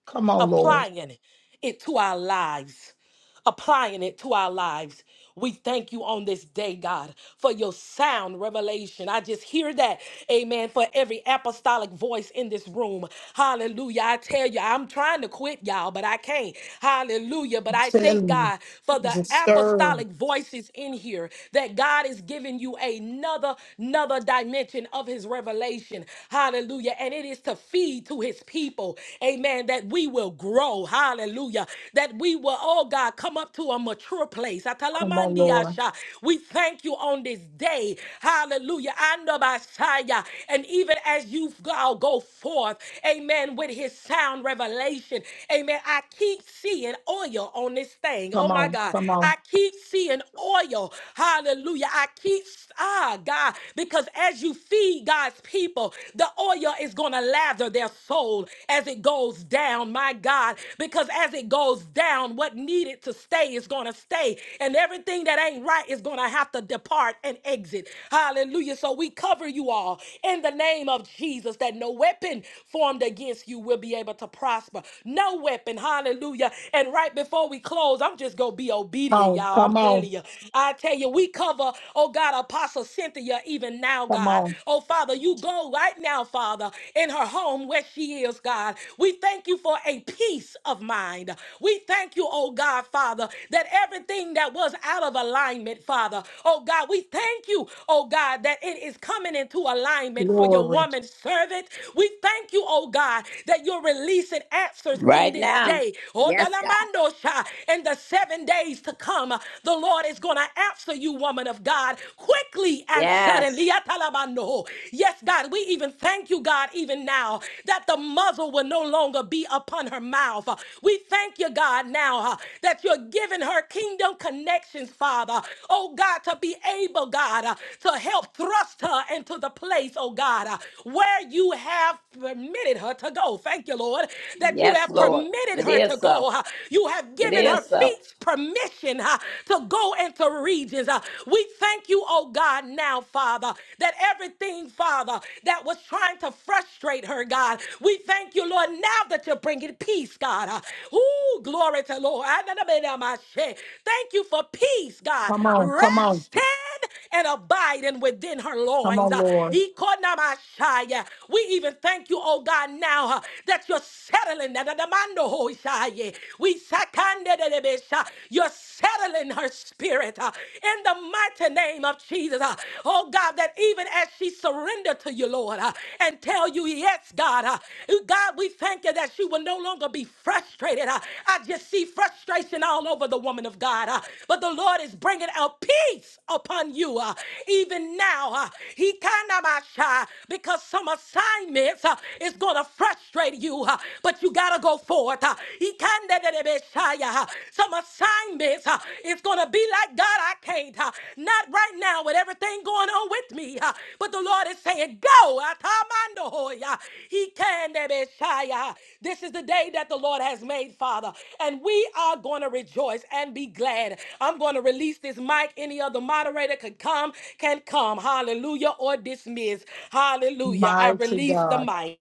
[SPEAKER 5] Come on, Lord.
[SPEAKER 1] applying it to our lives applying it to our lives. We thank you on this day, God, for your sound revelation. I just hear that, amen, for every apostolic voice in this room. Hallelujah. I tell you, I'm trying to quit, y'all, but I can't. Hallelujah. But
[SPEAKER 5] I'm
[SPEAKER 1] I thank
[SPEAKER 5] telling
[SPEAKER 1] God for
[SPEAKER 5] you,
[SPEAKER 1] the
[SPEAKER 5] just stir.
[SPEAKER 1] apostolic voices in here that God is giving you another, another dimension of his revelation. Hallelujah. And it is to feed to his people, amen, that we will grow soul, hallelujah, that we will, oh God, come up to a mature place.
[SPEAKER 5] Come on, Lord.
[SPEAKER 1] Atalamandiyasha. We thank you on this day, hallelujah, and Messiah. And even as you go go forth, amen, with his sound revelation, amen, I keep seeing oil on this thing. Oh
[SPEAKER 5] Come
[SPEAKER 1] my
[SPEAKER 5] on,
[SPEAKER 1] God,
[SPEAKER 5] come on,
[SPEAKER 1] I keep seeing oil, hallelujah. I keep, ah, God, because as you feed God's people, the oil is going to lather their soul as it goes down, my God, because as it goes down, what needed to stay is going to stay, and everything that ain't right is going to have to depart and exit. Hallelujah. So we cover you all in the name of Jesus that no weapon formed against you will be able to prosper. No weapon. Hallelujah. And right before we close, I'm just going to be
[SPEAKER 5] come
[SPEAKER 1] obedient,
[SPEAKER 5] on,
[SPEAKER 1] y'all. I'm
[SPEAKER 5] come
[SPEAKER 1] telling
[SPEAKER 5] on,
[SPEAKER 1] you. I tell you, we cover, oh God, Apostle Cynthia, even now,
[SPEAKER 5] come
[SPEAKER 1] God.
[SPEAKER 5] on.
[SPEAKER 1] Oh Father, you to go right now, Father, in her home where she is, God. We thank you for a peace of mind. We thank you, oh God, Father, that everything that was out of alignment, Father, oh God, we thank you, oh God, that it is coming into alignment for your
[SPEAKER 5] Glory.
[SPEAKER 1] woman servant. We thank you, oh God, that you're releasing answers in
[SPEAKER 2] Right
[SPEAKER 1] this
[SPEAKER 2] now.
[SPEAKER 1] day. Oh,
[SPEAKER 2] Yes, God.
[SPEAKER 1] Dalamandosha, in the seven days to come, the Lord is going to answer you, woman of God, quickly quickly and suddenly.
[SPEAKER 2] Yes.
[SPEAKER 1] Atalabando. Yes, God, we even thank you, God, even now that the muzzle will no longer be upon her mouth. We thank you, God, now uh, that you're giving her kingdom connections, Father. Oh, God, to be able, God, uh, to help thrust her into the place, oh, God, uh, where you have permitted her to go. Thank you, Lord, that you
[SPEAKER 2] Yes,
[SPEAKER 1] have
[SPEAKER 2] Lord.
[SPEAKER 1] permitted
[SPEAKER 2] It
[SPEAKER 1] her to
[SPEAKER 2] is
[SPEAKER 1] go.
[SPEAKER 2] so.
[SPEAKER 1] uh, You have
[SPEAKER 2] It
[SPEAKER 1] given her
[SPEAKER 2] is so.
[SPEAKER 1] feet permission uh, to go go into regions. Uh, we thank you, oh God, now, Father, that everything, Father, that was trying to frustrate her, God, we thank you, Lord, now that you're bringing peace, God. Uh, ooh, glory to Lord. Thank you for peace, God.
[SPEAKER 5] Come on, come on,
[SPEAKER 1] Resting and abiding within her
[SPEAKER 5] come
[SPEAKER 1] loins.
[SPEAKER 5] on,
[SPEAKER 1] Uh,
[SPEAKER 5] Lord.
[SPEAKER 1] We even thank you, oh God, now uh, that you're settling. We you're settling her spirit uh, in the mighty name of Jesus. uh. Oh God, that even as she surrendered to you, Lord, uh, and tell you, yes, God, uh, God, we thank you that she will no longer be frustrated. uh. I just see frustration all over the woman of God, uh, but the Lord is bringing out peace upon you uh, even now. uh. He kind of my shy because some assignments uh, is going to frustrate you, uh, but you got to go forth. uh, he can de- de- de- be shy, uh, Some assignments uh, is going to be like, God, I can't. uh, Not right now with everything going on with me. uh, But the Lord is saying, go. atamando hoy, uh, He can de- be shy, uh, This is the day that the Lord has made, Father. And we are going to rejoice and be glad. I'm going to release this mic. Any other moderator could come, can come. Hallelujah or dismiss. Hallelujah. I
[SPEAKER 5] Mighty
[SPEAKER 1] release the
[SPEAKER 5] God.
[SPEAKER 1] mic.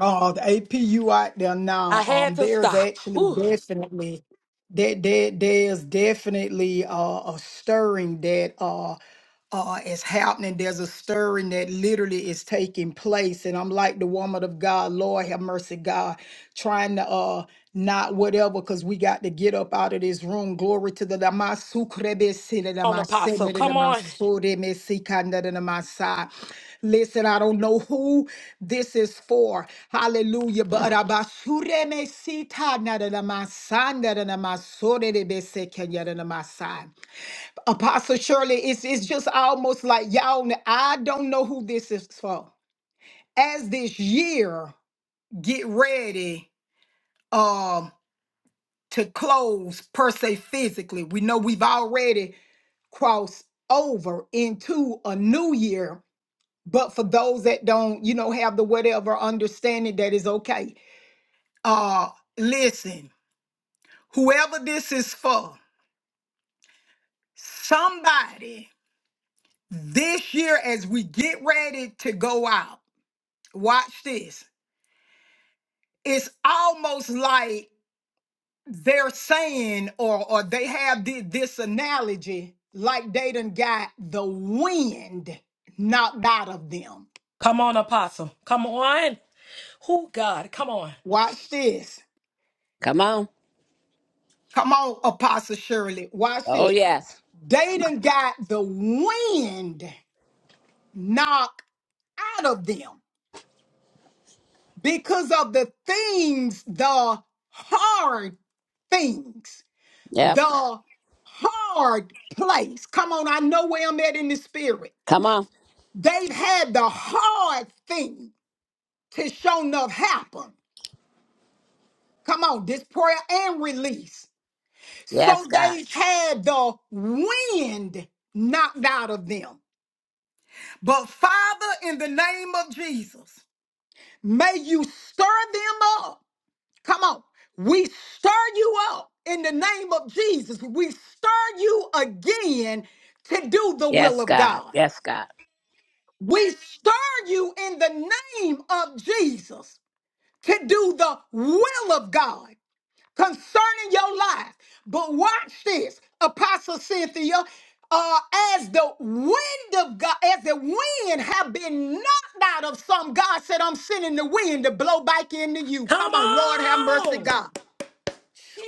[SPEAKER 5] Oh, the APU out there
[SPEAKER 1] I
[SPEAKER 5] now.
[SPEAKER 1] had
[SPEAKER 5] Um,
[SPEAKER 1] to
[SPEAKER 5] there's
[SPEAKER 1] stop.
[SPEAKER 5] actually
[SPEAKER 1] Whew.
[SPEAKER 5] definitely that there, there's definitely uh, a stirring that uh. uh, is happening. There's a stirring that literally is taking place. And I'm like the woman of God, Lord have mercy, God, trying to uh not whatever, because we got to get up out of this room. Glory to the
[SPEAKER 1] on, Apostle. Come on.
[SPEAKER 5] Damasukrebesidamasenedamasoremesikandadanamasai. Listen, I don't know who this is for. Hallelujah. But abasuremesitanadanamasandadanamasorebesekenyadanamasai. Apostle Shirley, it's it's just almost like y'all. kn- I don't know who this is for. As this year get ready, um, to close per se physically, we know we've already crossed over into a new year. But for those that don't, you know, have the whatever understanding, that is okay. Uh, listen, whoever this is for, somebody this year as we get ready to go out. watch this it's almost like they're saying or or they have thi- this analogy like they done got the wind knocked out of them
[SPEAKER 1] Come on, Apostle. Come on. Who, God? Come on.
[SPEAKER 5] watch this
[SPEAKER 2] Come on.
[SPEAKER 5] come on apostle shirley watch
[SPEAKER 2] Oh,
[SPEAKER 5] this
[SPEAKER 2] yes.
[SPEAKER 5] they
[SPEAKER 2] Come on.
[SPEAKER 5] done got the wind knocked out of them because of the things the hard things
[SPEAKER 2] Yep.
[SPEAKER 5] the hard place. Come on, I know where I'm at in the spirit.
[SPEAKER 2] Come on.
[SPEAKER 5] They've had the hard thing to show enough happen. Come on, this prayer and release. So
[SPEAKER 2] Yes, God.
[SPEAKER 5] they had the wind knocked out of them. But Father, in the name of Jesus, may you stir them up. Come on, we stir you up in the name of Jesus. We stir you again to do the will
[SPEAKER 2] Yes,
[SPEAKER 5] of
[SPEAKER 2] God.
[SPEAKER 5] God.
[SPEAKER 2] Yes, God.
[SPEAKER 5] We stir you in the name of Jesus to do the will of God concerning your life. But watch this, Apostle Cynthia. Uh, as the wind of God, as the wind have been knocked out of some, God said, I'm sending the wind to blow back into you.
[SPEAKER 1] Come
[SPEAKER 5] Come on, Lord have mercy,
[SPEAKER 1] on.
[SPEAKER 5] God.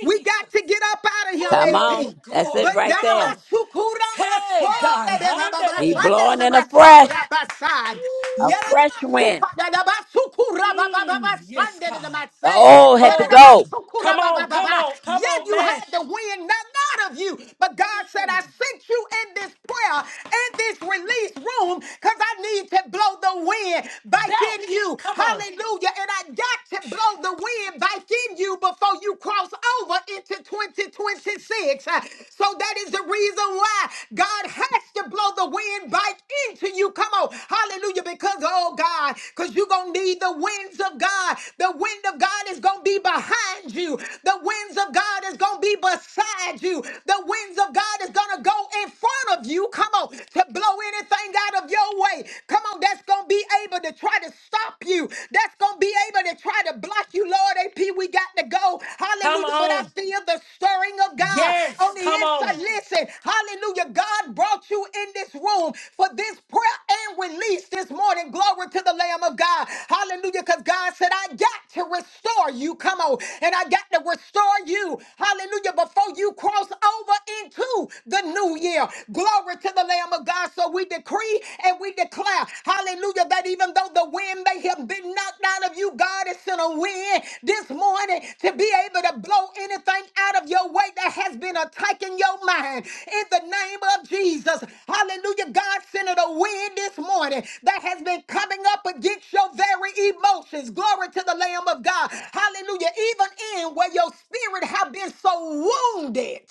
[SPEAKER 5] We got to get up out of here,
[SPEAKER 2] Come on.
[SPEAKER 1] Oh,
[SPEAKER 5] AP.
[SPEAKER 2] That's it
[SPEAKER 5] But
[SPEAKER 1] glory.
[SPEAKER 5] then
[SPEAKER 2] right
[SPEAKER 1] Come
[SPEAKER 5] I'm a
[SPEAKER 2] there.
[SPEAKER 1] on.
[SPEAKER 5] sukura my soul,
[SPEAKER 1] Hey, God.
[SPEAKER 5] that I'm a
[SPEAKER 2] He
[SPEAKER 5] basan,
[SPEAKER 1] Hallelujah.
[SPEAKER 5] that
[SPEAKER 2] blowing
[SPEAKER 5] I'm
[SPEAKER 2] in a
[SPEAKER 5] a soul, that
[SPEAKER 2] fresh,
[SPEAKER 5] basan.
[SPEAKER 1] Ooh,
[SPEAKER 2] a
[SPEAKER 5] Yet I'm
[SPEAKER 2] fresh
[SPEAKER 5] a
[SPEAKER 1] God.
[SPEAKER 2] wind.
[SPEAKER 5] suka, that I'm a sukura, ba ba ba
[SPEAKER 1] Mm,
[SPEAKER 5] ba,
[SPEAKER 1] yes,
[SPEAKER 5] Sunday
[SPEAKER 1] God.
[SPEAKER 5] that I'm a
[SPEAKER 2] The
[SPEAKER 5] say.
[SPEAKER 2] old had
[SPEAKER 5] Yet
[SPEAKER 2] to
[SPEAKER 5] I'm
[SPEAKER 1] Oh,
[SPEAKER 5] a
[SPEAKER 2] go.
[SPEAKER 1] God. Come
[SPEAKER 5] sukura, ba ba
[SPEAKER 1] on.
[SPEAKER 5] ba
[SPEAKER 1] Come
[SPEAKER 5] ba.
[SPEAKER 1] on. Come
[SPEAKER 5] Yet
[SPEAKER 1] on,
[SPEAKER 5] you
[SPEAKER 1] man.
[SPEAKER 5] had the wind, not out of you. But God said,
[SPEAKER 1] Mm,
[SPEAKER 5] I sent you in this prayer, in this release room, because I need to blow the wind back in
[SPEAKER 1] back.
[SPEAKER 5] you.
[SPEAKER 1] Come on.
[SPEAKER 5] Hallelujah. And I got not to blow the wind back in you before you cross over into 2026. Uh, So that is the reason why God has to blow the wind back into you. Come on. Hallelujah. Because, oh God, because you're going to need the winds of God. The wind of God is going to be behind you. The winds of God is going to be beside you. The winds of God is going to go in front of you. Come on. To blow anything out of your way. Come on. That's going to be gonna be able to try to stop you. That's gonna be able to try to block you, Lord. AP, we got to go.
[SPEAKER 1] Come
[SPEAKER 5] Hallelujah. But I
[SPEAKER 1] on.
[SPEAKER 5] feel the stirring of God
[SPEAKER 1] Yes.
[SPEAKER 5] on the
[SPEAKER 1] Come
[SPEAKER 5] inside.
[SPEAKER 1] on.
[SPEAKER 5] Listen, hallelujah. God brought you in this room for this prayer and release this morning. Glory to the Lamb of God. Hallelujah. Because God said, I got to restore you. Come on. And I got to restore you. Hallelujah. Before you cross over into the new year. Glory to the Lamb. Lamb of God. So we decree and we declare, hallelujah, that even though the wind may have been knocked out of you, God is sent a wind this morning to be able to blow anything out of your way that has been attacking your mind. In the name of Jesus, hallelujah, God sent a wind this morning that has been coming up against your very emotions. Glory to the Lamb of God. Hallelujah. Even in where your spirit have been so wounded.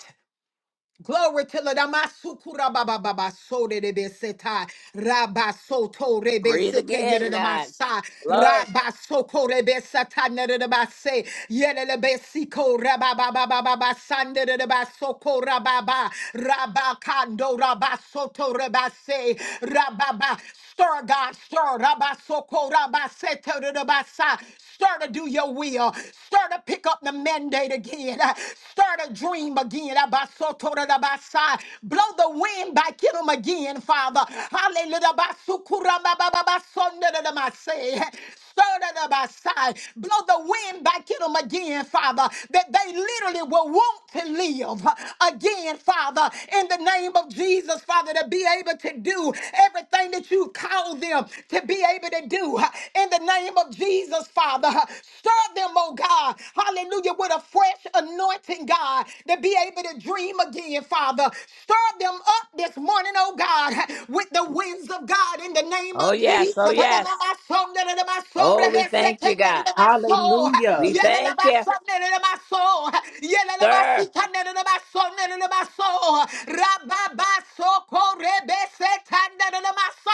[SPEAKER 5] Glory to the Damasukura Baba Baba Sode de Beseta Rabasoto
[SPEAKER 2] Breathe
[SPEAKER 5] Rebeseke
[SPEAKER 2] again, God.
[SPEAKER 5] Yeremasai
[SPEAKER 2] Blow.
[SPEAKER 5] Rabasoko Rebesata Nerebase Yerebesiko Rababa Baba Baba Sande de Basoko Rababa Rabakando Rabasoto Rebase Rababa Stir God, stir Rabasoko Rabaseto de Basa Stir to do your will. Stir to pick up the mandate again. Start a dream again. Abasotorodabasai. Blow the wind back in them again, Father. Hallelujah. Abasukuramabababasonodadamasai. Stir it up outside. Blow the wind back in them again, Father, that they literally will want to live again, Father, in the name of Jesus, Father, to be able to do everything that you call them to be able to do in the name of Jesus, Father. Stir them, oh God. God. Hallelujah. With a fresh anointing, God, to be able to dream again, Father. Stir them up this morning, oh God, with the winds of God in the name
[SPEAKER 2] Oh,
[SPEAKER 5] of
[SPEAKER 2] yes.
[SPEAKER 5] Jesus.
[SPEAKER 2] Oh, yes. Oh, we thank you, God. We
[SPEAKER 6] Hallelujah.
[SPEAKER 2] thank you. Sir.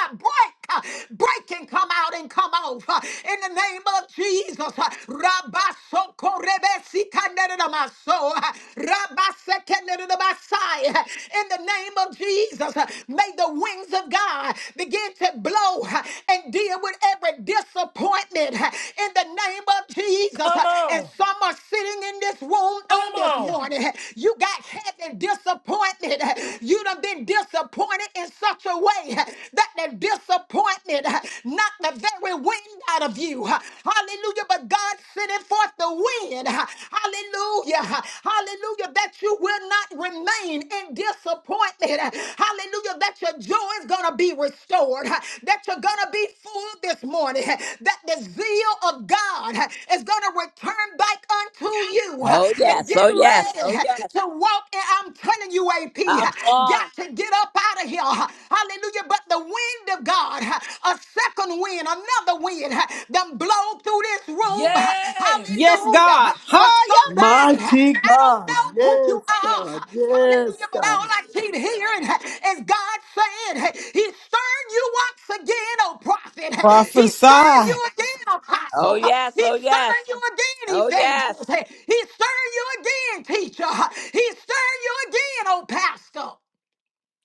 [SPEAKER 5] Break uh, Break and come out and come off uh, in the name of Jesus. uh, Rabasokorebesikandedamaso, uh, Rabasekendedamasai, uh, In the name of Jesus, uh, may the wings of God begin to blow uh, and deal with every disappointment uh, in the name of Jesus. uh,
[SPEAKER 1] Come
[SPEAKER 5] And
[SPEAKER 1] on.
[SPEAKER 5] some are sitting in this room on
[SPEAKER 1] Come
[SPEAKER 5] this
[SPEAKER 1] on.
[SPEAKER 5] morning. uh, You got heavy disappointment. uh, You done been disappointed in such a way that that disappointment uh, knocked the very wind out of you. uh, Hallelujah. But God sending forth the wind. uh, Hallelujah. uh, Hallelujah. That you will not remain in disappointment. uh, Hallelujah. That your joy is going to be restored. uh, That you're going to be full this morning. uh, That the zeal of God uh, is going to return back unto you. uh,
[SPEAKER 2] Oh,
[SPEAKER 5] To
[SPEAKER 2] yes.
[SPEAKER 5] get
[SPEAKER 2] Oh, yes.
[SPEAKER 5] ready
[SPEAKER 2] Oh,
[SPEAKER 5] uh,
[SPEAKER 2] yes.
[SPEAKER 5] to walk. And I'm telling you, AP,
[SPEAKER 2] Come
[SPEAKER 5] uh,
[SPEAKER 2] on.
[SPEAKER 5] got to get up out of out of here. Hallelujah. But the wind of God, a second wind, another wind, done blow through this room.
[SPEAKER 1] Yes.
[SPEAKER 6] Yes, God.
[SPEAKER 5] Hallelujah. For
[SPEAKER 6] Higher.
[SPEAKER 5] somebody,
[SPEAKER 3] Mighty
[SPEAKER 5] I
[SPEAKER 3] God.
[SPEAKER 5] don't know who you
[SPEAKER 3] Yes,
[SPEAKER 5] are.
[SPEAKER 3] God. Yes,
[SPEAKER 5] Hallelujah. But all
[SPEAKER 3] God.
[SPEAKER 5] I keep hearing is God saying, He's stirring you once again, oh prophet. He's stirring
[SPEAKER 4] Prophesy.
[SPEAKER 5] you again,
[SPEAKER 2] Oh,
[SPEAKER 5] apostle.
[SPEAKER 2] yes. Oh,
[SPEAKER 5] He's
[SPEAKER 2] yes.
[SPEAKER 5] stirring you again,
[SPEAKER 2] Oh,
[SPEAKER 5] evangelist.
[SPEAKER 2] yes.
[SPEAKER 5] He's stirring you again, teacher. He's stirring you again, oh pastor.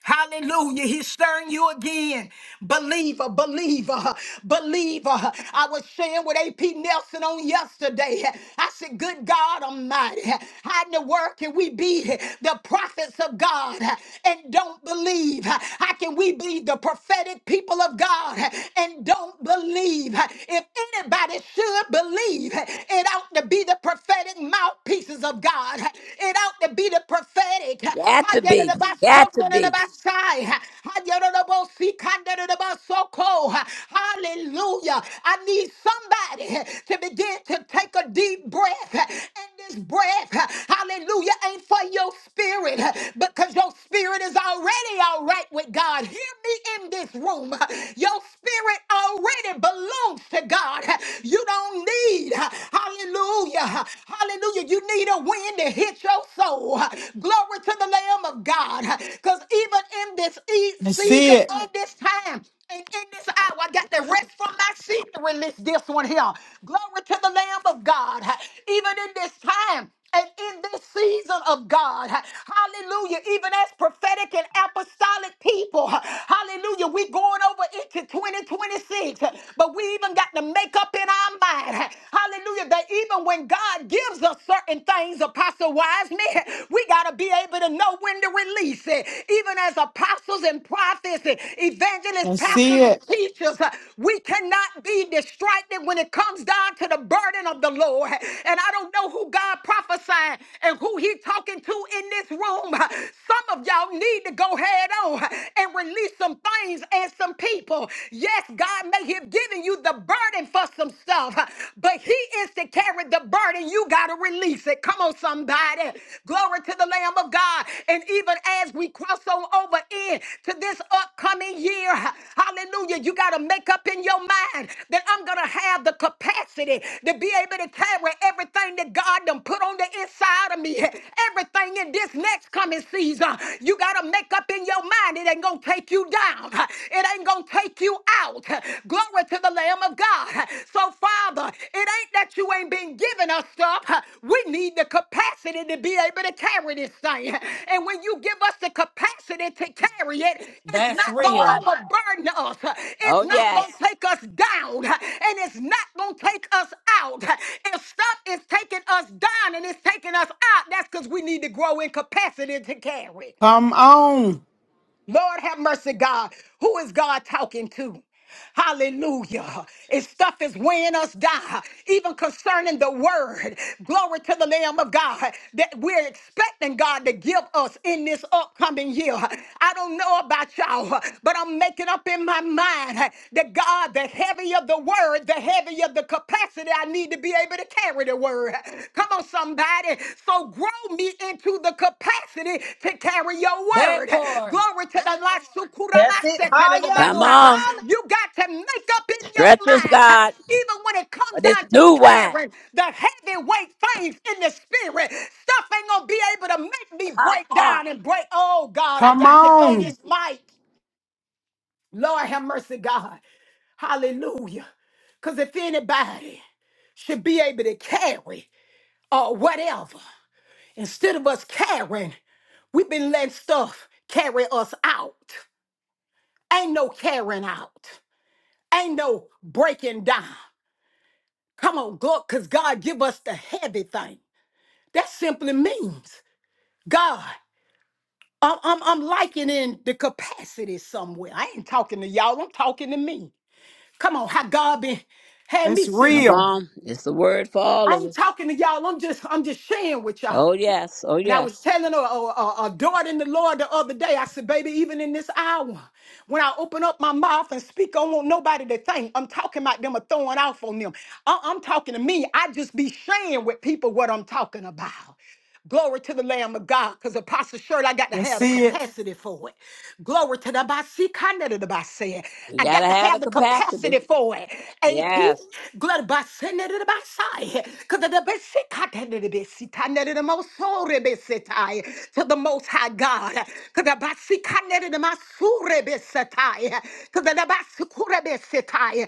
[SPEAKER 5] Hallelujah. He's stirring you again. Believer, believer, believer. I was sharing with AP Nelson on yesterday. I said, Good God Almighty, how in the world can we be the prophets of God and don't believe? How can we be the prophetic people of God and don't believe? If anybody should believe, it ought to be the prophetic mouthpieces of God. It ought to be the prophetic prophetic.
[SPEAKER 2] Got to be. Got to be.
[SPEAKER 5] Hallelujah. I need somebody to begin to take a deep breath. And this breath, hallelujah, ain't for your spirit because your spirit is already all right with God. Hear me in this room. Your spirit already belongs to God. You don't need, hallelujah, hallelujah Hallelujah. You need a wind to hit your soul. Glory to the Lamb of God. Because even in this e-
[SPEAKER 4] That's
[SPEAKER 5] season,
[SPEAKER 4] it.
[SPEAKER 5] in this time, and in this hour, I got to rest from my seat to release this one here. Glory to the Lamb of God. Even in this time. And in this season of God, hallelujah, even as prophetic and apostolic people, hallelujah, we going over into 2026, but we even got to make up in our mind, hallelujah, that even when God gives us certain things, Apostle Wiseman, we got to be able to know when to release it. Even as apostles and prophets, and evangelists,
[SPEAKER 4] That's
[SPEAKER 5] pastors and
[SPEAKER 4] it.
[SPEAKER 5] teachers, teachers. Uh, We cannot be distracted when it comes down to the burden of the Lord. And I don't know who God prophesying and who he talking to in this room. Uh, Some of y'all need to go head on uh, and release some things and some people. Yes, God may have given you the burden for some stuff, uh, but he is to carry the burden. You got to release it. Come on, somebody. Glory to to the Lamb of God. And even as we cross on over in to this upcoming year, hallelujah, you got to make up in your mind that I'm going to have the capacity to be able to carry everything that God done put on the inside of me, everything in this next coming season. You got to make up in your mind it ain't going to take you down, it ain't going to take you out. Glory to the Lamb of God. God. So, Father, it ain't that you ain't been giving us stuff. We need the capacity to be able to carry this thing. And when you give us the capacity to carry it, it's
[SPEAKER 1] That's
[SPEAKER 5] not
[SPEAKER 2] Come
[SPEAKER 5] going to
[SPEAKER 2] on.
[SPEAKER 1] real.
[SPEAKER 5] overburden us. It's
[SPEAKER 2] Oh,
[SPEAKER 5] not going
[SPEAKER 2] yes.
[SPEAKER 5] to take us down. And it's not going to take us out. If stuff is taking us down and it's taking us out, that's because we need to grow in capacity to carry.
[SPEAKER 4] Come on.
[SPEAKER 5] Lord have mercy, God. Who is God talking to? Hallelujah. If stuff is weighing us down, even concerning the word, glory to the Lamb of God, that we're expecting God to give us in this upcoming year. I don't know about y'all, but I'm making up in my mind that God, the heavier the word, the heavier the capacity I need to be able to carry the word. Come on, somebody. So grow me into the capacity to carry your
[SPEAKER 1] That
[SPEAKER 5] word.
[SPEAKER 1] part.
[SPEAKER 5] Glory to the Lord.
[SPEAKER 6] That's it. Higher,
[SPEAKER 2] Come
[SPEAKER 5] Sukuramasetalalabasa.
[SPEAKER 2] on.
[SPEAKER 6] Bosan.
[SPEAKER 5] You got to make up in your
[SPEAKER 2] Stretch us,
[SPEAKER 5] mind,
[SPEAKER 2] God.
[SPEAKER 5] even when it
[SPEAKER 2] for
[SPEAKER 5] comes
[SPEAKER 2] this
[SPEAKER 5] down to
[SPEAKER 2] new wine.
[SPEAKER 5] carrying the heavyweight things in the spirit, stuff ain't going to be able to make me
[SPEAKER 2] Come
[SPEAKER 5] break
[SPEAKER 2] on.
[SPEAKER 5] down and break. Oh, God, I
[SPEAKER 4] Come
[SPEAKER 5] got to throw
[SPEAKER 4] on.
[SPEAKER 5] this mic. Lord have mercy, God. Hallelujah. Because if anybody should be able to carry or whatever. Instead of us caring, we've been letting stuff carry us out. Ain't no carrying out. Ain't no breaking down. Come on, God, because God give us the heavy thing. That simply means God. I'm, I'm, I'm likening the capacity somewhere. I ain't talking to y'all. I'm talking to me. Come on, how God been had me
[SPEAKER 4] That's
[SPEAKER 5] sitting.
[SPEAKER 2] Come
[SPEAKER 4] real.
[SPEAKER 2] on. It's the word for all
[SPEAKER 5] I
[SPEAKER 2] of
[SPEAKER 5] ain't
[SPEAKER 2] us.
[SPEAKER 5] talking to y'all. I'm just I'm just sharing with y'all.
[SPEAKER 2] Oh, yes. Oh,
[SPEAKER 5] And I was
[SPEAKER 2] yes.
[SPEAKER 5] telling a, a, a, a daughter in the Lord the other day, I said, baby, even in this hour, when I open up my mouth and speak, I don't want nobody to think I'm talking about them or throwing off on them. I- I'm talking to me. I just be sharing with people what I'm talking about. Glory to the Lamb of God, because Apostle Shirley, I got to
[SPEAKER 4] Let's
[SPEAKER 5] have the
[SPEAKER 4] see it.
[SPEAKER 5] capacity for it. Glory to the Basi Kandada the Basi.
[SPEAKER 2] We
[SPEAKER 5] I
[SPEAKER 2] got to
[SPEAKER 5] got to
[SPEAKER 2] have
[SPEAKER 5] have
[SPEAKER 2] the
[SPEAKER 5] the
[SPEAKER 2] capacity.
[SPEAKER 5] capacity for it. AP,
[SPEAKER 2] Yes.
[SPEAKER 5] glory Basi Nada the Basi. Because the Basi Kandada the Basi Kandada the most sorry to the Most High God. Because the Basi Kandada the Masure Basi Because the Basi Kure Basi Tai.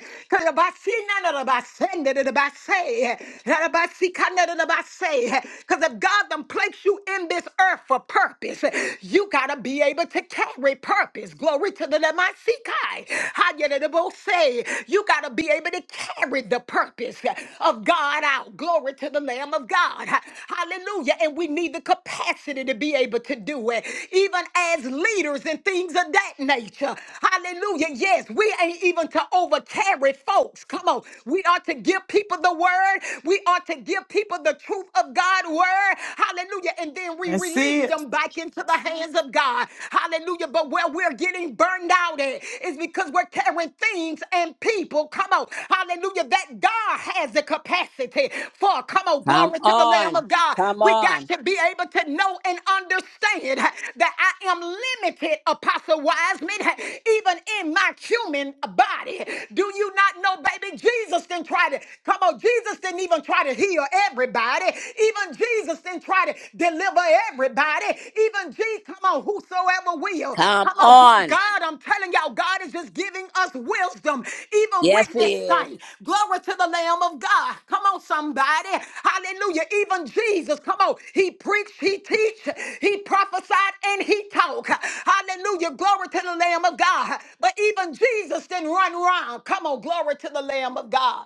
[SPEAKER 5] the Basi de de de ba say, da da ba si kanda de de ba say. Because if God done placed you in this earth for purpose, you got to be able to carry purpose. Glory to the Lemasikai. Hayedidabose. You got to be able to carry the purpose of God out. Glory to the Lamb of God. Hallelujah. And we need the capacity to be able to do it, even as leaders and things of that nature. Hallelujah. Yes, we ain't even to over carry folks. Come on. We are to to give people the word. We are to give people the truth of God's word. Hallelujah. And then we
[SPEAKER 4] Let's
[SPEAKER 5] release
[SPEAKER 4] see it.
[SPEAKER 5] them back into the hands of God. Hallelujah. But where we're getting burned out at is because we're carrying things and people. Come on. Hallelujah. That God has the capacity for. Come on.
[SPEAKER 2] Come
[SPEAKER 5] Glory to the Lamb
[SPEAKER 2] on.
[SPEAKER 5] of God.
[SPEAKER 2] Come
[SPEAKER 5] We got
[SPEAKER 2] on.
[SPEAKER 5] to be able to know and understand that I am limited, Apostle Wiseman, even in my human body. Do you not know, baby? Jesus didn't try try to, come on, Jesus didn't even try to heal everybody. Even Jesus didn't try to deliver everybody. Even Jesus, come on, whosoever will.
[SPEAKER 2] Come
[SPEAKER 5] Come on, gl-
[SPEAKER 2] on.
[SPEAKER 5] God, I'm telling y'all, God is just giving us wisdom, even
[SPEAKER 2] Yes,
[SPEAKER 5] with this
[SPEAKER 2] he is.
[SPEAKER 5] sight. Glory to the Lamb of God. Come on, somebody. Hallelujah. Even Jesus, come on, he preached, he teach, he prophesied, and he talked. Hallelujah. Glory to the Lamb of God. But even Jesus didn't run around. Come on, glory to the Lamb of God.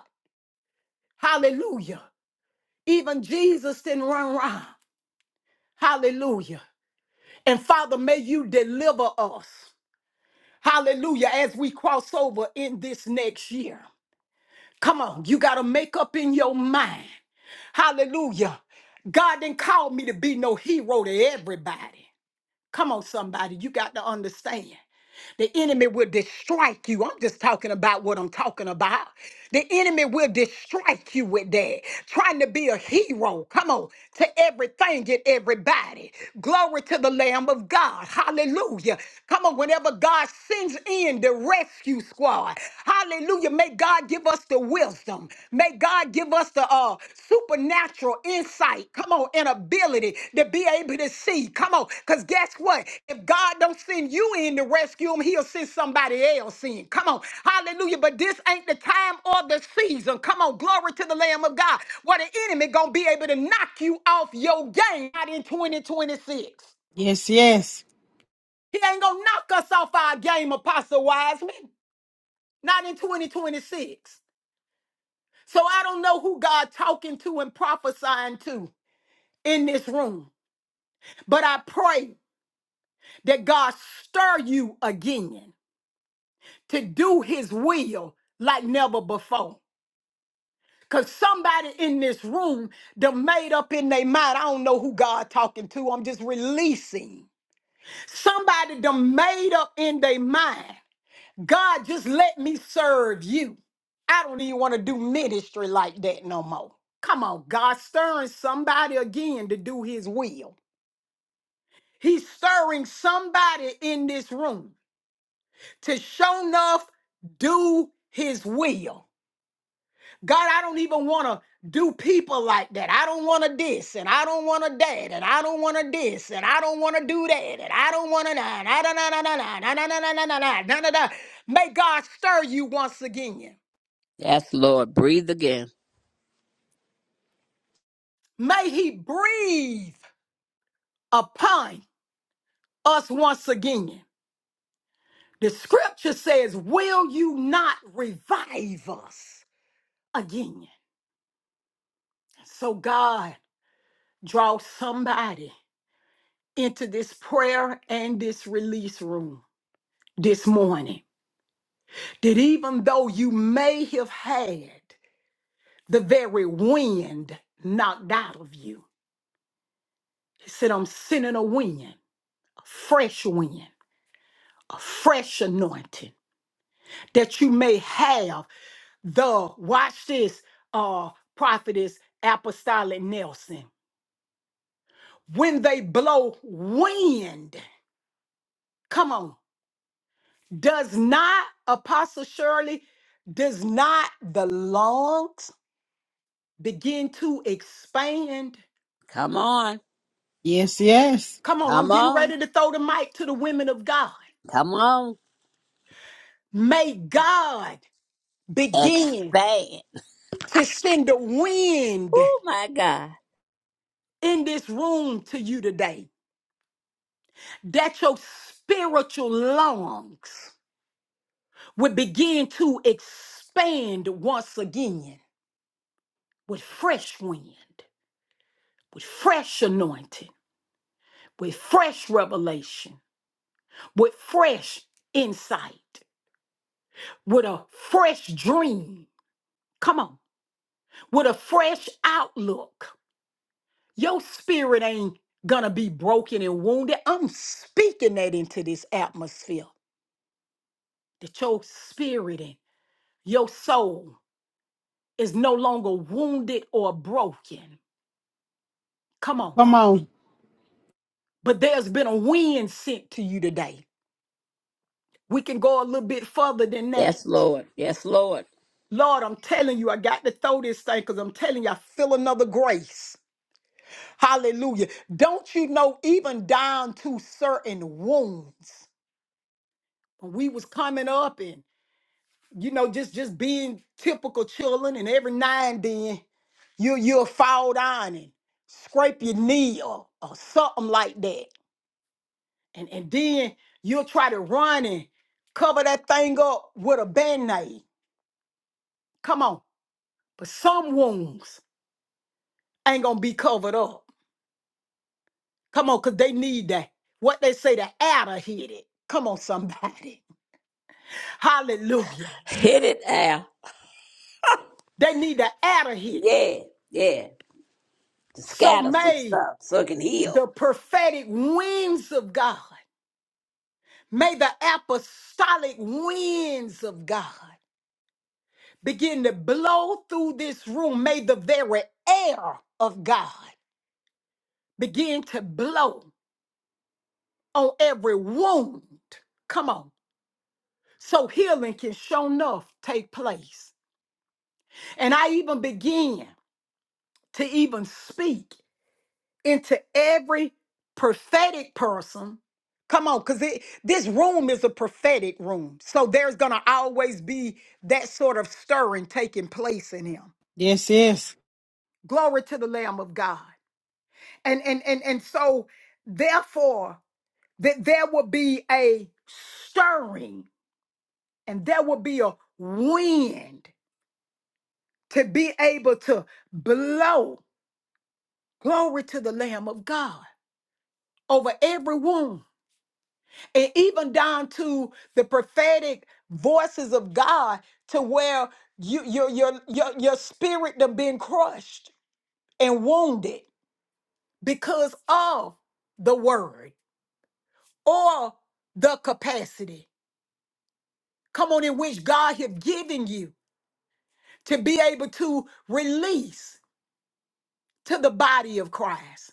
[SPEAKER 5] Hallelujah. Even Jesus didn't run around. Hallelujah. And Father, may you deliver us. Hallelujah. As we cross over in this next year. Come on, you got to make up in your mind. Hallelujah. God didn't call me to be no hero to everybody. Come on, somebody. You got to understand. The enemy will distrike you. I'm just talking about what I'm talking about. The enemy will distrike you with that. Trying to be a hero. Come on. To everything and everybody. Glory to the Lamb of God. Hallelujah. Come on. Whenever God sends in the rescue squad. Hallelujah. May God give us the wisdom. May God Give us the uh, supernatural insight, come on, and ability to be able to see. Come on, because guess what? If God don't send you in to rescue him, he'll send somebody else in. Come on, hallelujah. But this ain't the time or the season. Come on, glory to the Lamb of God. What the enemy gonna be able to knock you off your game out in 2026.
[SPEAKER 4] Yes, yes.
[SPEAKER 5] He ain't gonna knock us off our game, Apostle Wiseman. Not in 2026. So I don't know who God talking to and prophesying to. in this room. But I pray that God stir you again to do his will like never before. Cause somebody in this room done made up in their mind. I don't know who God talking to. I'm just releasing. Somebody done made up in their mind. God, just let me serve you. I don't even want to do ministry like that no more. Come on, God stirring somebody again to do his will. He's stirring somebody in this room to show enough do his will. God, I don't even want to do people like that. I don't want to this and I don't want to that and I don't want to this and I don't want to do that and I don't want to na na na na na na na na na na na na na na na na. May God stir you once again.
[SPEAKER 2] Yes, Lord. Breathe again.
[SPEAKER 5] May he breathe upon us once again. The scripture says, Will you not revive us again? So, God, draw somebody into this prayer and this release room this morning that even though you may have had the very wind knocked out of you, he said, I'm sending a wind, a fresh wind, a fresh anointing that you may have the, watch this, uh, prophetess apostolic Nelson. When they blow wind, come on. Does not, Apostle Shirley, does not the lungs begin to expand?
[SPEAKER 2] Come on.
[SPEAKER 4] Yes, yes.
[SPEAKER 5] Come on, I'm
[SPEAKER 2] Come
[SPEAKER 5] getting
[SPEAKER 2] on.
[SPEAKER 5] ready to throw the mic to the women of God.
[SPEAKER 2] Come on.
[SPEAKER 5] May God begin
[SPEAKER 2] Expand.
[SPEAKER 5] to send the wind
[SPEAKER 2] Oh, my God.
[SPEAKER 5] in this room to you today, that your spiritual lungs would begin to expand once again with fresh wind, with fresh anointing, with fresh revelation with fresh insight, with a fresh dream. Come on, with a fresh outlook. Your spirit ain't gonna be broken and wounded. I'm speaking that into this atmosphere that your spirit and your soul is no longer wounded or broken. Come on,
[SPEAKER 4] Come on.
[SPEAKER 5] but there's been a wind sent to you today. We can go a little bit further than that.
[SPEAKER 2] Yes, Lord. Yes, Lord.
[SPEAKER 5] Lord, I'm telling you, I got to throw this thing because I'm telling you, I feel another grace. Hallelujah. Don't you know, even down to certain wounds, when we was coming up and you know, just just being typical children, and every now and then you you'll fall down and scrape your knee or, or something like that. And and then you'll try to run and cover that thing up with a band-aid. Come on. But some wounds ain't gonna be covered up. Come on, cause they need that. What they say, the adder hit it. Come on, somebody. Hallelujah.
[SPEAKER 2] Hit it, Al.
[SPEAKER 5] They need to adder hit it.
[SPEAKER 2] Yeah. Yeah. To
[SPEAKER 5] So
[SPEAKER 2] scatter some
[SPEAKER 5] may
[SPEAKER 2] stuff so it can heal.
[SPEAKER 5] the prophetic winds of God, may the apostolic winds of God begin to blow through this room. May the very air of God begin to blow on every wound. Come on. So healing can show enough take place. And I even begin to even speak. into every prophetic person. Come on, because this room is a prophetic room. So there's going to always be that sort of stirring taking place in him.
[SPEAKER 4] Yes, yes.
[SPEAKER 5] Glory to the Lamb of God. And and and and so therefore that there will be a stirring and there will be a wind to be able to blow glory to the Lamb of God over every wound and even down to the prophetic voices of God to where you, your your your your spirit done been crushed and wounded because of the word or the capacity come on in which God have given you to be able to release to the body of Christ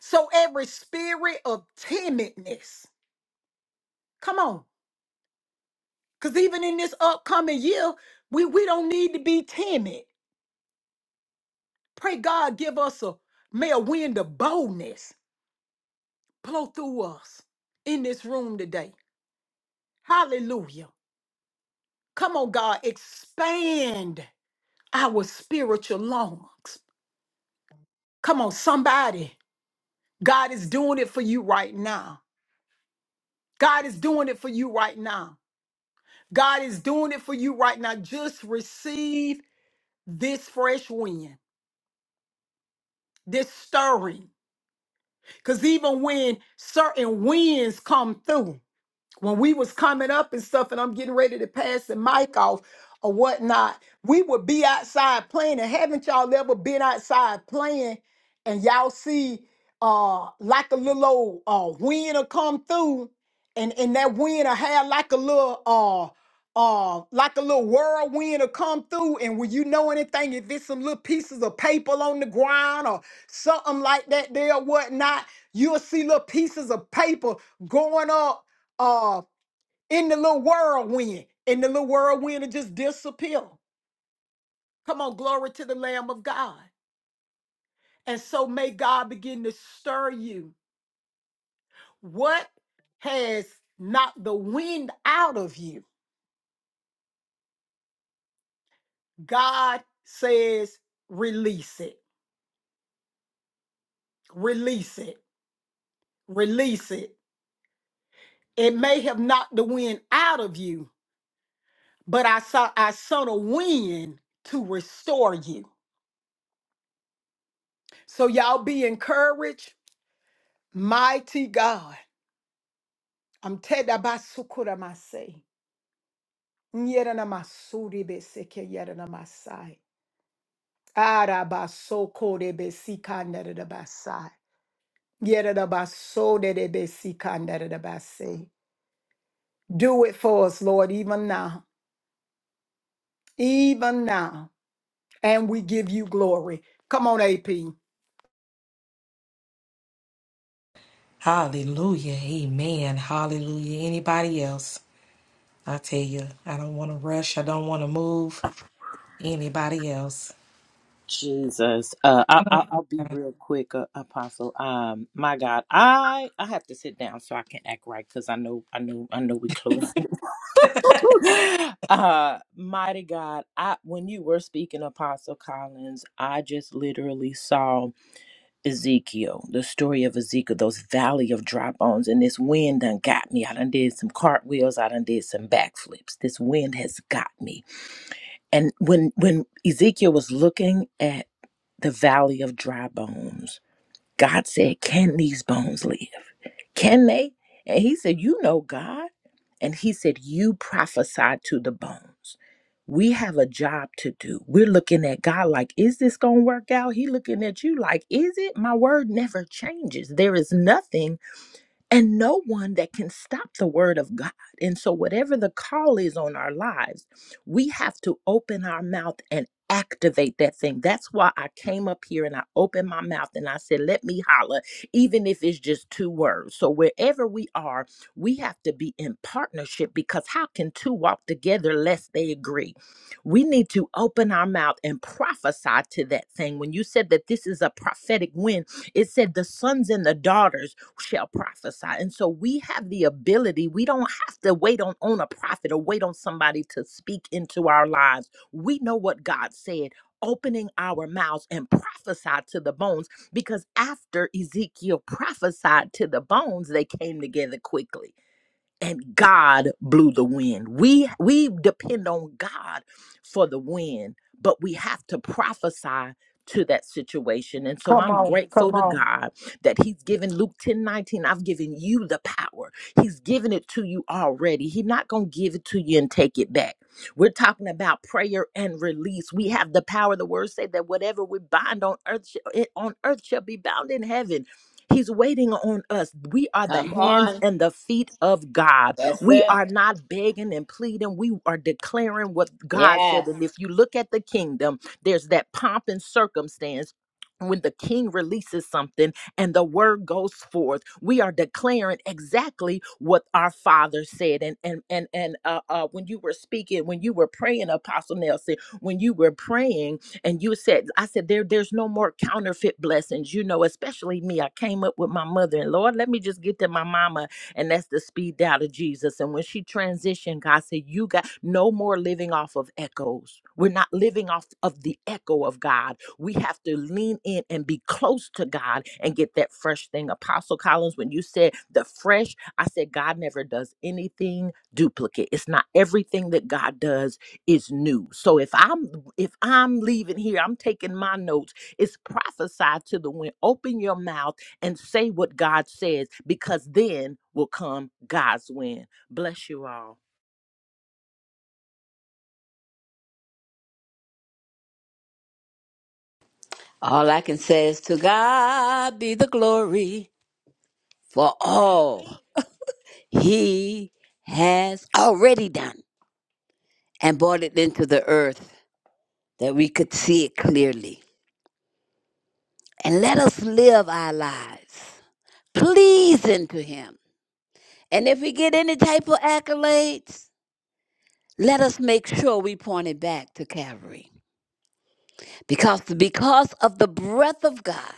[SPEAKER 5] so every spirit of timidness come on because even in this upcoming year we we don't need to be timid Pray God give us a, may a wind of boldness blow through us in this room today. Hallelujah. Come on, God, expand our spiritual lungs. Come on, somebody. God is doing it for you right now. God is doing it for you right now. God is doing it for you right now. Just receive this fresh wind, this stirring. Because even when certain winds come through, when we was coming up and stuff and I'm getting ready to pass the mic off or whatnot, we would be outside playing. And haven't y'all ever been outside playing and y'all see uh like a little old uh wind will come through and, and that wind will have like a little uh uh, like a little whirlwind will come through, and when you know anything, if it's some little pieces of paper on the ground or something like that there or whatnot, you'll see little pieces of paper going up uh, in the little whirlwind, and the little whirlwind will just disappear. Come on, glory to the Lamb of God. And so may God begin to stir you. What has knocked the wind out of you? God says, release it, release it, release it. It may have knocked the wind out of you, but I saw I saw a wind to restore you. So y'all be encouraged, mighty God. I'm teda basukura masai. Nyera masuri beseke yera masai. Ara basoko de besika nere da basai. Yera baso de de besika nere da basai. Do it for us, Lord, even now. Even now. And we give you glory. Come on, AP.
[SPEAKER 1] Hallelujah. Amen. Hallelujah. Anybody else? I tell you, I don't want to rush. I don't want to move. Anybody else?
[SPEAKER 6] Jesus. Uh, I, I, I'll be real quick, uh, Apostle. Um, my God, I I have to sit down so I can act right because I know I know I know we close. uh mighty god i when you were speaking apostle collins i just literally saw ezekiel the story of ezekiel those valley of dry bones and this wind done got me i done did some cartwheels i done did some backflips this wind has got me and when when ezekiel was looking at the valley of dry bones god said can these bones live can they? And he said, You know God. And he said, You prophesy to the bones. We have a job to do. We're looking at God like, Is this going to work out? He looking at you like, Is it? My word never changes. There is nothing and no one that can stop the word of God. And so, whatever the call is on our lives, we have to open our mouth and activate that thing. That's why I came up here and I opened my mouth and I said, Let me holler, even if it's just two words. So, wherever we are, we have to be in partnership because how can two walk together lest they agree? We need to open our mouth and prophesy to that thing. When you said that this is a prophetic wind, it said the sons and the daughters shall prophesy. And so we have the ability, we don't have to wait on, on a prophet or wait on somebody to speak into our lives. We know what God said. Opening our mouths and prophesy to the bones because after Ezekiel prophesied to the bones, they came together quickly and God blew the wind. We we depend on God for the wind, but we have to prophesy to that situation. And so
[SPEAKER 5] Come
[SPEAKER 6] I'm
[SPEAKER 5] on.
[SPEAKER 6] grateful
[SPEAKER 5] Come
[SPEAKER 6] to
[SPEAKER 5] on.
[SPEAKER 6] God that He's given Luke 10:19. I've given you the power. He's given it to you already. He's not gonna give it to you and take it back. We're talking about prayer and release. We have the power. The words say that whatever we bind on earth sh- it on earth shall be bound in heaven He's waiting on us. We are the
[SPEAKER 2] Come
[SPEAKER 6] hands
[SPEAKER 2] on.
[SPEAKER 6] and the feet of God.
[SPEAKER 2] That's
[SPEAKER 6] We
[SPEAKER 2] it.
[SPEAKER 6] are not begging and pleading. We are declaring what God
[SPEAKER 2] Yes.
[SPEAKER 6] said. And if you look at the kingdom, there's that pomp and circumstance. When the king releases something and the word goes forth, we are declaring exactly what our father said. And and and and uh, uh, when you were speaking, when you were praying, Apostle Nelson, when you were praying and you said i said there there's no more counterfeit blessings you know especially me i came up with my mother and lord let me just get to my mama and that's the speed dial of jesus and when she transitioned god said you got no more living off of echoes we're not living off of the echo of god we have to lean in and be close to god and get that fresh thing apostle collins when you said the fresh i said god never does anything duplicate it's not everything that god does is new. So if I'm if I'm leaving here, I'm taking my notes. It's prophesied to the wind. Open your mouth and say what God says, because then will come God's wind. Bless you all.
[SPEAKER 2] All I can say is to God be the glory for all he has already done and brought it into the earth that we could see it clearly. And let us live our lives pleasing to him. And if we get any type of accolades, let us make sure we point it back to Calvary. Because because of the breath of God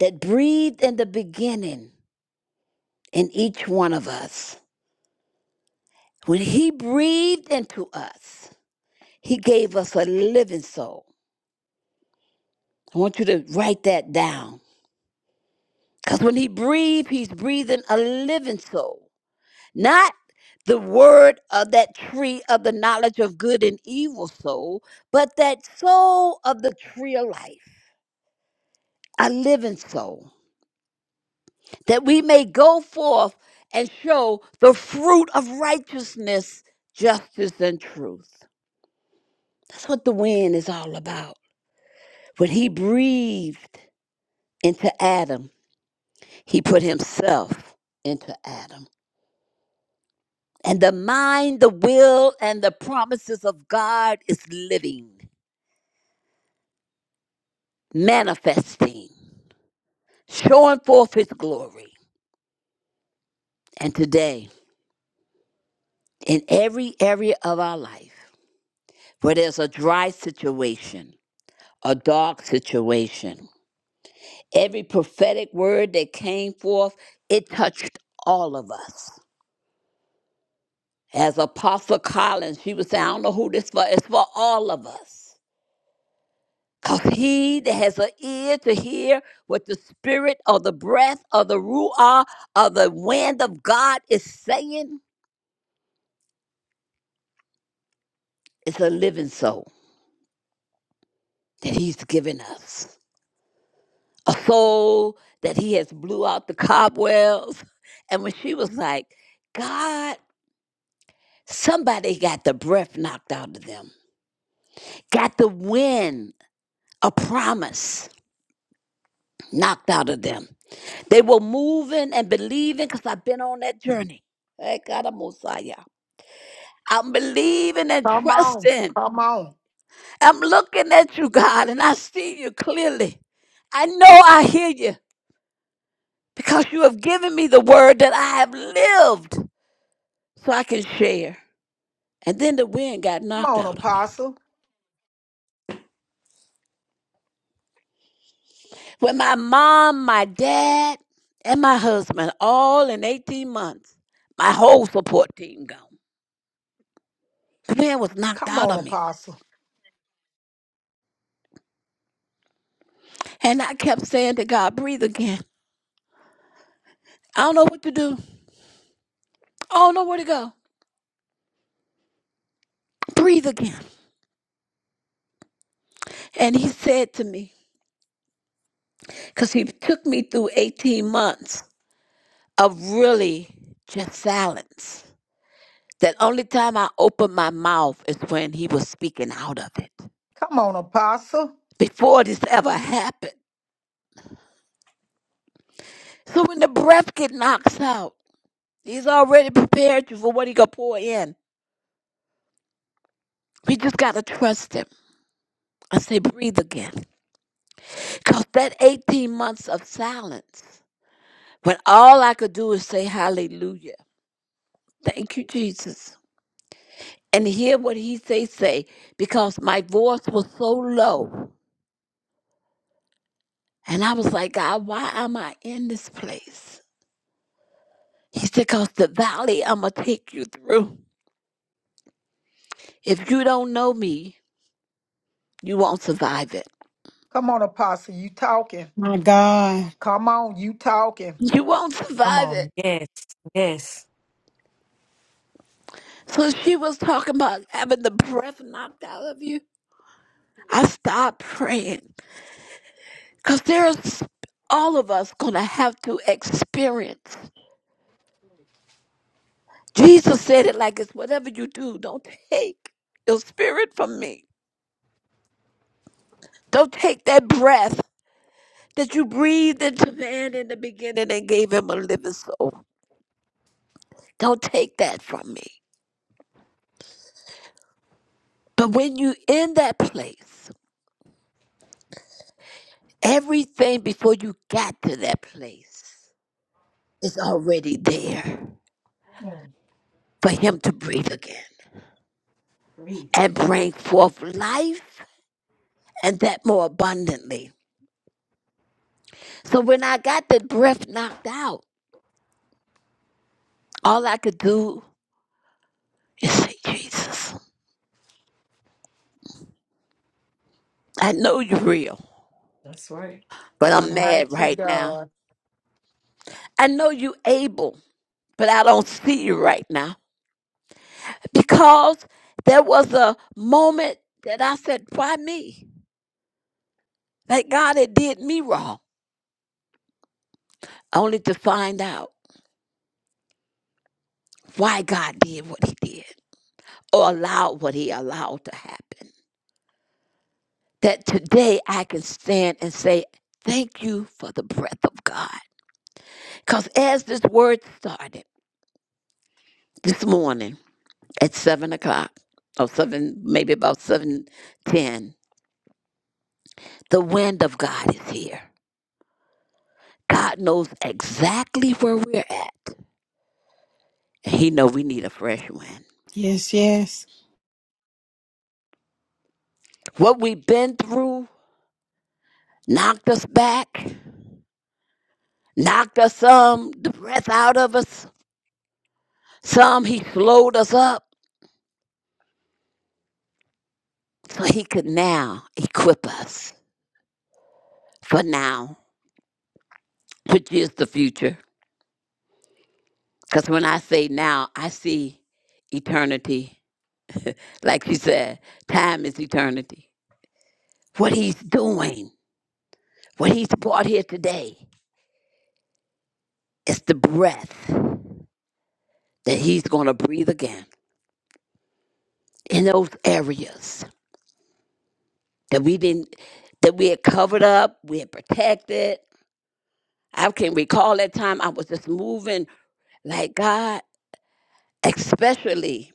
[SPEAKER 2] that breathed in the beginning in each one of us When He breathed into us, He gave us a living soul. I want you to write that down. Because when He breathed, He's breathing a living soul, not the word of that tree of the knowledge of good and evil soul, but that soul of the tree of life, a living soul, that we may go forth and show the fruit of righteousness, justice, and truth. That's what the wind is all about. When he breathed into Adam, he put himself into Adam. And the mind, the will, and the promises of God is living, manifesting, showing forth his glory. And today, in every area of our life, where there's a dry situation, a dark situation, every prophetic word that came forth, it touched all of us As Apostle Collins, she was saying, I don't know who this for. It's for all of us. Because he that has an ear to hear what the spirit or the breath or the ruah or the wind of God is saying is a living soul that he's given us. A soul that he has blew out the cobwebs. And when she was like, God, somebody got the breath knocked out of them, got the wind, a promise knocked out of them. They were moving and believing because I've been on that journey. Hey, God, I'm Messiah. I'm believing and
[SPEAKER 5] Come on.
[SPEAKER 2] trusting.
[SPEAKER 5] Come on.
[SPEAKER 2] I'm looking at you, God, and I see you clearly. I know I hear you because you have given me the word that I have lived so I can share. And then the wind got
[SPEAKER 5] Come
[SPEAKER 2] knocked
[SPEAKER 5] on,
[SPEAKER 2] out of me.
[SPEAKER 5] Apostle.
[SPEAKER 2] When my mom, my dad, and my husband, all in 18 months, my whole support team gone. The wind was knocked
[SPEAKER 5] Come
[SPEAKER 2] out
[SPEAKER 5] on,
[SPEAKER 2] of me.
[SPEAKER 5] Apostle.
[SPEAKER 2] And I kept saying to God, breathe again. I don't know what to do. I don't know where to go. Breathe again. And he said to me, because he took me through 18 months of really just silence. That only time I opened my mouth is when he was speaking out of it.
[SPEAKER 5] Come on, Apostle.
[SPEAKER 2] Before this ever happened. So when the breath get knocks out, he's already prepared you for what he gonna pour in. We just gotta trust him. I say breathe again. Cause that 18 months of silence When all I could do is say hallelujah. Thank you, Jesus. And hear what he say say because my voice was so low. And I was like, God, why am I in this place? He said, because the valley I'm going to take you through. If you don't know me, you won't survive it.
[SPEAKER 5] Come on, Apostle. You talking.
[SPEAKER 4] My God.
[SPEAKER 5] Come on, you talking.
[SPEAKER 2] You won't
[SPEAKER 1] Come
[SPEAKER 2] survive it.
[SPEAKER 1] on. Yes. Yes.
[SPEAKER 2] So she was talking about having the breath knocked out of you. I stopped praying because there's all of us going to have to experience. Jesus said it like it's whatever you do, don't take your spirit from me. Don't take that breath that you breathed into man in the beginning and gave him a living soul. Don't take that from me. But when you in that place, everything before you got to that place is already there
[SPEAKER 1] Come on.
[SPEAKER 2] for him to breathe again
[SPEAKER 1] Breathe.
[SPEAKER 2] and bring forth life and that more abundantly. So when I got that breath knocked out, all I could do and say, Jesus, I know you're real,
[SPEAKER 1] That's right.
[SPEAKER 2] but I'm mad
[SPEAKER 5] Mighty
[SPEAKER 2] right now.
[SPEAKER 5] God.
[SPEAKER 2] I know you are able, but I don't see you right now. Because there was a moment that I said, Why me? That God had did me wrong. Only to find out why God did what he did or allowed what he allowed to happen. That today I can stand and say, Thank you for the breath of God. Because as this word started this morning, at seven o'clock or seven, maybe about seven ten. The wind of God is here. God knows exactly where we're at. He know we need a fresh wind.
[SPEAKER 4] Yes, yes.
[SPEAKER 2] What we've been through knocked us back, knocked us some the breath out of us. Some He slowed us up so He could now equip us for now, which is the future. Because when I say now, I see eternity. Like she said, time is eternity. What he's doing, what he's brought here today, is the breath that he's going to breathe again in those areas that we didn't, that we had covered up, we had protected. I can recall that time I was just moving like God, especially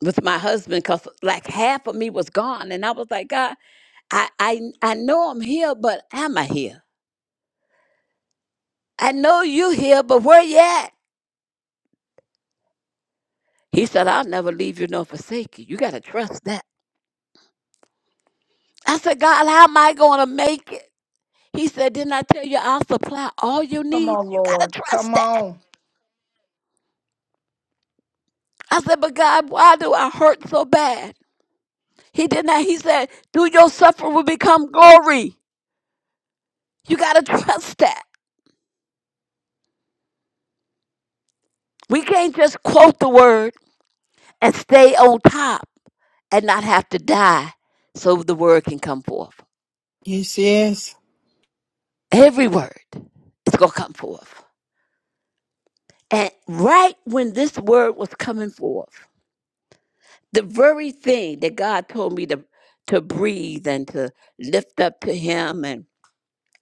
[SPEAKER 2] with my husband, because like half of me was gone, and I was like, God, I, I, I know I'm here, but am I here? I know you here, but where you at? He said, I'll never leave you nor forsake you. You got to trust that. I said, God, how am I going to make it? He said, Didn't I tell you I'll supply all your
[SPEAKER 5] Come
[SPEAKER 2] needs?
[SPEAKER 5] on,
[SPEAKER 2] You got to
[SPEAKER 5] Lord.
[SPEAKER 2] trust
[SPEAKER 5] Come
[SPEAKER 2] that.
[SPEAKER 5] on.
[SPEAKER 2] I said, But God, why do I hurt so bad? He did not. He said, Through your suffering will become glory. You got to trust that. We can't just quote the word and stay on top and not have to die so the word can come forth.
[SPEAKER 4] Yes, yes.
[SPEAKER 2] Every word is going to come forth. And right when this word was coming forth, the very thing that God told me to to breathe and to lift up to him and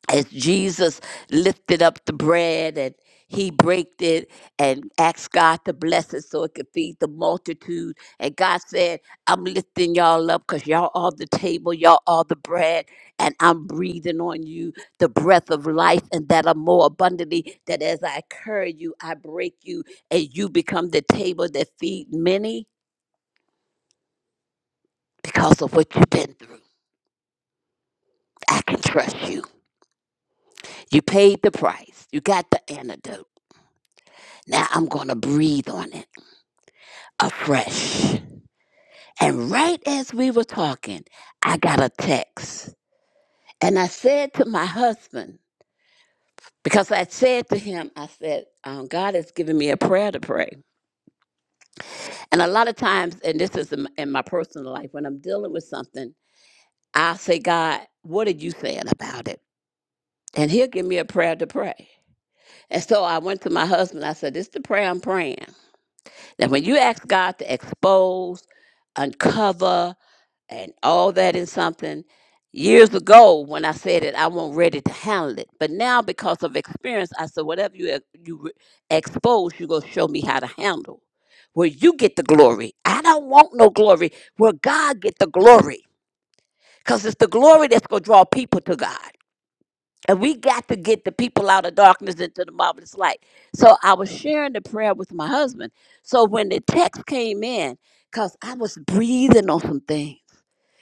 [SPEAKER 2] as Jesus lifted up the bread and he broke it and asked God to bless it so it could feed the multitude. And God said, I'm lifting y'all up because y'all are the table, y'all are the bread, and I'm breathing on you the breath of life and that are more abundantly. That as I carry you, I break you, and you become the table that feed many because of what you've been through. I can trust you. You paid the price. You got the antidote. Now I'm going to breathe on it afresh. And right as we were talking, I got a text. And I said to my husband, because I said to him, I said, um, God has given me a prayer to pray. And a lot of times, and this is in my in my personal life, when I'm dealing with something, I'll say, God, what are you saying about it? And he'll give me a prayer to pray. And so I went to my husband. I said, This is the prayer I'm praying. That when you ask God to expose, uncover, and all that in something, years ago when I said it, I wasn't ready to handle it. But now, because of experience, I said, Whatever you, ex- you re- expose, you're going to show me how to handle. Where you get the glory. I don't want no glory where God get the glory. Because it's the glory that's going to draw people to God. And we got to get the people out of darkness into the marvelous light. So I was sharing the prayer with my husband. So when the text came in, because I was breathing on some things.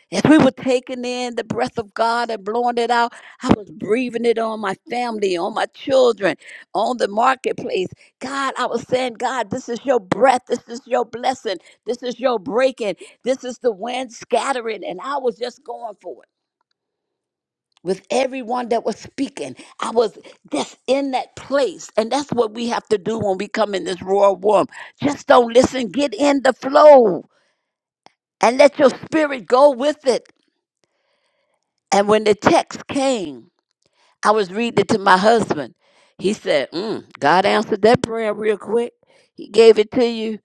[SPEAKER 2] As we were taking in the breath of God and blowing it out, I was breathing it on my family, on my children, on the marketplace. God, I was saying, God, this is your breath. This is your blessing. This is your breaking. This is the wind scattering. And I was just going for it with everyone that was speaking. I was just in that place. And that's what we have to do when we come in this royal room. Just don't listen, get in the flow and let your spirit go with it. And when the text came, I was reading it to my husband. He said, mm, God answered that prayer real quick. He gave it to you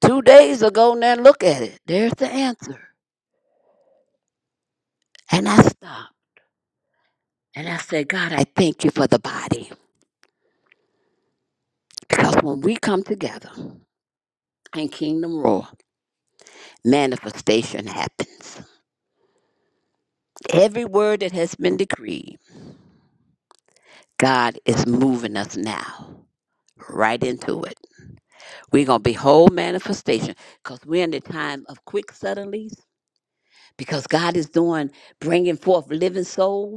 [SPEAKER 2] two days ago. Now look at it. There's the answer. And I stopped and I said, God, I thank you for the body. Because when we come together in Kingdom Roar." manifestation happens. Every word that has been decreed, God is moving us now right into it. We're going to behold manifestation because we're in the time of quick suddenlies because God is doing, bringing forth living souls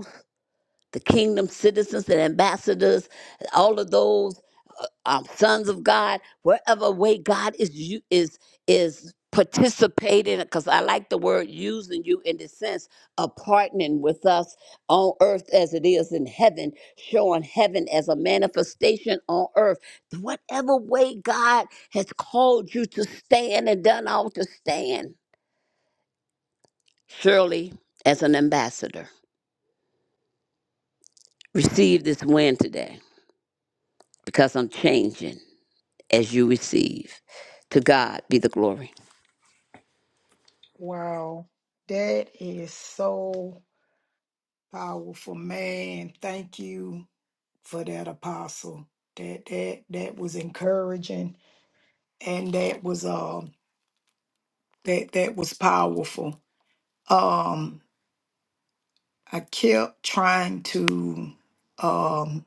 [SPEAKER 2] the kingdom citizens and ambassadors, all of those uh, um, sons of God, wherever way God is you is is participating. Because I like the word using you in the sense of partnering with us on earth as it is in heaven, showing heaven as a manifestation on earth. Whatever way God has called you to stand and done all to stand, surely as an ambassador, receive this win today because I'm changing. as you receive. To God be the glory.
[SPEAKER 5] Wow. That is so powerful. Man, thank you for that apostle. That that that was encouraging and that was um that that was powerful. Um I kept trying to um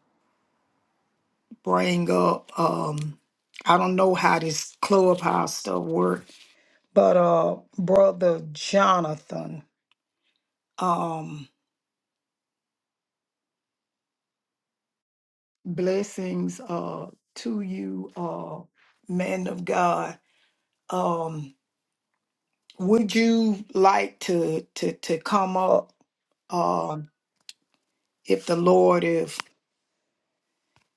[SPEAKER 5] bring up um I don't know how this clubhouse stuff works, but uh brother Jonathan. um, Blessings uh, to you, uh, man of God. Um, would you like to to to come up um, if the Lord, if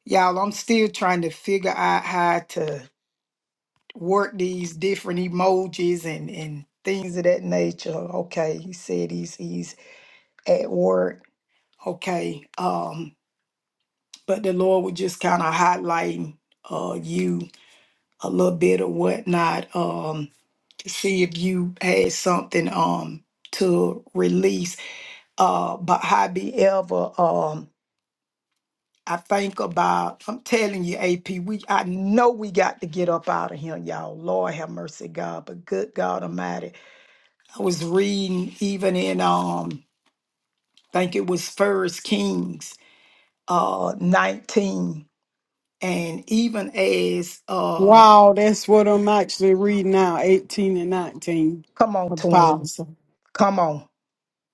[SPEAKER 5] y'all, I'm still trying to figure out how to work these different emojis and and things of that nature. Okay, he said he's he's at work. Okay, um, but the Lord was just kind of highlighting uh, you a little bit or whatnot. Um, see if you had something um to release. Uh but hobby ever um I think about I'm telling you, AP, we I know we got to get up out of here, y'all. Lord have mercy, God, but good God Almighty. I was reading even in um I think it was First Kings uh 19 and even as uh
[SPEAKER 4] Wow, that's what I'm actually reading now, 18 and 19.
[SPEAKER 5] come on twin,
[SPEAKER 4] Apostle.
[SPEAKER 5] come on,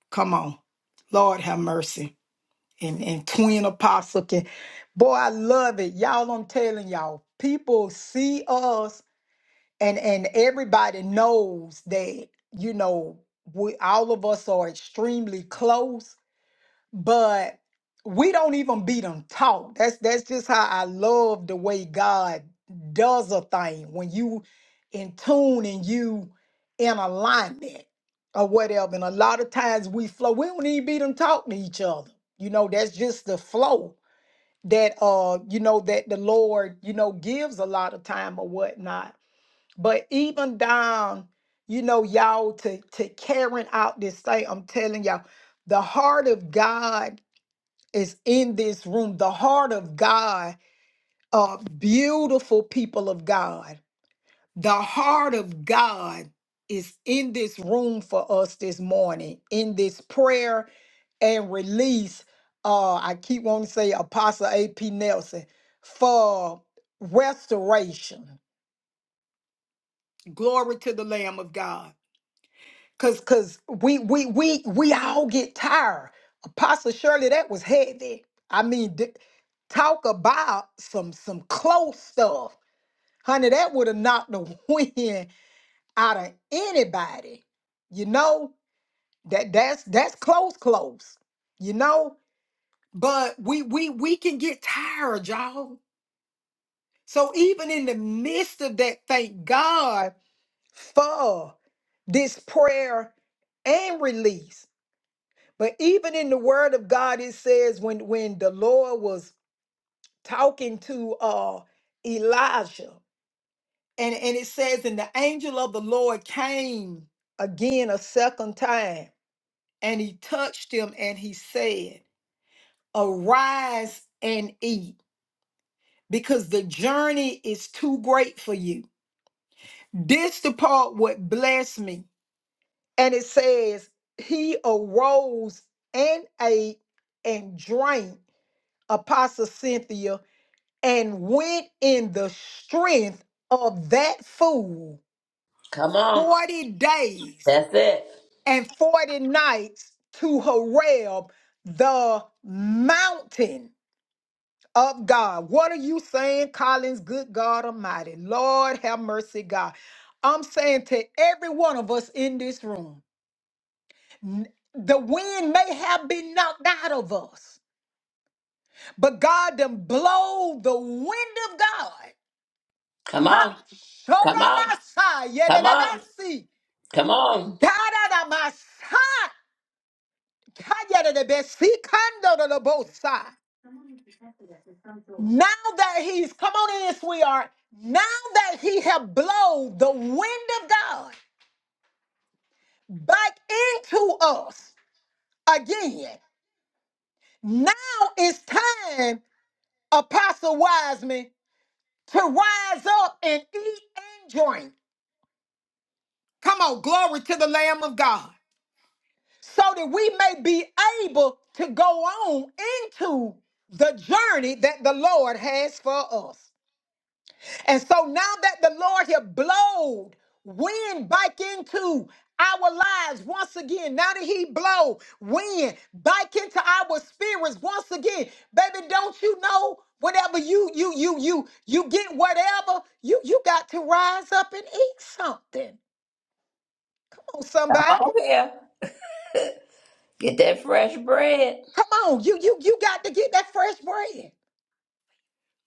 [SPEAKER 5] come on. Lord have mercy. and, and twin apostle can boy i love it y'all i'm telling y'all people see us and and everybody knows that you know we all of us are extremely close but we don't even beat them talk. That's that's just how I love the way God does a thing when you in tune and you in alignment or whatever. And a lot of times we flow, we don't even beat them talk to each other. You know, that's just the flow that uh, you know, that the Lord, you know, gives a lot of time or whatnot. But even down, you know, y'all to to carrying out this thing, I'm telling y'all, the heart of God is in this room, the heart of God, uh, beautiful people of God. The heart of God is in this room for us this morning, in this prayer and release. Uh, I keep wanting to say Apostle A.P. Nelson for restoration. Glory to the Lamb of God. Cause cause we we we we all get tired. Apostle Shirley, that was heavy. I mean, th- talk about some some close stuff. Honey, that would have knocked the *laughs* wind out of anybody. You know, that that's that's close, close. You know, but we we we can get tired, y'all. So even in the midst of that, thank God for this prayer and release. But even in the word of God, it says when when the Lord was talking to uh Elijah, and, and it says, and the angel of the Lord came again a second time, and he touched him and he said, Arise and eat, because the journey is too great for you. This the part what blessed me. And it says, He arose and ate and drank. Apostle Cynthia and went in the strength of that fool
[SPEAKER 2] Come on.
[SPEAKER 5] 40 days
[SPEAKER 2] That's it.
[SPEAKER 5] and 40 nights to Horeb, the mountain of God. What are you saying, Collins? Good God Almighty. Lord have mercy, God. I'm saying to every one of us in this room, n- the wind may have been knocked out of us, but God done blow the wind of God
[SPEAKER 2] Come
[SPEAKER 5] Ha!
[SPEAKER 2] on. Come on.
[SPEAKER 5] Shorabasa,
[SPEAKER 2] Come
[SPEAKER 5] yededebesi.
[SPEAKER 2] on.
[SPEAKER 5] Dadadabasa, kayededebesi, kandodolobosa. Now that he's come on in, sweetheart. Now that he have blown the wind of God back into us again, now it's time, Apostle Wiseman, to rise up and eat and drink. Come on, glory to the Lamb of God. so that we may be able to go on into the journey that the Lord has for us. And so now that the Lord has blowed wind back into our lives once again, now that He blow wind back into our spirits once again, baby, don't you know? Whatever you you you you you get whatever you you got to rise up and eat something. Come on,
[SPEAKER 2] Come
[SPEAKER 5] somebody.
[SPEAKER 2] on here. Get that fresh bread.
[SPEAKER 5] Come on, you you you got to get that fresh bread.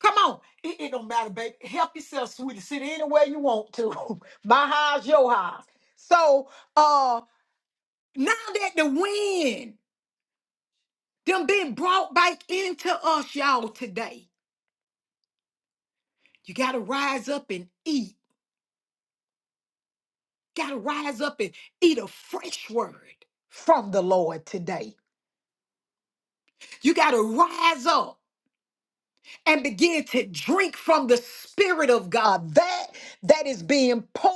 [SPEAKER 5] Come on. It, it don't matter, baby. Help yourself, sweetie. Sit anywhere you want to. *laughs* My house, your house. So uh now that the wind them been brought back into us, y'all, today. You gotta rise up and eat. Gotta rise up and eat a fresh word from the Lord today. You gotta rise up and begin to drink from the Spirit of God. That that is being poured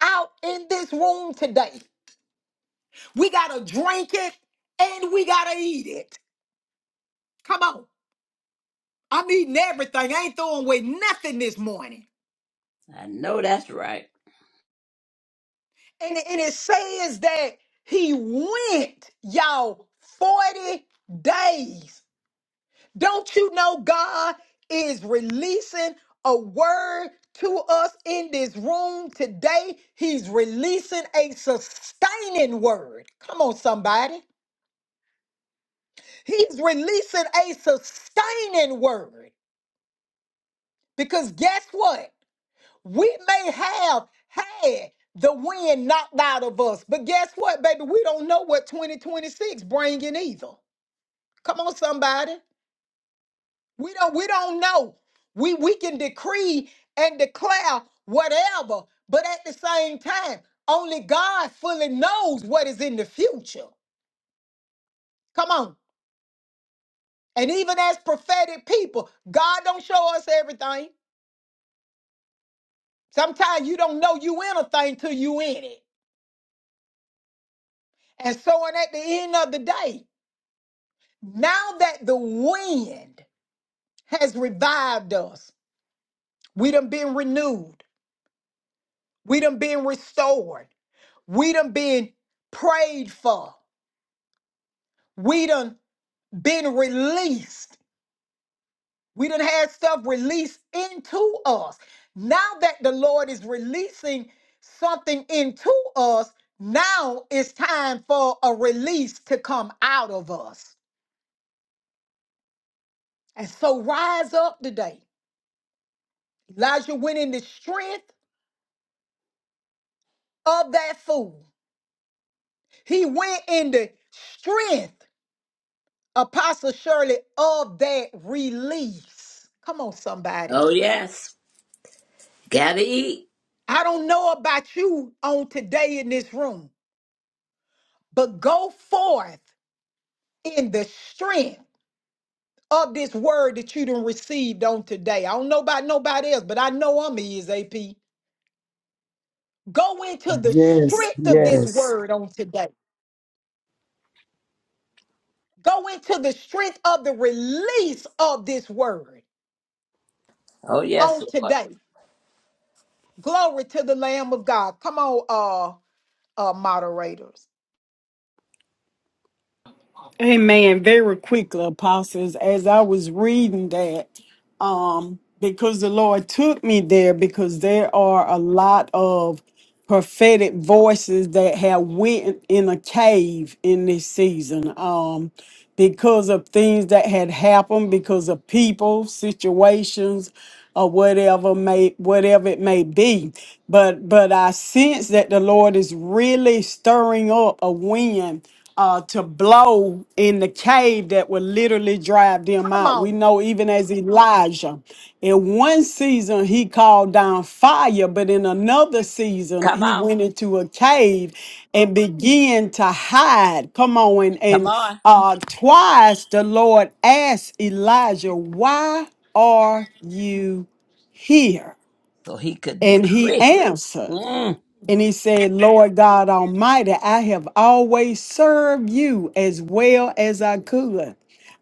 [SPEAKER 5] out in this room today. We gotta drink it and we gotta eat it. Come on. I'm eating everything. I ain't throwing away nothing this morning.
[SPEAKER 2] I know that's right.
[SPEAKER 5] And, it- and it says that he went, y'all, 40 days. Don't you know God is releasing a word to us in this room today? He's releasing a sustaining word. Come on, somebody. He's releasing a sustaining word. Because guess what? We may have had the wind knocked out of us, but guess what, baby? We don't know what 2026 bringing either. Come on, somebody. We don't we don't know. We we can decree and declare whatever, but at the same time, only God fully knows what is in the future. Come on. And even as prophetic people, God don't show us everything. Sometimes you don't know you in a thing till you in it. And so on at the end of the day. Now that the wind has revived us, we done been renewed. We done been restored. We done been prayed for. We done been released. We done had stuff released into us. Now that the Lord is releasing something into us, now it's time for a release to come out of us. And so rise up today. Elijah went in the strength of that food. He went in the strength, Apostle Shirley, of that release. Come on, somebody.
[SPEAKER 2] Oh, yes. Gotta eat.
[SPEAKER 5] I don't know about you on today in this room, but go forth in the strength of this word that you done received on today. I don't know about nobody else, but I know I'm is AP. Go into the
[SPEAKER 3] Yes,
[SPEAKER 5] strength of this
[SPEAKER 3] yes.
[SPEAKER 5] word on today. Go into the strength of the release of this word
[SPEAKER 2] Oh, yes,
[SPEAKER 5] on
[SPEAKER 2] Lord.
[SPEAKER 5] today. Glory to the Lamb of God. Come on, uh, uh, moderators.
[SPEAKER 4] Amen. Very quickly, apostles, as I was reading that, um, because the Lord took me there, because there are a lot of prophetic voices that have went in a cave in this season. Um, because of things that had happened, because of people, situations, or whatever may whatever it may be. But but I sense that the Lord is really stirring up a wind uh, to blow in the cave that would literally drive them
[SPEAKER 5] Come
[SPEAKER 4] out. We
[SPEAKER 5] on,
[SPEAKER 4] know even as Elijah, in one season he called down fire, but in another season
[SPEAKER 2] Come
[SPEAKER 4] he
[SPEAKER 2] on.
[SPEAKER 4] went into a cave and began to hide. Come on, and,
[SPEAKER 2] Come
[SPEAKER 4] and
[SPEAKER 2] on.
[SPEAKER 4] uh, twice the Lord asked Elijah, Why are you here?
[SPEAKER 2] So he could
[SPEAKER 4] And he
[SPEAKER 2] decree.
[SPEAKER 4] answered.
[SPEAKER 2] Mm.
[SPEAKER 4] And he said, Lord God Almighty, I have always served you as well as I could.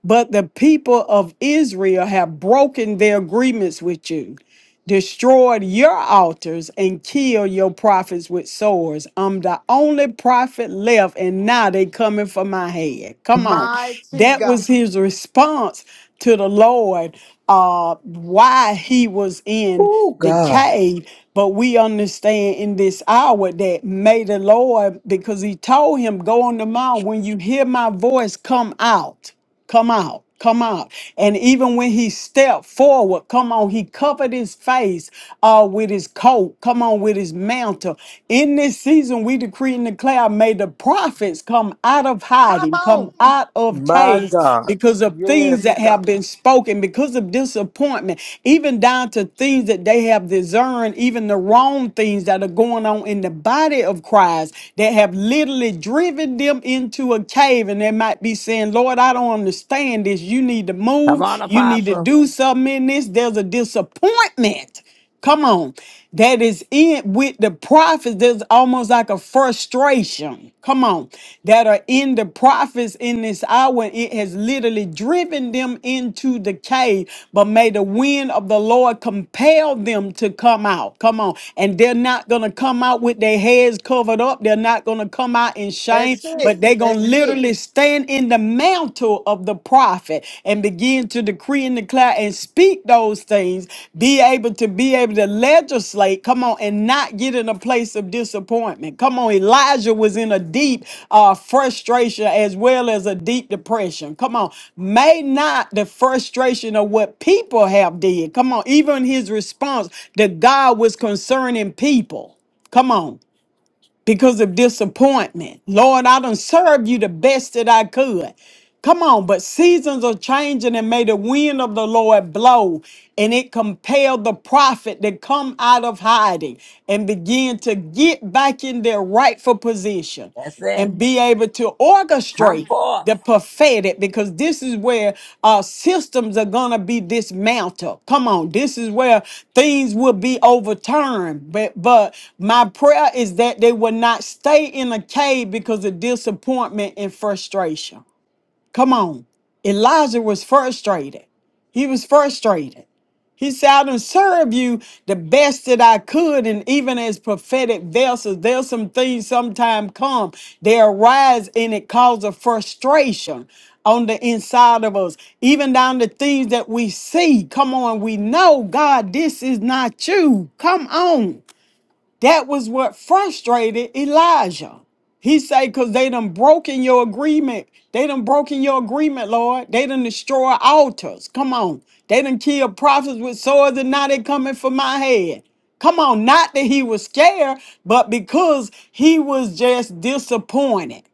[SPEAKER 4] But the people of Israel have broken their agreements with you destroyed your altars and killed your prophets with swords. I'm the only prophet left, and now they coming for my head. Come on.
[SPEAKER 5] mighty
[SPEAKER 4] That
[SPEAKER 5] God.
[SPEAKER 4] was his response to the Lord, uh, why he was in
[SPEAKER 3] Oh,
[SPEAKER 4] the
[SPEAKER 3] God.
[SPEAKER 4] cave. But we understand in this hour that may the Lord, because he told him, Go on the mount. When you hear my voice, come out. Come out, come out. And even when he stepped forward, come on, he covered his face uh, with his coat, come on, with his mantle. In this season, we decree and declare, may the prophets come out of
[SPEAKER 5] Come
[SPEAKER 4] hiding, come
[SPEAKER 5] on.
[SPEAKER 4] out of
[SPEAKER 3] My
[SPEAKER 4] caves
[SPEAKER 3] God.
[SPEAKER 4] because of things
[SPEAKER 3] Yes,
[SPEAKER 4] that have
[SPEAKER 3] God.
[SPEAKER 4] been spoken, because of disappointment, even down to things that they have discerned, even the wrong things that are going on in the body of Christ that have literally driven them into a cave behaving. They might be saying, Lord, I don't understand this. You need to
[SPEAKER 2] Come
[SPEAKER 4] move.
[SPEAKER 2] on,
[SPEAKER 4] You need to
[SPEAKER 2] apostle.
[SPEAKER 4] do something in this. There's a disappointment. Come on. That is in with the prophets. There's almost like a frustration. Come on. That are in the prophets in this hour. It has literally driven them into the cave. But may the wind of the Lord compel them to come out. Come on. And they're not going to come out with their heads covered up. They're not going to come out come out in shame,
[SPEAKER 5] That's it.
[SPEAKER 4] but they're going to
[SPEAKER 5] That's it.
[SPEAKER 4] literally stand in the mantle of the prophet and begin to decree and declare and speak those things, be able to be able to legislate, come on, and not get in a place of disappointment. Come on, Elijah was in a deep uh, frustration as well as a deep depression. Come on, may not the frustration of what people have did, come on, even his response that God was concerning people. Come on because of disappointment. Lord, I done served you the best that I could. Come on, but seasons are changing and may the wind of the Lord blow and it compelled the prophet to come out of hiding and begin to get back in their rightful position
[SPEAKER 2] That's it.
[SPEAKER 4] and be able to
[SPEAKER 2] Come
[SPEAKER 4] orchestrate
[SPEAKER 2] forth.
[SPEAKER 4] the prophetic because this is where our systems are going to be dismantled come on this is where things will be overturned but but my prayer is that they will not stay in a cave because of disappointment and frustration Come on. Elijah was frustrated. He was frustrated. He said, I done serve you the best that I could. And even as prophetic vessels, there's some things sometime come. They arise and it causes frustration on the inside of us. Even down the things that we see. Come on, we know, God, this is not you. Come on. That was what frustrated Elijah. He said, because they done broken your agreement. They done broken your agreement, Lord. They done destroy altars. Come on. They done kill prophets with swords and now they coming for my head. Come on, not that he was scared, but because he was just disappointed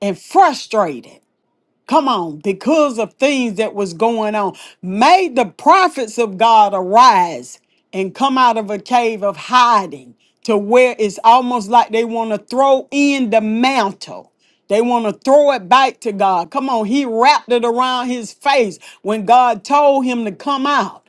[SPEAKER 4] and frustrated come on because of things that was going on may the prophets of god arise and come out of a cave of hiding to where it's almost like they want to throw in the mantle they want to throw it back to god come on he wrapped it around his face when god told him to come out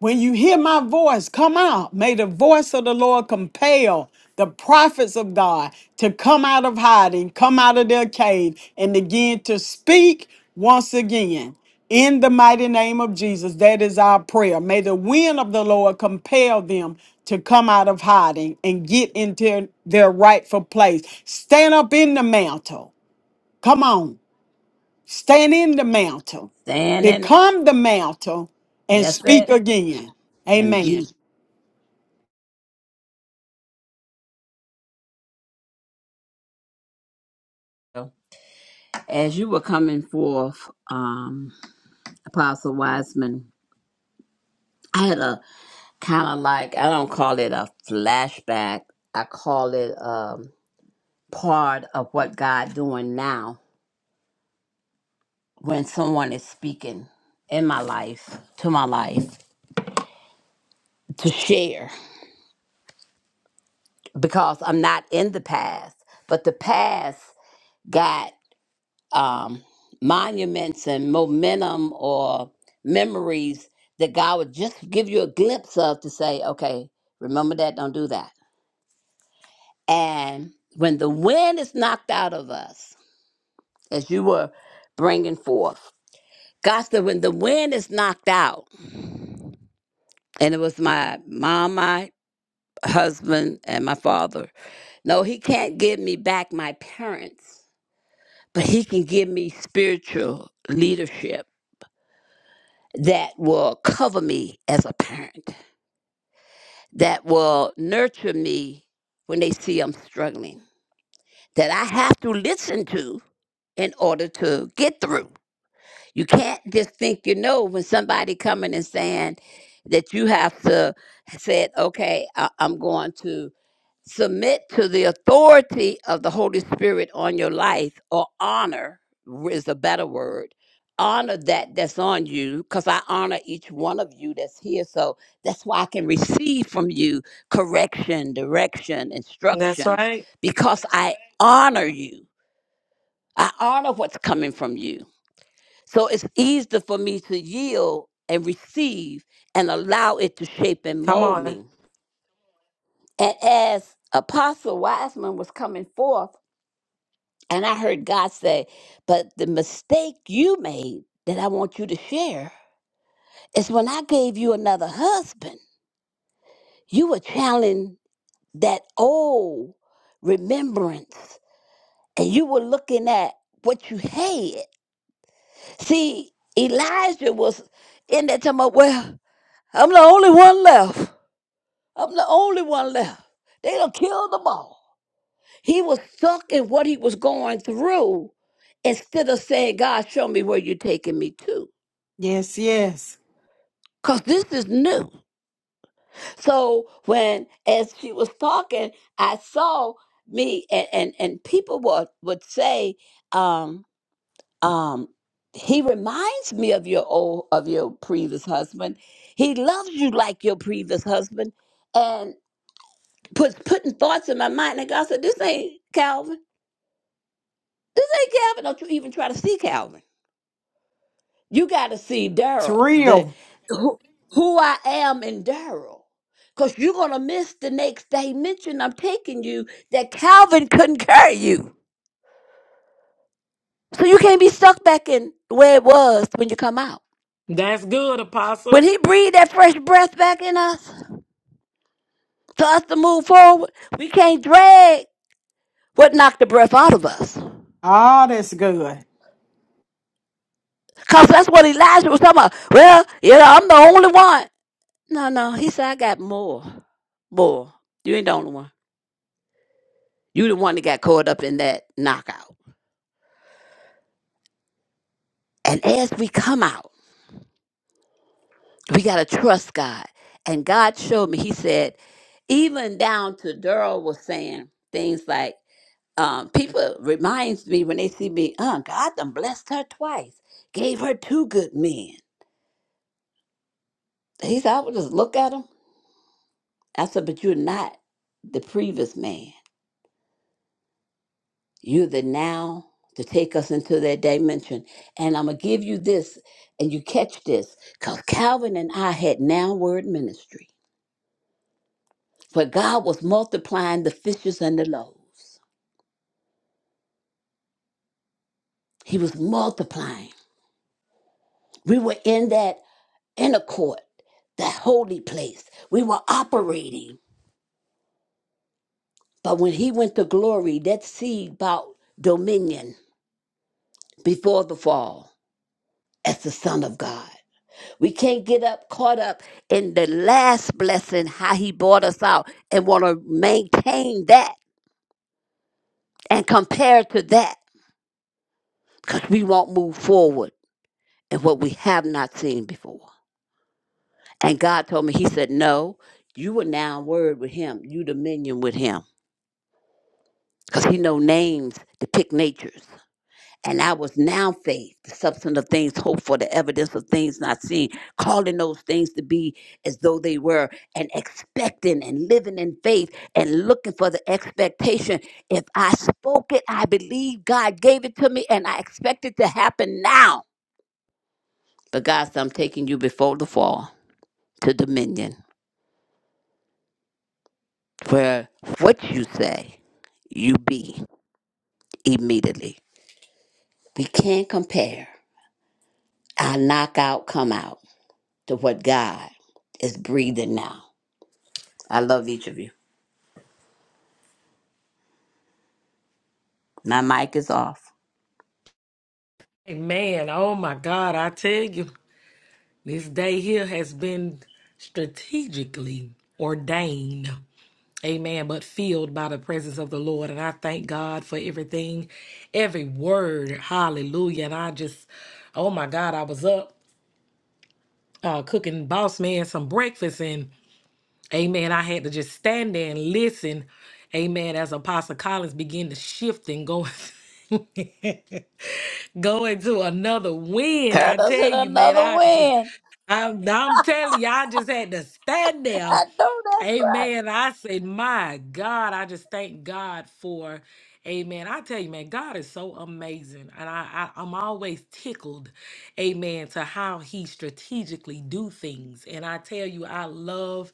[SPEAKER 4] when you hear my voice, come out. May the voice of the Lord compel the prophets of God to come out of hiding, come out of their cave, and again to speak once again. In the mighty name of Jesus, that is our prayer. May the wind of the Lord compel them to come out of hiding and get into their rightful place. Stand up in the mantle. Come on. Stand in the mantle,
[SPEAKER 2] Stand in it.
[SPEAKER 4] become the mantle, and
[SPEAKER 2] That's
[SPEAKER 4] speak
[SPEAKER 2] it.
[SPEAKER 4] again.
[SPEAKER 2] And
[SPEAKER 4] Amen.
[SPEAKER 2] be. As you were coming forth, um, Apostle Wiseman, I had a kind of like I don't call it a flashback. I call it um, part of what God doing now when someone is speaking in my life to my life to share because I'm not in the past, but the past got um, monuments and momentum or memories that God would just give you a glimpse of to say, okay, remember that, don't do that. And when the wind is knocked out of us, as you were bringing forth. Gosta, when the wind is knocked out, and it was my mom, my husband, and my father. No, he can't give me back my parents, but he can give me spiritual leadership that will cover me as a parent, that will nurture me when they see I'm struggling, that I have to listen to in order to get through. You can't just think you know when somebody coming and saying that you have to say, okay, I- I'm going to submit to the authority of the Holy Spirit on your life or honor is a better word. Honor that that's on you because I honor each one of you that's here. So that's why I can receive from you correction, direction,
[SPEAKER 1] That's
[SPEAKER 2] instructions
[SPEAKER 1] right.
[SPEAKER 2] because I honor you. I honor what's coming from you. So it's easier for me to yield and receive and allow it to shape and
[SPEAKER 1] Come
[SPEAKER 2] mold
[SPEAKER 1] on.
[SPEAKER 2] me. And as Apostle Wiseman was coming forth, and I heard God say, But the mistake you made that I want you to share is when I gave you another husband, you were channeling that old remembrance and you were looking at what you had. See, Elijah was in that time of, Well, I'm the only one left. I'm the only one left. They done killed them all. He was stuck in what he was going through instead of saying, God, show me where you're taking me to.
[SPEAKER 4] Yes, yes.
[SPEAKER 2] Because this is new. So when, as she was talking, I saw me and, and, and people would, would say, um, um, he reminds me of your old, of your previous husband. He loves you like your previous husband. And puts putting thoughts in my mind. And God said, This ain't Calvin. This ain't Calvin. Don't you even try to see Calvin. You got to see
[SPEAKER 4] It's
[SPEAKER 2] Daryl, the
[SPEAKER 4] real.
[SPEAKER 2] who, who I am in Daryl. Because you're going to miss the next dimension I'm taking you that Calvin couldn't carry you. So you can't be stuck back in where it was when you come out.
[SPEAKER 1] That's good,
[SPEAKER 2] When
[SPEAKER 1] Apostle.
[SPEAKER 2] he breathed that fresh breath back in us, for us to move forward, we can't drag what knocked the breath out of us.
[SPEAKER 4] Ah, that's good.
[SPEAKER 2] Because that's what Elijah was talking about. Well, you know, I'm the only one. No, no. He said I got more. More. You ain't the only one. You the one that got caught up in that knockout. And as we come out, we gotta trust God. And God showed me, he said, even down to Daryl was saying things like, um, people reminds me when they see me, uh, God done blessed her twice, gave her two good men. He said, I would just look at him. I said, but you're not the previous man. you the now to take us into that dimension. And I'm going to give you this, and you catch this, because Calvin and I had now word ministry. But God was multiplying the fishes and the loaves. He was multiplying. We were in that inner court, that holy place. We were operating. But when he went to glory, that seed bought dominion before the fall as the Son of God. We can't get up caught up in the last blessing, how he brought us out, and want to maintain that and compare to that because we won't move forward in what we have not seen before. And God told me, He said, No, you are now word with Him, you dominion with Him because He know names depict natures. And I was now faith, the substance of things hoped for, the evidence of things not seen, calling those things to be as though they were, and expecting and living in faith and looking for the expectation. If I spoke it, I believe God gave it to me, and I expect it to happen now. But God said, I'm taking you before the fall to dominion, where what you say, you be immediately. We can't compare. I knock out, come out. to what God is breathing now. I love each of you. My mic is off.
[SPEAKER 1] Amen. Oh my God. I tell you, this day here has been strategically ordained. Amen. But filled by the presence of the Lord. And I thank God for everything, every word. Hallelujah. And I just, oh my God, I was up uh, cooking Boss Man some breakfast. And amen. I had to just stand there and listen. Amen. As Apostle Collins began to shift and go. *laughs* Going to another win, I
[SPEAKER 2] Curtis
[SPEAKER 1] tell
[SPEAKER 2] in
[SPEAKER 1] you, man.
[SPEAKER 2] another
[SPEAKER 1] I just,
[SPEAKER 2] win.
[SPEAKER 1] I'm, I'm telling you, I just had to stand there
[SPEAKER 2] I know that's right.
[SPEAKER 1] Amen. I say, my God, I just thank God for, amen. I tell you, man, God is so amazing. And I, I, I'm always tickled, amen, to how he strategically do things. And I tell you, I love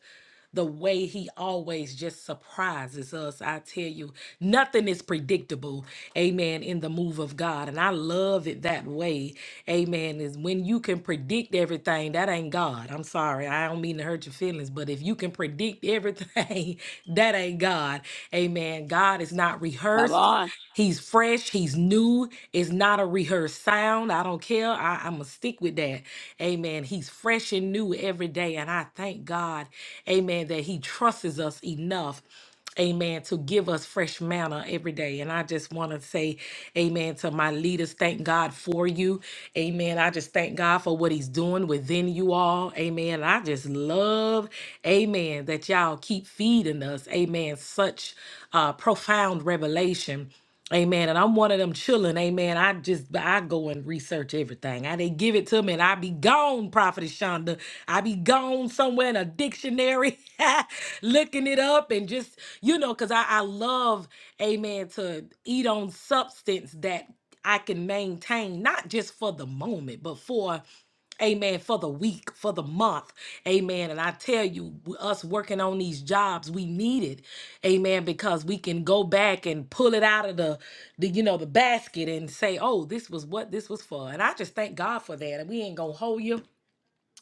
[SPEAKER 1] the way he always just surprises us. I tell you, nothing is predictable. Amen. In the move of God. And I love it that way. Amen. Is when you can predict everything, that ain't God. I'm sorry. I don't mean to hurt your feelings, but if you can predict everything, *laughs* that ain't God. Amen. God is not
[SPEAKER 2] Come
[SPEAKER 1] rehearsed.
[SPEAKER 2] on.
[SPEAKER 1] He's fresh. He's new. It's not a rehearsed sound. I don't care. I, I'm going to stick with that. Amen. He's fresh and new every day. And I thank God, amen, that He trusts us enough. Amen. To give us fresh manna every day. And I just want to say, Amen, to my leaders. Thank God for you. Amen. I just thank God for what He's doing within you all. Amen. I just love, Amen, that y'all keep feeding us. Amen. Such uh, profound revelation. Amen. And I'm one of them children. Amen. I just I go and research everything. I they give it to me and I be gone, Prophetess Shonda. I be gone somewhere in a dictionary *laughs* looking it up and just, you know, because I, I love, amen, to eat on substance that I can maintain, not just for the moment, but for Amen. For the week, for the month. Amen. And I tell you, us working on these jobs, we need it. Amen. Because we can go back and pull it out of the, the you know, the basket and say, oh, this was what this was for. And I just thank God for that. And we ain't going to hold you.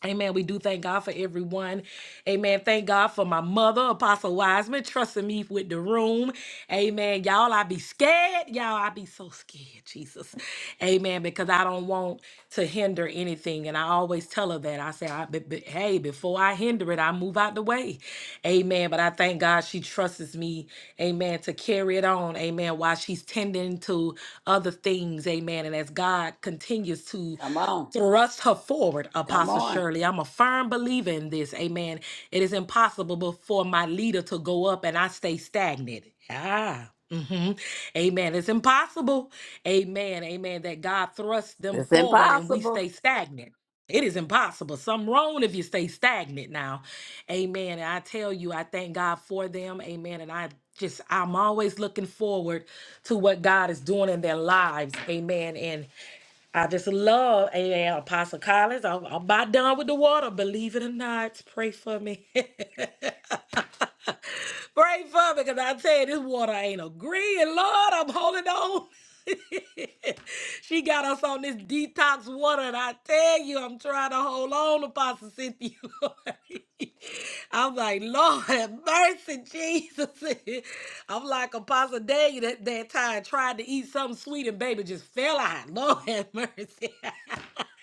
[SPEAKER 1] Amen. We do thank God for everyone. Amen. Thank God for my mother, Apostle Wiseman, trusting me with the room. Amen. Y'all, I be scared. Y'all, I be so scared, Jesus. Amen. Because I don't want to hinder anything. And I always tell her that. I say, I, but, but, hey, before I hinder it, I move out the way. Amen. But I thank God she trusts me. Amen. To carry it on. Amen. While she's tending to other things. Amen. And as God continues to
[SPEAKER 2] Come on.
[SPEAKER 1] thrust her forward,
[SPEAKER 2] Come
[SPEAKER 1] Apostle
[SPEAKER 2] on.
[SPEAKER 1] Shirley. I'm a firm believer in this. Amen. It is impossible for my leader to go up and I stay stagnant. Ah. hmm Amen. It's impossible. Amen. Amen. That God thrusts them
[SPEAKER 2] It's
[SPEAKER 1] forward and we
[SPEAKER 2] impossible.
[SPEAKER 1] stay stagnant. It is impossible. Something wrong if you stay stagnant now. Amen. And I tell you, I thank God for them. Amen. And I just, I'm always looking forward to what God is doing in their lives. Amen. And I just love Amen. Apostle Collins. I'm, I'm about done with the water, believe it or not. Pray for me. *laughs* Pray for me, because I tell you, this water ain't agreeing. Lord, I'm holding on. *laughs* she got us on this detox water, and I tell you, I'm trying to hold on, Apostle Cynthia. *laughs* I'm like, Lord, have mercy, Jesus. *laughs* I'm like Apostle Daniel that, that time tried to eat something sweet, and baby just fell out. *laughs* Lord, have mercy. *laughs*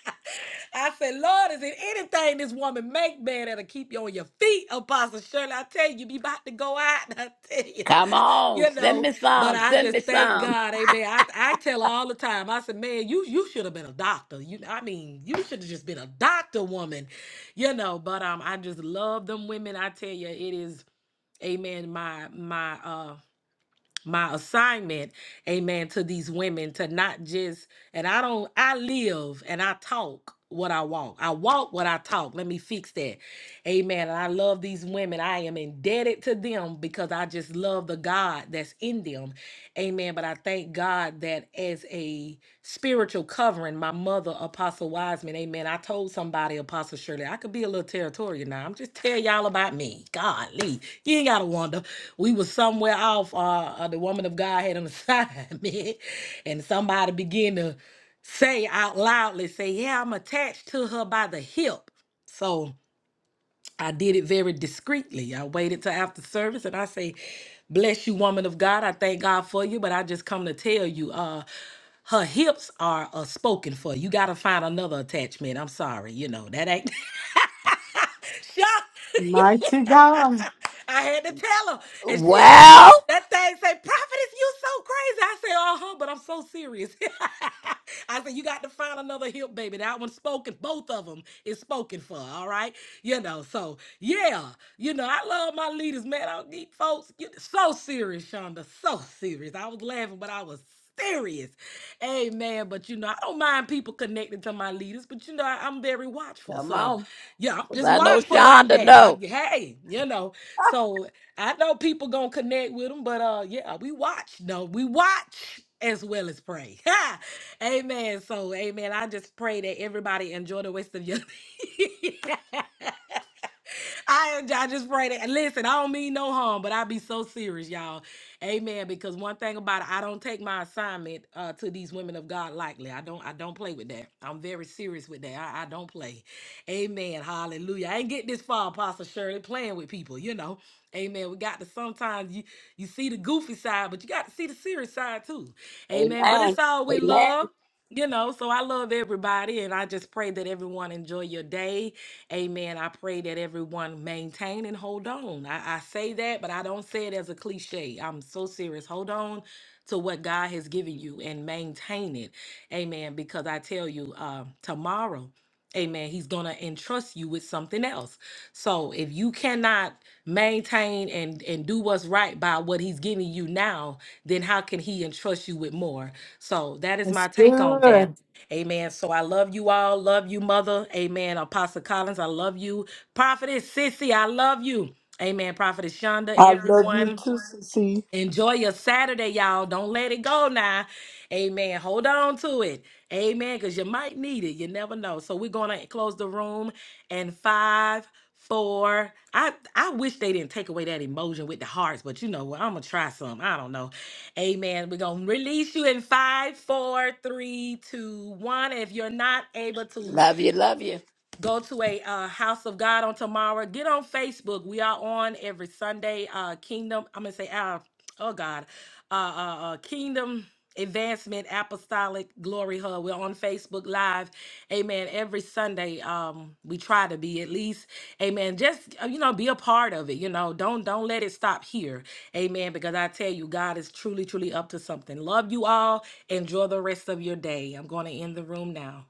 [SPEAKER 1] I said, Lord, is it anything this woman make, man, that'll keep you on your feet, Apostle Shirley? I tell you, you be about to go out. *laughs* I tell you,
[SPEAKER 2] Come on.
[SPEAKER 1] you
[SPEAKER 2] Send
[SPEAKER 1] know.
[SPEAKER 2] me
[SPEAKER 1] But
[SPEAKER 2] some.
[SPEAKER 1] I
[SPEAKER 2] Send me
[SPEAKER 1] just thank
[SPEAKER 2] some.
[SPEAKER 1] God, Amen. I, I tell her all the time. I said, man, you you should have been a doctor. You, I mean, you should have just been a doctor woman, you know. But um, I just love them women. I tell you, it is, Amen. My my uh my assignment, amen, to these women to not just, and I don't, I live and I talk what I walk. I walk what I talk. Let me fix that. Amen. And I love these women. I am indebted to them because I just love the God that's in them. Amen. But I thank God that as a spiritual covering, my mother, Apostle Wiseman, amen. I told somebody, Apostle Shirley, I could be a little territorial now. I'm just telling y'all about me. Golly, you ain't got to wonder. We was somewhere off. Uh, uh, the woman of God had an assignment, *laughs* and somebody began to say out loudly, say, yeah, I'm attached to her by the hip. So, I did it very discreetly. I waited till after service and I say, Bless you, woman of God. I thank God for you, but I just come to tell you, uh, her hips are uh, spoken for. You got to find another attachment. I'm sorry, you know that ain't Sure.
[SPEAKER 4] Mighty
[SPEAKER 1] *laughs*
[SPEAKER 4] God.
[SPEAKER 1] I had to tell her, and she th-
[SPEAKER 2] Well,
[SPEAKER 1] that thing say, "Prophetess, you so crazy." I say, "Uh huh," but I'm so serious. *laughs* I said, "You got to find another hip, baby. That one's spoken. Both of them is spoken for. All right, you know. So yeah, you know, I love my leaders, man. I need folks. You so serious, Shonda. So serious. I was laughing, but I was serious. Amen. But you know, I don't mind people connecting to my leaders, but you know, I, I'm very watchful.
[SPEAKER 2] come
[SPEAKER 1] So
[SPEAKER 2] on.
[SPEAKER 1] yeah, I'm
[SPEAKER 2] 'Cause
[SPEAKER 1] just
[SPEAKER 2] I know
[SPEAKER 1] watchful like
[SPEAKER 2] Shonda
[SPEAKER 1] that. I
[SPEAKER 2] know.
[SPEAKER 1] hey, you know. So I know people gonna connect with them, but uh, yeah, we watch. No, we watch as well as pray. *laughs* amen. So amen. I just pray that everybody enjoy the rest of your. *laughs* I I just pray that. Listen, I don't mean no harm, but I be so serious, y'all. Amen. Because one thing about it, I don't take my assignment uh, to these women of God lightly. I don't. I don't play with that. I'm very serious with that. I, I don't play. Amen. Hallelujah. I ain't get this far, Apostle Shirley, playing with people. You know. Amen. We got to sometimes you you see the goofy side, but you got to see the serious side too. Amen. But
[SPEAKER 2] Amen.
[SPEAKER 1] it's all with
[SPEAKER 2] Amen.
[SPEAKER 1] love. You know, so I love everybody, and I just pray that everyone enjoy your day. Amen. I pray that everyone maintain and hold on. I, I say that, but I don't say it as a cliche. I'm so serious. Hold on to what God has given you and maintain it. Amen. Because I tell you, uh, tomorrow, Amen. He's going to entrust you with something else. So if you cannot maintain and, and do what's right by what he's giving you now, then how can he entrust you with more? So that is
[SPEAKER 4] That's
[SPEAKER 1] my take on that.
[SPEAKER 4] good.
[SPEAKER 1] Amen. So I love you all. Love you, Mother. Amen. Apostle Collins, I love you. Prophetess Sissy, I love you. Amen. Prophetess Shonda,
[SPEAKER 3] I love you
[SPEAKER 1] everyone.
[SPEAKER 3] too, Cece.
[SPEAKER 1] Enjoy your Saturday, y'all. Don't let it go now. Amen. Hold on to it. Amen. Because you might need it. You never know. So we're going to close the room and five, four. I, I wish they didn't take away that emotion with the hearts, but you know what? I'm going to try some. I don't know. Amen. We're going to release you in five, four, three, two, one. If you're not able to
[SPEAKER 2] Love you. Love you.
[SPEAKER 1] go to a uh, house of god on tomorrow get on facebook we are on every sunday uh kingdom i'm gonna say uh, oh god uh, uh uh kingdom advancement apostolic glory hub we're on facebook live amen every sunday um we try to be at least amen just uh, you know be a part of it you know don't don't let it stop here amen because i tell you god is truly truly up to something love you all enjoy the rest of your day i'm going to end the room now